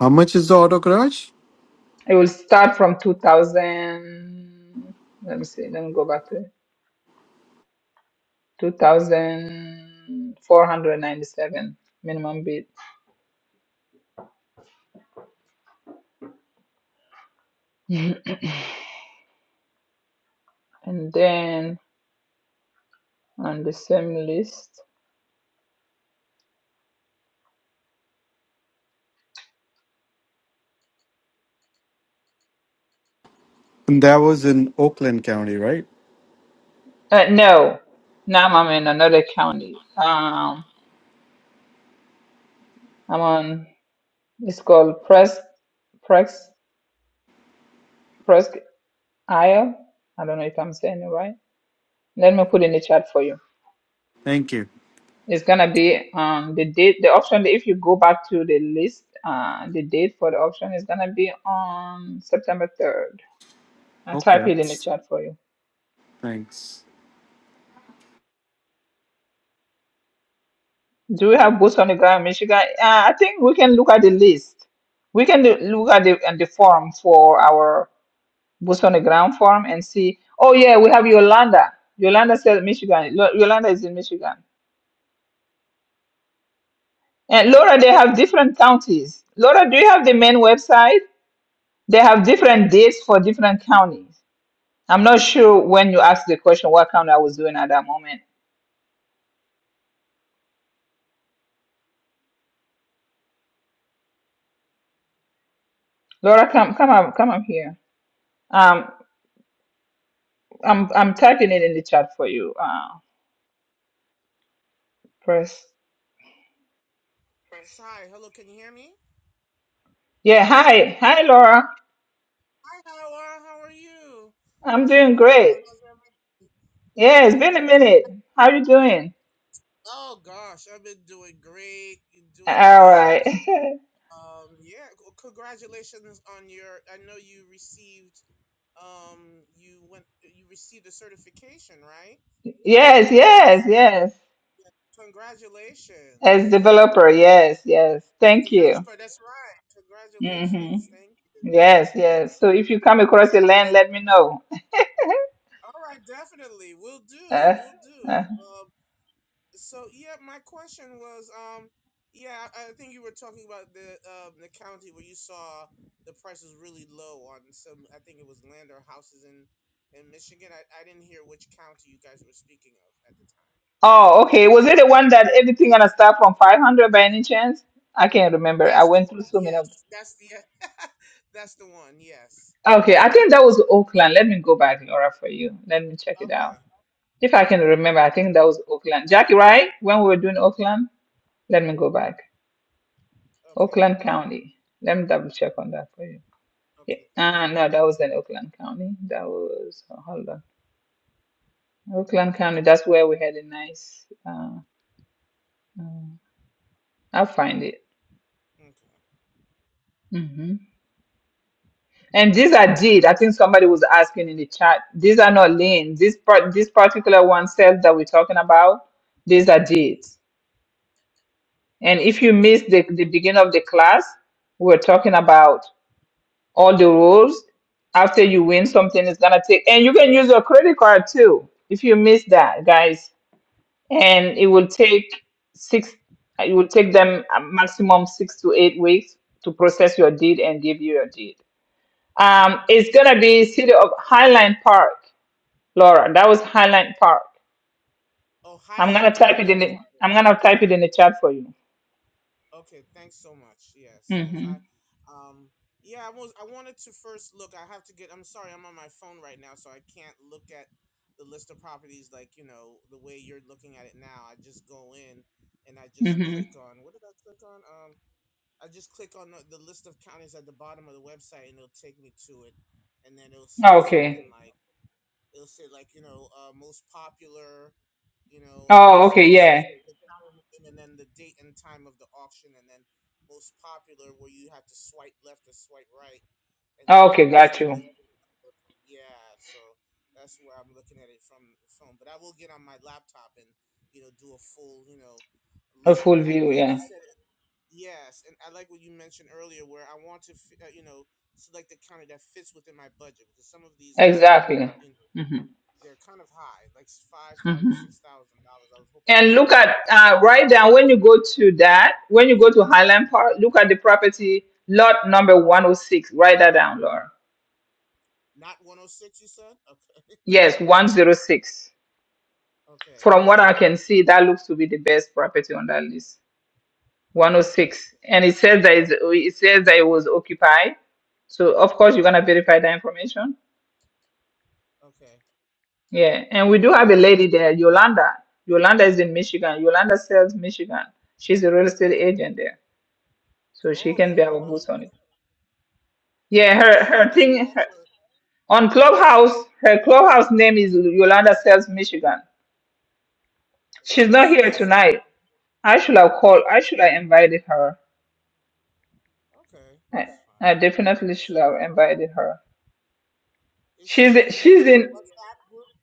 [SPEAKER 14] How much is the auto garage?
[SPEAKER 1] It will start from 2000. Let me see. Let me go back to it. 2497 minimum bid. Mhm. And then on the same list.
[SPEAKER 14] And that was in Oakland County, right?
[SPEAKER 1] Uh, no, now I'm in another county. Um, I'm on, it's called Pres Pres Presque Isle. I don't know if I'm saying it right. Let me put in the chat for you.
[SPEAKER 14] Thank you.
[SPEAKER 1] It's gonna be um the date, the option if you go back to the list, uh the date for the option is gonna be on September 3rd. i
[SPEAKER 14] Okay.
[SPEAKER 1] type it in the chat for you.
[SPEAKER 14] Thanks.
[SPEAKER 1] Do we have boots on the ground in Michigan? Uh, I think we can look at the list. We can do, look at the at the form for our boots on the ground form and see. Oh yeah, we have Yolanda. Yolanda said Michigan. Lo- Yolanda is in Michigan. And Laura, they have different counties. Laura, do you have the main website? They have different dates for different counties. I'm not sure when you asked the question what kind I was doing at that moment. Laura, come come up come up here. Um I'm I'm typing it in the chat for you. Uh press.
[SPEAKER 15] Prince, hi. Hello, can you hear me?
[SPEAKER 1] Yeah, hi. Hi Laura.
[SPEAKER 15] Hi, Howard. How are you?
[SPEAKER 1] I'm
[SPEAKER 15] It's been
[SPEAKER 1] doing
[SPEAKER 15] a
[SPEAKER 1] great.
[SPEAKER 15] while. How's everything?
[SPEAKER 1] Yeah, it's
[SPEAKER 15] Yeah,
[SPEAKER 1] been a
[SPEAKER 15] great. Con-
[SPEAKER 1] minute. How you doing?
[SPEAKER 15] oh gosh, I've been doing great. Doing
[SPEAKER 1] All right.
[SPEAKER 15] things. Um, yeah. c- Congratulations on your. I know you received. Um, you went. You received a certification, right?
[SPEAKER 1] yes, yes,
[SPEAKER 15] Rece-
[SPEAKER 1] yes.
[SPEAKER 15] yeah.
[SPEAKER 1] As
[SPEAKER 15] Congratulations.
[SPEAKER 1] developer, yes, yes.
[SPEAKER 15] The
[SPEAKER 1] Thank you.
[SPEAKER 15] developer. That's right.
[SPEAKER 1] hmm
[SPEAKER 15] Congratulations. Thank you. Thank
[SPEAKER 1] Yes,
[SPEAKER 15] you very
[SPEAKER 1] yes.
[SPEAKER 15] much.
[SPEAKER 1] So if you come across the
[SPEAKER 15] Yes.
[SPEAKER 1] land, let me know.
[SPEAKER 15] All right, definitely. We'll do. We'll do.
[SPEAKER 1] Uh,
[SPEAKER 15] Um, so yeah, my question was, um, yeah, I I think you were talking about the um, the county where you saw the prices really low on some. I think it was land or houses in in Michigan. I, I didn't hear which county you guys were speaking of at the time.
[SPEAKER 1] Oh, okay. Was it the one that everything gonna start from 500 by any chance? I can't remember. I
[SPEAKER 15] That's the
[SPEAKER 1] went through
[SPEAKER 15] one.
[SPEAKER 1] so many of
[SPEAKER 15] Yes, that's the that's the one. Yes.
[SPEAKER 1] Okay, I think that was Oakland. Let me go back, Laura, for you. Let me check it out.
[SPEAKER 15] Okay.
[SPEAKER 1] If I can remember, I
[SPEAKER 15] Oh,
[SPEAKER 1] think that was Oakland. Jackie, right? When we were doing Oakland? Let me go back.
[SPEAKER 15] okay.
[SPEAKER 1] Oakland County. Let me double check on that for you. Yeah.
[SPEAKER 15] Okay. Thank
[SPEAKER 1] Uh,
[SPEAKER 15] you.
[SPEAKER 1] no, that was in Oakland County. That was, oh, hold on.
[SPEAKER 15] hmm
[SPEAKER 1] Oakland County, that's where we had a nice, uh, uh, I'll find it.
[SPEAKER 15] Okay.
[SPEAKER 1] Mm-hmm. And these are did. I think somebody was asking in the chat. These are not lean. This part, this particular one self that we're talking about, these are deeds. And if you
[SPEAKER 15] Right.
[SPEAKER 1] missed the, the beginning of the class, we're talking about all the rules. After you win something, it's gonna take, and you can use your credit card too. If you miss that, guys, and it
[SPEAKER 15] Right.
[SPEAKER 1] will take six. It will take them a maximum six to eight weeks to process your deed and give you your deed. Um, it's gonna be City of Highland Park, Laura. That was Highland Park.
[SPEAKER 15] Oh,
[SPEAKER 1] I'm gonna
[SPEAKER 15] Highland Park.
[SPEAKER 1] type it in the
[SPEAKER 15] Okay.
[SPEAKER 1] I'm gonna type it in the chat for you.
[SPEAKER 15] Okay, thanks so much. Yes, yes.
[SPEAKER 1] Mm-hmm.
[SPEAKER 15] I um yeah, I was I wanted to first look. I have to get I'm sorry, I'm on my phone right now, so I can't look at the list of properties like, you know, the way you're looking at it now. I just go in and I just
[SPEAKER 1] Mm-hmm.
[SPEAKER 15] click on what did I click on? Um I just click on the, the list of counties at the bottom of the website and it'll take me to it and then it'll
[SPEAKER 1] Oh,
[SPEAKER 15] say something
[SPEAKER 1] Okay.
[SPEAKER 15] like It'll say like you know uh, most popular, you know, and it'll
[SPEAKER 1] Oh,
[SPEAKER 15] say
[SPEAKER 1] okay,
[SPEAKER 15] it says
[SPEAKER 1] yeah.
[SPEAKER 15] the, the calendar name and then the date and time of the auction, and then most popular where you have to swipe left or swipe right, and
[SPEAKER 1] Oh,
[SPEAKER 15] then the
[SPEAKER 1] Okay,
[SPEAKER 15] rest
[SPEAKER 1] got
[SPEAKER 15] they
[SPEAKER 1] you.
[SPEAKER 15] list. Yeah, so that's where I'm looking at it from the phone. But I will get on my laptop and you know do a full you know
[SPEAKER 1] A
[SPEAKER 15] look, and,
[SPEAKER 1] full
[SPEAKER 15] and
[SPEAKER 1] view,
[SPEAKER 15] like
[SPEAKER 1] yeah.
[SPEAKER 15] you said, yes, and I like what you mentioned earlier where I want to fi- uh, you know select the county that fits within my budget because some of these are
[SPEAKER 1] Exactly.
[SPEAKER 15] you know
[SPEAKER 1] hmm
[SPEAKER 15] they're kind of high, like five thousand,
[SPEAKER 1] hmm
[SPEAKER 15] six thousand dollars. I was hoping for
[SPEAKER 1] And look
[SPEAKER 15] something,
[SPEAKER 1] at uh, right down when you go to that, when you go to Highland Park, look at the property lot number 106. Write that down, Laura.
[SPEAKER 15] not one hundred six. You said okay,
[SPEAKER 1] Yes, 106.
[SPEAKER 15] okay,
[SPEAKER 1] From what I can see, that looks to be the best property on that list.
[SPEAKER 15] okay,
[SPEAKER 1] 106 and it says that
[SPEAKER 15] uh,
[SPEAKER 1] it's, it says that it was occupied so of course you're going to verify that information
[SPEAKER 15] okay,
[SPEAKER 1] yeah and we do have
[SPEAKER 15] okay.
[SPEAKER 1] a lady there yolanda yolanda is in michigan yolanda sells michigan she's a real estate agent there so she
[SPEAKER 15] Oh,
[SPEAKER 1] can be our
[SPEAKER 15] Yolanda,
[SPEAKER 1] boots on
[SPEAKER 15] okay.
[SPEAKER 1] it yeah
[SPEAKER 15] okay. Is
[SPEAKER 1] her
[SPEAKER 15] she
[SPEAKER 1] her
[SPEAKER 15] on this
[SPEAKER 1] thing
[SPEAKER 15] call?
[SPEAKER 1] her,
[SPEAKER 15] Or?
[SPEAKER 1] on clubhouse
[SPEAKER 15] uh
[SPEAKER 1] her clubhouse name is yolanda sells michigan she's
[SPEAKER 15] Yolanda
[SPEAKER 1] not here
[SPEAKER 15] salesman.
[SPEAKER 1] tonight i should have called
[SPEAKER 15] Okay,
[SPEAKER 1] i should have invited her
[SPEAKER 15] okay,
[SPEAKER 1] i,
[SPEAKER 15] that's fine.
[SPEAKER 1] I
[SPEAKER 15] Yolanda,
[SPEAKER 1] definitely should
[SPEAKER 15] Sa-
[SPEAKER 1] have invited her
[SPEAKER 15] is she
[SPEAKER 1] she's
[SPEAKER 15] in the
[SPEAKER 1] she's
[SPEAKER 15] uh,
[SPEAKER 1] in
[SPEAKER 15] WhatsApp group?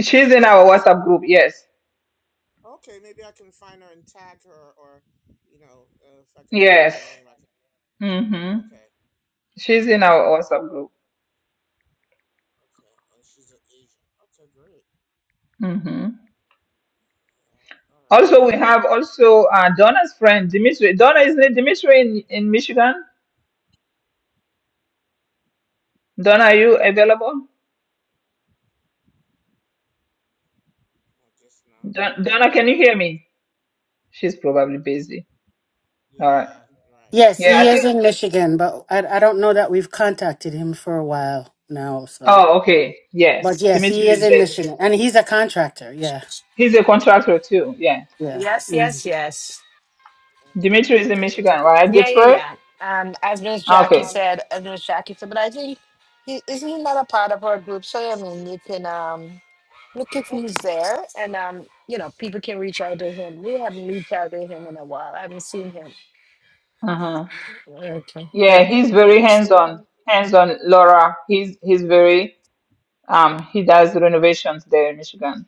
[SPEAKER 1] She's in our WhatsApp group. Yes.
[SPEAKER 15] Okay, maybe I can find her and tag her, or you know, uh, if I can find her
[SPEAKER 1] Yes.
[SPEAKER 15] name, I can.
[SPEAKER 1] hmm
[SPEAKER 15] Okay, all
[SPEAKER 1] She's
[SPEAKER 15] right,
[SPEAKER 1] in
[SPEAKER 15] boots
[SPEAKER 1] our
[SPEAKER 15] on the ground.
[SPEAKER 1] WhatsApp group.
[SPEAKER 15] Okay, and she's an agent. Okay, great.
[SPEAKER 1] hmm
[SPEAKER 15] Yeah. All
[SPEAKER 1] Also,
[SPEAKER 15] right.
[SPEAKER 1] we
[SPEAKER 15] And
[SPEAKER 1] have also uh, Donna's friend, Dimitri. Donna, isn't it Dimitri in, in Michigan? Donna, are you available?
[SPEAKER 15] I guess not.
[SPEAKER 1] Don- Donna, can you hear me? She's probably busy. All right.
[SPEAKER 15] Yeah. Right.
[SPEAKER 3] Yes,
[SPEAKER 1] Yeah,
[SPEAKER 3] he
[SPEAKER 1] I
[SPEAKER 3] is
[SPEAKER 1] think.
[SPEAKER 3] in Michigan, but I, I don't know that we've contacted him for a while now. So,
[SPEAKER 1] Oh, okay.
[SPEAKER 3] but
[SPEAKER 1] Yes.
[SPEAKER 3] yes,
[SPEAKER 1] Dimitri
[SPEAKER 3] he is
[SPEAKER 1] is
[SPEAKER 3] in
[SPEAKER 1] there.
[SPEAKER 3] Michigan, and he's a contractor. Yeah,
[SPEAKER 1] He's a contractor too. Yeah.
[SPEAKER 3] yeah,
[SPEAKER 2] Yes,
[SPEAKER 3] mm,
[SPEAKER 2] yes, yes.
[SPEAKER 15] Okay.
[SPEAKER 1] Dimitri is in Michigan, right?
[SPEAKER 2] Yeah, yeah,
[SPEAKER 1] Detroit?
[SPEAKER 2] yeah. Um, as Miss Jackie
[SPEAKER 1] Okay.
[SPEAKER 2] said, as Miss Jackie said, but I think he isn't he not a part of our group. So I mean, you can um look if he's there, and um, you know, people can reach out to him. We haven't reached out to him in a while. I haven't seen him.
[SPEAKER 1] Uh-huh.
[SPEAKER 2] Okay,
[SPEAKER 1] Yeah,
[SPEAKER 2] yeah.
[SPEAKER 1] he's very hands-on, hands-on, Laura. He's he's very Um, he does renovations there in Michigan.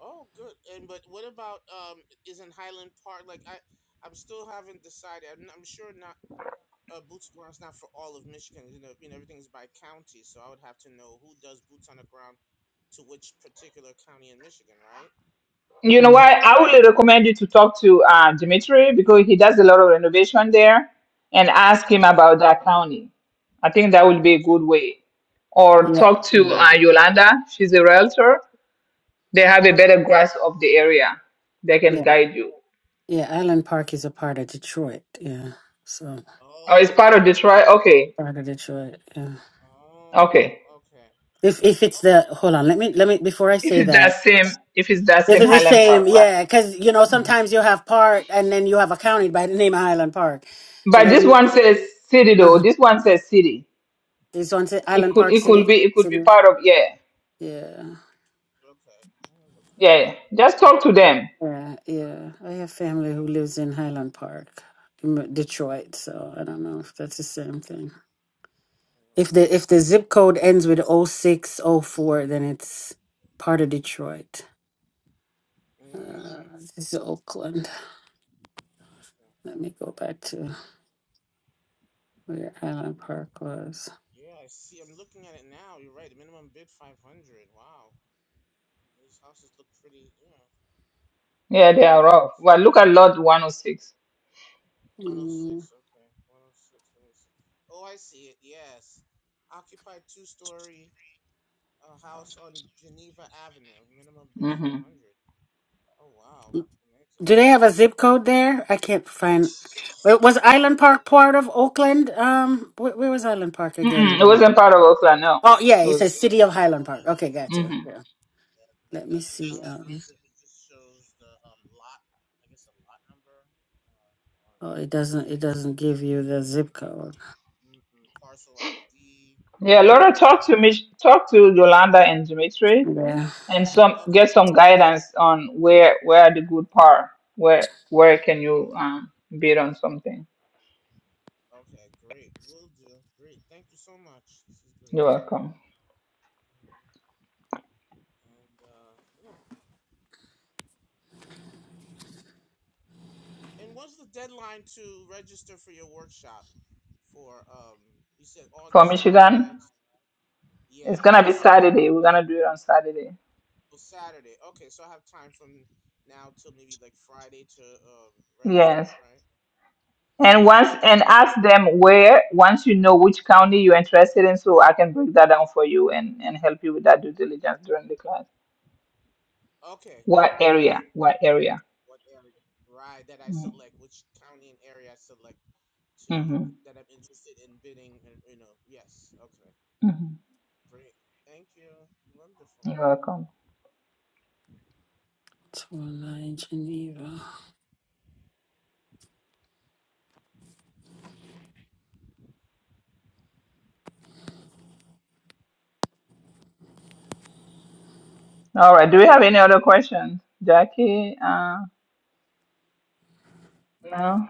[SPEAKER 15] Oh, good. And but what about um? Isn't Highland Park like I? I'm still haven't decided. I'm, I'm sure not. Uh, boots on the ground's not for all of Michigan. You know, you know everything's by county, so I would have to know who does boots on the ground to which particular county in Michigan, right?
[SPEAKER 1] You know
[SPEAKER 3] Mm.
[SPEAKER 1] what? I would recommend you to talk to uh, Dimitri because he does a lot of renovation there and ask him
[SPEAKER 15] Okay.
[SPEAKER 1] about that county. I think that would be a good
[SPEAKER 15] Okay.
[SPEAKER 1] way. Or
[SPEAKER 3] yeah,
[SPEAKER 1] talk to
[SPEAKER 15] Okay.
[SPEAKER 3] yeah,
[SPEAKER 1] uh, Yolanda. She's a realtor. They have a
[SPEAKER 15] Okay.
[SPEAKER 1] better grasp of the area. They can
[SPEAKER 3] yeah.
[SPEAKER 1] guide you.
[SPEAKER 3] yeah. Island Park is a part of Detroit. Yeah, so
[SPEAKER 1] Oh, it's
[SPEAKER 15] Oh, it
[SPEAKER 1] part
[SPEAKER 15] is.
[SPEAKER 1] of Detroit.
[SPEAKER 15] Okay.
[SPEAKER 1] Okay,
[SPEAKER 3] part of Detroit. Yeah.
[SPEAKER 1] okay.
[SPEAKER 15] Oh. Okay.
[SPEAKER 3] If if it's the
[SPEAKER 15] Okay.
[SPEAKER 3] hold on, let me let me before I
[SPEAKER 1] If
[SPEAKER 3] say
[SPEAKER 1] it's
[SPEAKER 3] that.
[SPEAKER 1] that same, if it's that
[SPEAKER 3] This
[SPEAKER 1] same
[SPEAKER 3] is the
[SPEAKER 1] Highland
[SPEAKER 3] same,
[SPEAKER 1] Park, right?
[SPEAKER 3] yeah, because you know sometimes you have part and then you have a county by the name of Highland Park. So
[SPEAKER 1] But
[SPEAKER 3] let
[SPEAKER 1] this
[SPEAKER 3] me.
[SPEAKER 1] one
[SPEAKER 15] Mm,
[SPEAKER 1] says city though.
[SPEAKER 3] Uh,
[SPEAKER 1] This one says city.
[SPEAKER 3] this one's Island
[SPEAKER 1] It could,
[SPEAKER 3] Park
[SPEAKER 1] it could
[SPEAKER 3] City.
[SPEAKER 1] be, it could be
[SPEAKER 3] City.
[SPEAKER 1] part of yeah.
[SPEAKER 3] Yeah,
[SPEAKER 15] okay. I look here. I
[SPEAKER 1] Yeah,
[SPEAKER 15] don't
[SPEAKER 1] just
[SPEAKER 15] even-
[SPEAKER 1] talk to them.
[SPEAKER 3] yeah, yeah. I have family
[SPEAKER 15] Okay.
[SPEAKER 3] who lives in Highland Park, M- Detroit. So I don't know if that's the same thing. If the if the zip code ends with o six o four, then it's part of Detroit.
[SPEAKER 15] Mm. Mm.
[SPEAKER 3] Uh, this is Oakland.
[SPEAKER 15] Okay.
[SPEAKER 3] Let me go back to where Highland
[SPEAKER 15] Okay.
[SPEAKER 3] Park was.
[SPEAKER 15] Yeah, I see. I'm looking at it now. You're right. The minimum bid 500. Wow. And these houses look pretty. Yeah. Oh
[SPEAKER 1] Yeah, they
[SPEAKER 15] wow.
[SPEAKER 1] are rough. Well, look at Lot 106.
[SPEAKER 15] 106.
[SPEAKER 3] Hmm.
[SPEAKER 15] Okay. 106. Let me see. Oh, I see it. Yes. Occupied two-story uh, house on Geneva Avenue. Minimum bid
[SPEAKER 1] Mm-hmm.
[SPEAKER 15] 500. Oh wow. Amazing.
[SPEAKER 3] Do they have a zip code there? I can't find. Wa- Was Island
[SPEAKER 15] Oh
[SPEAKER 3] Park part of Oakland? Um, where, where was Island Park again?
[SPEAKER 1] Mm-mm, it
[SPEAKER 3] Um,
[SPEAKER 1] wasn't part of Oakland, no.
[SPEAKER 3] oh yeah,
[SPEAKER 1] It
[SPEAKER 3] it
[SPEAKER 1] was.
[SPEAKER 3] says City of
[SPEAKER 15] no.
[SPEAKER 3] Highland Park. Okay, got you.
[SPEAKER 1] hmm
[SPEAKER 3] Yeah.
[SPEAKER 15] Yeah, and that
[SPEAKER 3] Let me
[SPEAKER 15] doesn't. I
[SPEAKER 3] see.
[SPEAKER 15] don't
[SPEAKER 3] Um,
[SPEAKER 15] see it's, it just shows the um lot. I guess a lot number. Uh, I don't
[SPEAKER 3] oh,
[SPEAKER 15] know what
[SPEAKER 3] it
[SPEAKER 15] that is.
[SPEAKER 3] doesn't. It doesn't give you the zip code.
[SPEAKER 15] Mm-mm, parcel ID
[SPEAKER 1] Yeah, Laura, talk to
[SPEAKER 15] and
[SPEAKER 1] me. Talk to Yolanda and Dimitri,
[SPEAKER 3] Yeah,
[SPEAKER 1] and some get
[SPEAKER 15] okay,
[SPEAKER 1] some guidance on where where are the good part. Where where can you
[SPEAKER 15] good.
[SPEAKER 1] um bid on something?
[SPEAKER 15] okay, great. Will do. Great. Thank you so much. This is great.
[SPEAKER 1] You're welcome.
[SPEAKER 15] Mhm. And uh, yeah. And what's the deadline to register for your workshop? For um, you said
[SPEAKER 1] For
[SPEAKER 15] August 9,
[SPEAKER 1] Michigan,
[SPEAKER 15] right? Yeah,
[SPEAKER 1] it's gonna be
[SPEAKER 15] because I'm
[SPEAKER 1] Saturday.
[SPEAKER 15] I'm
[SPEAKER 1] We're gonna do it on Saturday.
[SPEAKER 15] Oh, Saturday. Okay, so I have time from now till maybe like Friday to um, register,
[SPEAKER 1] Yes.
[SPEAKER 15] right?
[SPEAKER 1] And
[SPEAKER 15] Okay,
[SPEAKER 1] once
[SPEAKER 15] great.
[SPEAKER 1] and ask them where, once you know which county you're interested in, so I can break that down for you and, and help you with that due diligence during the class.
[SPEAKER 15] Okay,
[SPEAKER 1] What area?
[SPEAKER 15] wonderful.
[SPEAKER 1] What area?
[SPEAKER 15] What area? Right, that I select, which county and area I select to
[SPEAKER 1] Mm-hmm.
[SPEAKER 15] that I'm interested in bidding, and you know, yes. Okay,
[SPEAKER 1] hmm
[SPEAKER 15] great. Thank you. Wonderful.
[SPEAKER 1] You're welcome.
[SPEAKER 3] it's Geneva.
[SPEAKER 1] All right. Do we have any other questions? Jackie? Uh, no?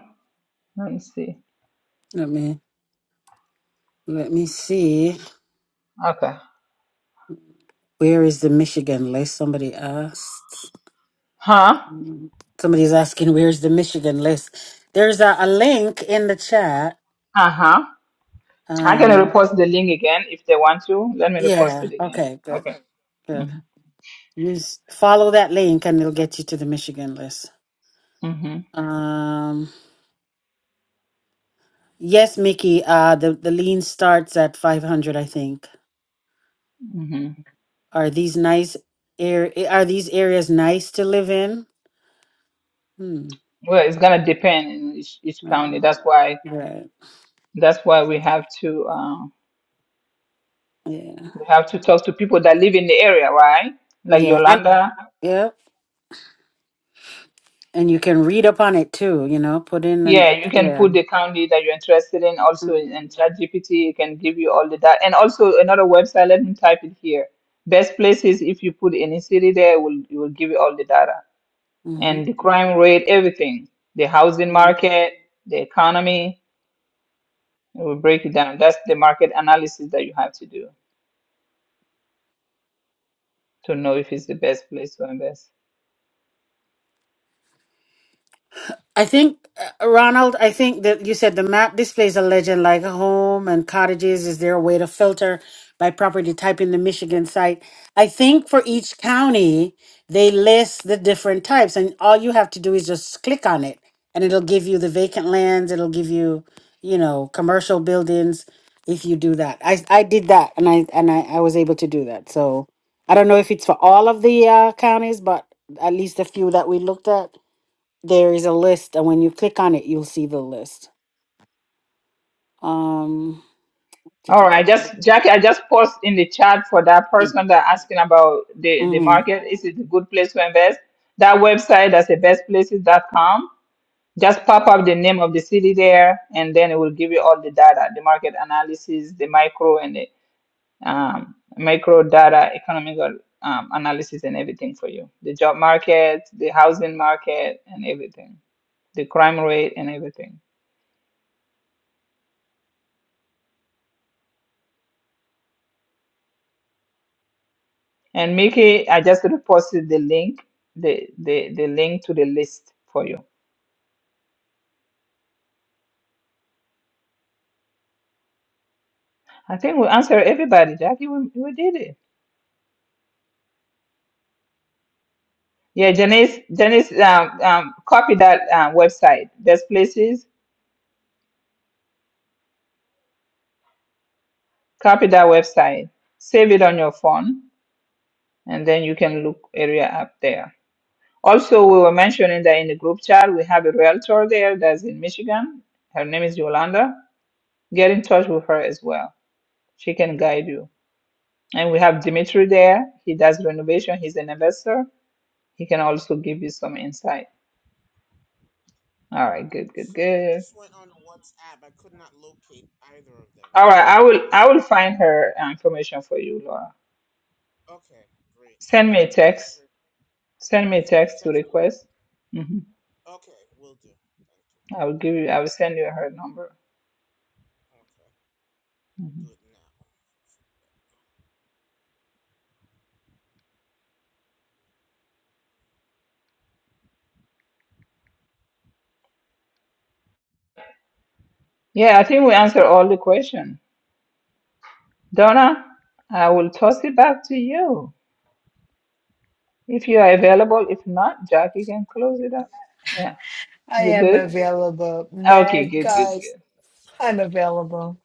[SPEAKER 1] Let me see.
[SPEAKER 3] Let me. Let me see.
[SPEAKER 1] Okay.
[SPEAKER 3] Where is the Michigan list? Somebody asked.
[SPEAKER 1] Huh?
[SPEAKER 3] Mm, Somebody's asking where's the Michigan list. There's a, a link in the chat.
[SPEAKER 1] Uh-huh. I can
[SPEAKER 3] Um.
[SPEAKER 1] repost the link again if they want to. Let me repost
[SPEAKER 3] Yeah.
[SPEAKER 1] it again.
[SPEAKER 3] Okay. Good.
[SPEAKER 1] Okay.
[SPEAKER 3] Good.
[SPEAKER 1] Mm-hmm.
[SPEAKER 3] Use follow that link and it'll get you to the Michigan list.
[SPEAKER 1] Mm-hmm.
[SPEAKER 3] Um yes, Mickey, uh the, the lean starts at 500, I think.
[SPEAKER 1] Mm-hmm.
[SPEAKER 3] Are these nice air eh, are these areas nice to live in? Hmm.
[SPEAKER 1] Well, it's gonna depend in each, each county.
[SPEAKER 3] Right.
[SPEAKER 1] That's why
[SPEAKER 3] Right.
[SPEAKER 1] That's why we have to um,
[SPEAKER 3] Yeah.
[SPEAKER 1] we have to talk to people that live in the area, right? Like
[SPEAKER 3] Yeah. And
[SPEAKER 1] Yolanda.
[SPEAKER 3] yeah. And you can read up on it too, you know, put in
[SPEAKER 1] Yeah,
[SPEAKER 3] and
[SPEAKER 1] you can
[SPEAKER 3] yeah.
[SPEAKER 1] put the county that you're interested in also in,
[SPEAKER 3] Mm-hmm.
[SPEAKER 1] in ChatGPT. It can give you all the data. And also another website, let me type it here. Best places, if you put any city there, it will, it will give you all the data. And the crime rate, everything. The housing
[SPEAKER 3] Mm-hmm.
[SPEAKER 1] market, the economy, it will break it down. That's the market analysis that you have to do to know if it's the best place to invest.
[SPEAKER 3] I think, uh, Ronald, I think that you said the map displays a legend like a home and cottages. Is there a way to filter by property type in the Michigan site? I think for each county, they list the different types, and all you have to do is just click on it, and it'll give you the vacant lands. It'll give you, you know, commercial buildings if you do that. I, I did that, and I and I, I was able to do that. So I don't know if it's for all of the uh, counties, but at least a few that we looked at there is a list, and when you click on it, you'll see the list. Um,
[SPEAKER 1] All right, I just Jackie, I just post in the chat for that person that asking about the, the
[SPEAKER 3] mhm.
[SPEAKER 1] market. Is it a good place to invest? That website that's the bestplaces.com. Just pop up the name of the city there, and then it will give you all the data, the market analysis, the micro and the um, micro data, economical um, analysis, and everything for you. The job market, the housing market, and everything, the crime rate, and everything. And Mickey, I just reposted the link, the, the, the link to the list for you. I think we answered everybody, Jackie. We, we did it. Yeah, Janice, Janice, um, um, copy that uh, website. There's places, copy that website, save it on your phone, and then you can look area up there. Also, we were mentioning that in the group chat, we have a realtor there that's in Michigan. Her name is Yolanda. Get in touch with her as well. She can guide you. And we have Dimitri there. He does renovation. He's an investor. He can also give you some insight. All right, good, good,
[SPEAKER 15] So I
[SPEAKER 1] good.
[SPEAKER 15] just went on WhatsApp. I could not locate either of them.
[SPEAKER 1] All right, I
[SPEAKER 15] Um,
[SPEAKER 1] will I
[SPEAKER 15] Dimitri.
[SPEAKER 1] will find her uh, information for you, Laura.
[SPEAKER 15] Okay, great.
[SPEAKER 1] Send me a
[SPEAKER 15] Thank you
[SPEAKER 1] text.
[SPEAKER 15] very.
[SPEAKER 1] Send me a
[SPEAKER 15] Send your
[SPEAKER 1] text to
[SPEAKER 15] text.
[SPEAKER 1] request. hmm
[SPEAKER 15] Okay, will do. Thank you.
[SPEAKER 1] I will give you. I will send you her number.
[SPEAKER 15] Okay, let me
[SPEAKER 1] hmm
[SPEAKER 15] do it now.
[SPEAKER 1] Yeah, I think we answered all the question. Donna, I will toss it back to you if you are available. If not, Jackie can close it up. Yeah,
[SPEAKER 2] I
[SPEAKER 1] you
[SPEAKER 2] am
[SPEAKER 1] good?
[SPEAKER 2] available,
[SPEAKER 1] Okay,
[SPEAKER 2] man,
[SPEAKER 1] good, good,
[SPEAKER 2] guys.
[SPEAKER 1] good.
[SPEAKER 2] I'm available.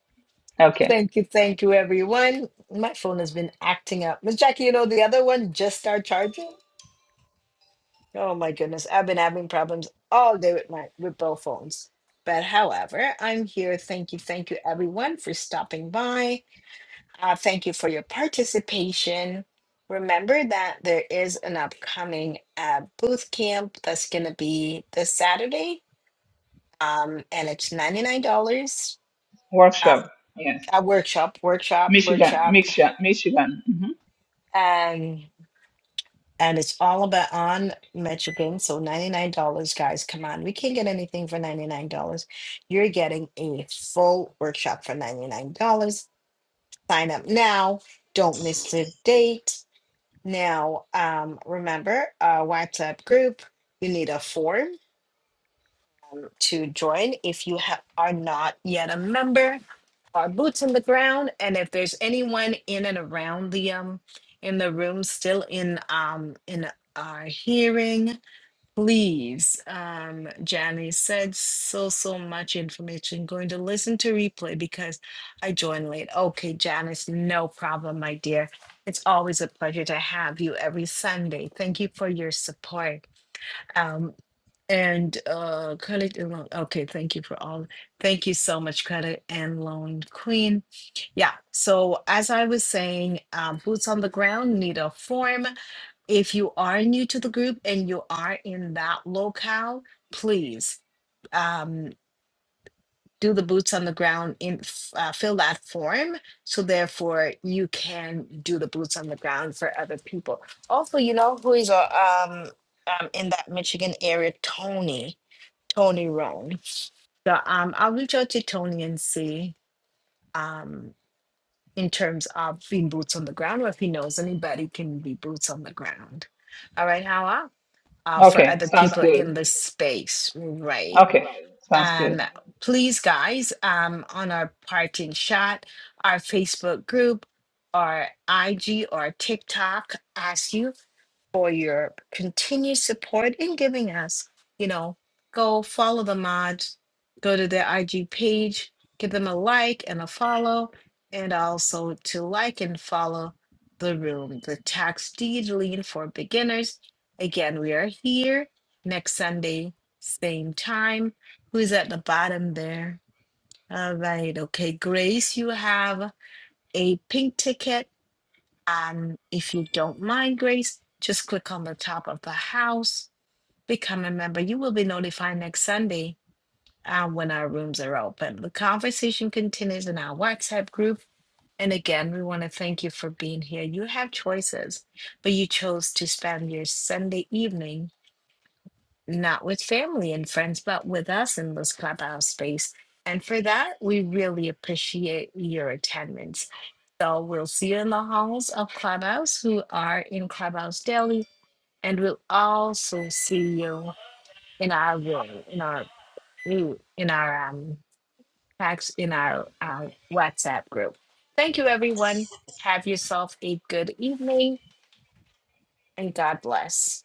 [SPEAKER 1] Okay.
[SPEAKER 2] Thank you, thank you, everyone. My phone has been acting up. Miss Jackie, you know the other one just started charging. Oh my goodness, I've been having problems all day with my with both phones. But however, I'm here. Thank you, thank you, everyone, for stopping by. Uh, thank you for your participation. Remember that there is an upcoming uh, booth camp that's going to be this Saturday, um, and it's ninety nine dollars. Uh,
[SPEAKER 1] Workshop. Yes.
[SPEAKER 2] a workshop, workshop,
[SPEAKER 1] Michigan.
[SPEAKER 2] workshop.
[SPEAKER 1] Michigan. Michigan. hmm
[SPEAKER 2] Um, and it's all about on Michigan. So $99, guys, come on. We can't get anything for $99. You're getting a full workshop for $99. Sign up now. Don't miss the date. Now, um, remember, uh, WhatsApp group, you need a form to join if you ha- are not yet a member. Our boots on the ground, and if there's anyone in and around the um in the room still in um in our hearing, Please, um, Janice said so, so much information. Going to listen to replay because I joined late. Okay, Janice, no problem, my dear. It's always a pleasure to have you every Sunday. Thank you for your support. Um, and uh, credit and loan. Okay, thank you for all. Thank you so much, credit and loan queen. Yeah. So as I was saying, um, boots on the ground need a form. If you are new to the group and you are in that locale, please um, do the boots on the ground in f- uh, fill that form so therefore you can do the boots on the ground for other people also you know who is uh, um, um, in that michigan area tony tony roan so um, i'll reach out to tony and see um, in terms of being boots on the ground or if he knows anybody can be boots on the ground all right how uh, for
[SPEAKER 1] Okay.
[SPEAKER 2] other
[SPEAKER 1] Sounds
[SPEAKER 2] people
[SPEAKER 1] good.
[SPEAKER 2] in the space, right?
[SPEAKER 1] Okay. Sounds good.
[SPEAKER 2] Um, please, guys, um, on our parting shot, our Facebook group, our IG, or TikTok, ask you for your continued support in giving us. You know, go follow the mods, go to their IG page, give them a like and a follow, and also to like and follow the room, the tax deed lean for beginners. Again, we are here next Sunday, same time. Who's at the bottom there? All right. Okay, Grace, you have a pink ticket and if you don't mind, Grace, just click on the top of the house, become a member. You will be notified next Sunday uh, when our rooms are open. The conversation continues in our WhatsApp group. And again, we want to thank you for being here. You have choices, but you chose to spend your Sunday evening not with family and friends, but with us in this clubhouse space. And for that, we really appreciate your attendance. So we'll see you in the halls of Clubhouse who are in Clubhouse Daily, and we'll also see you in our room, in our ooh, in our um text, in our uh, WhatsApp group. Thank you, everyone. Have yourself a good evening, and God bless.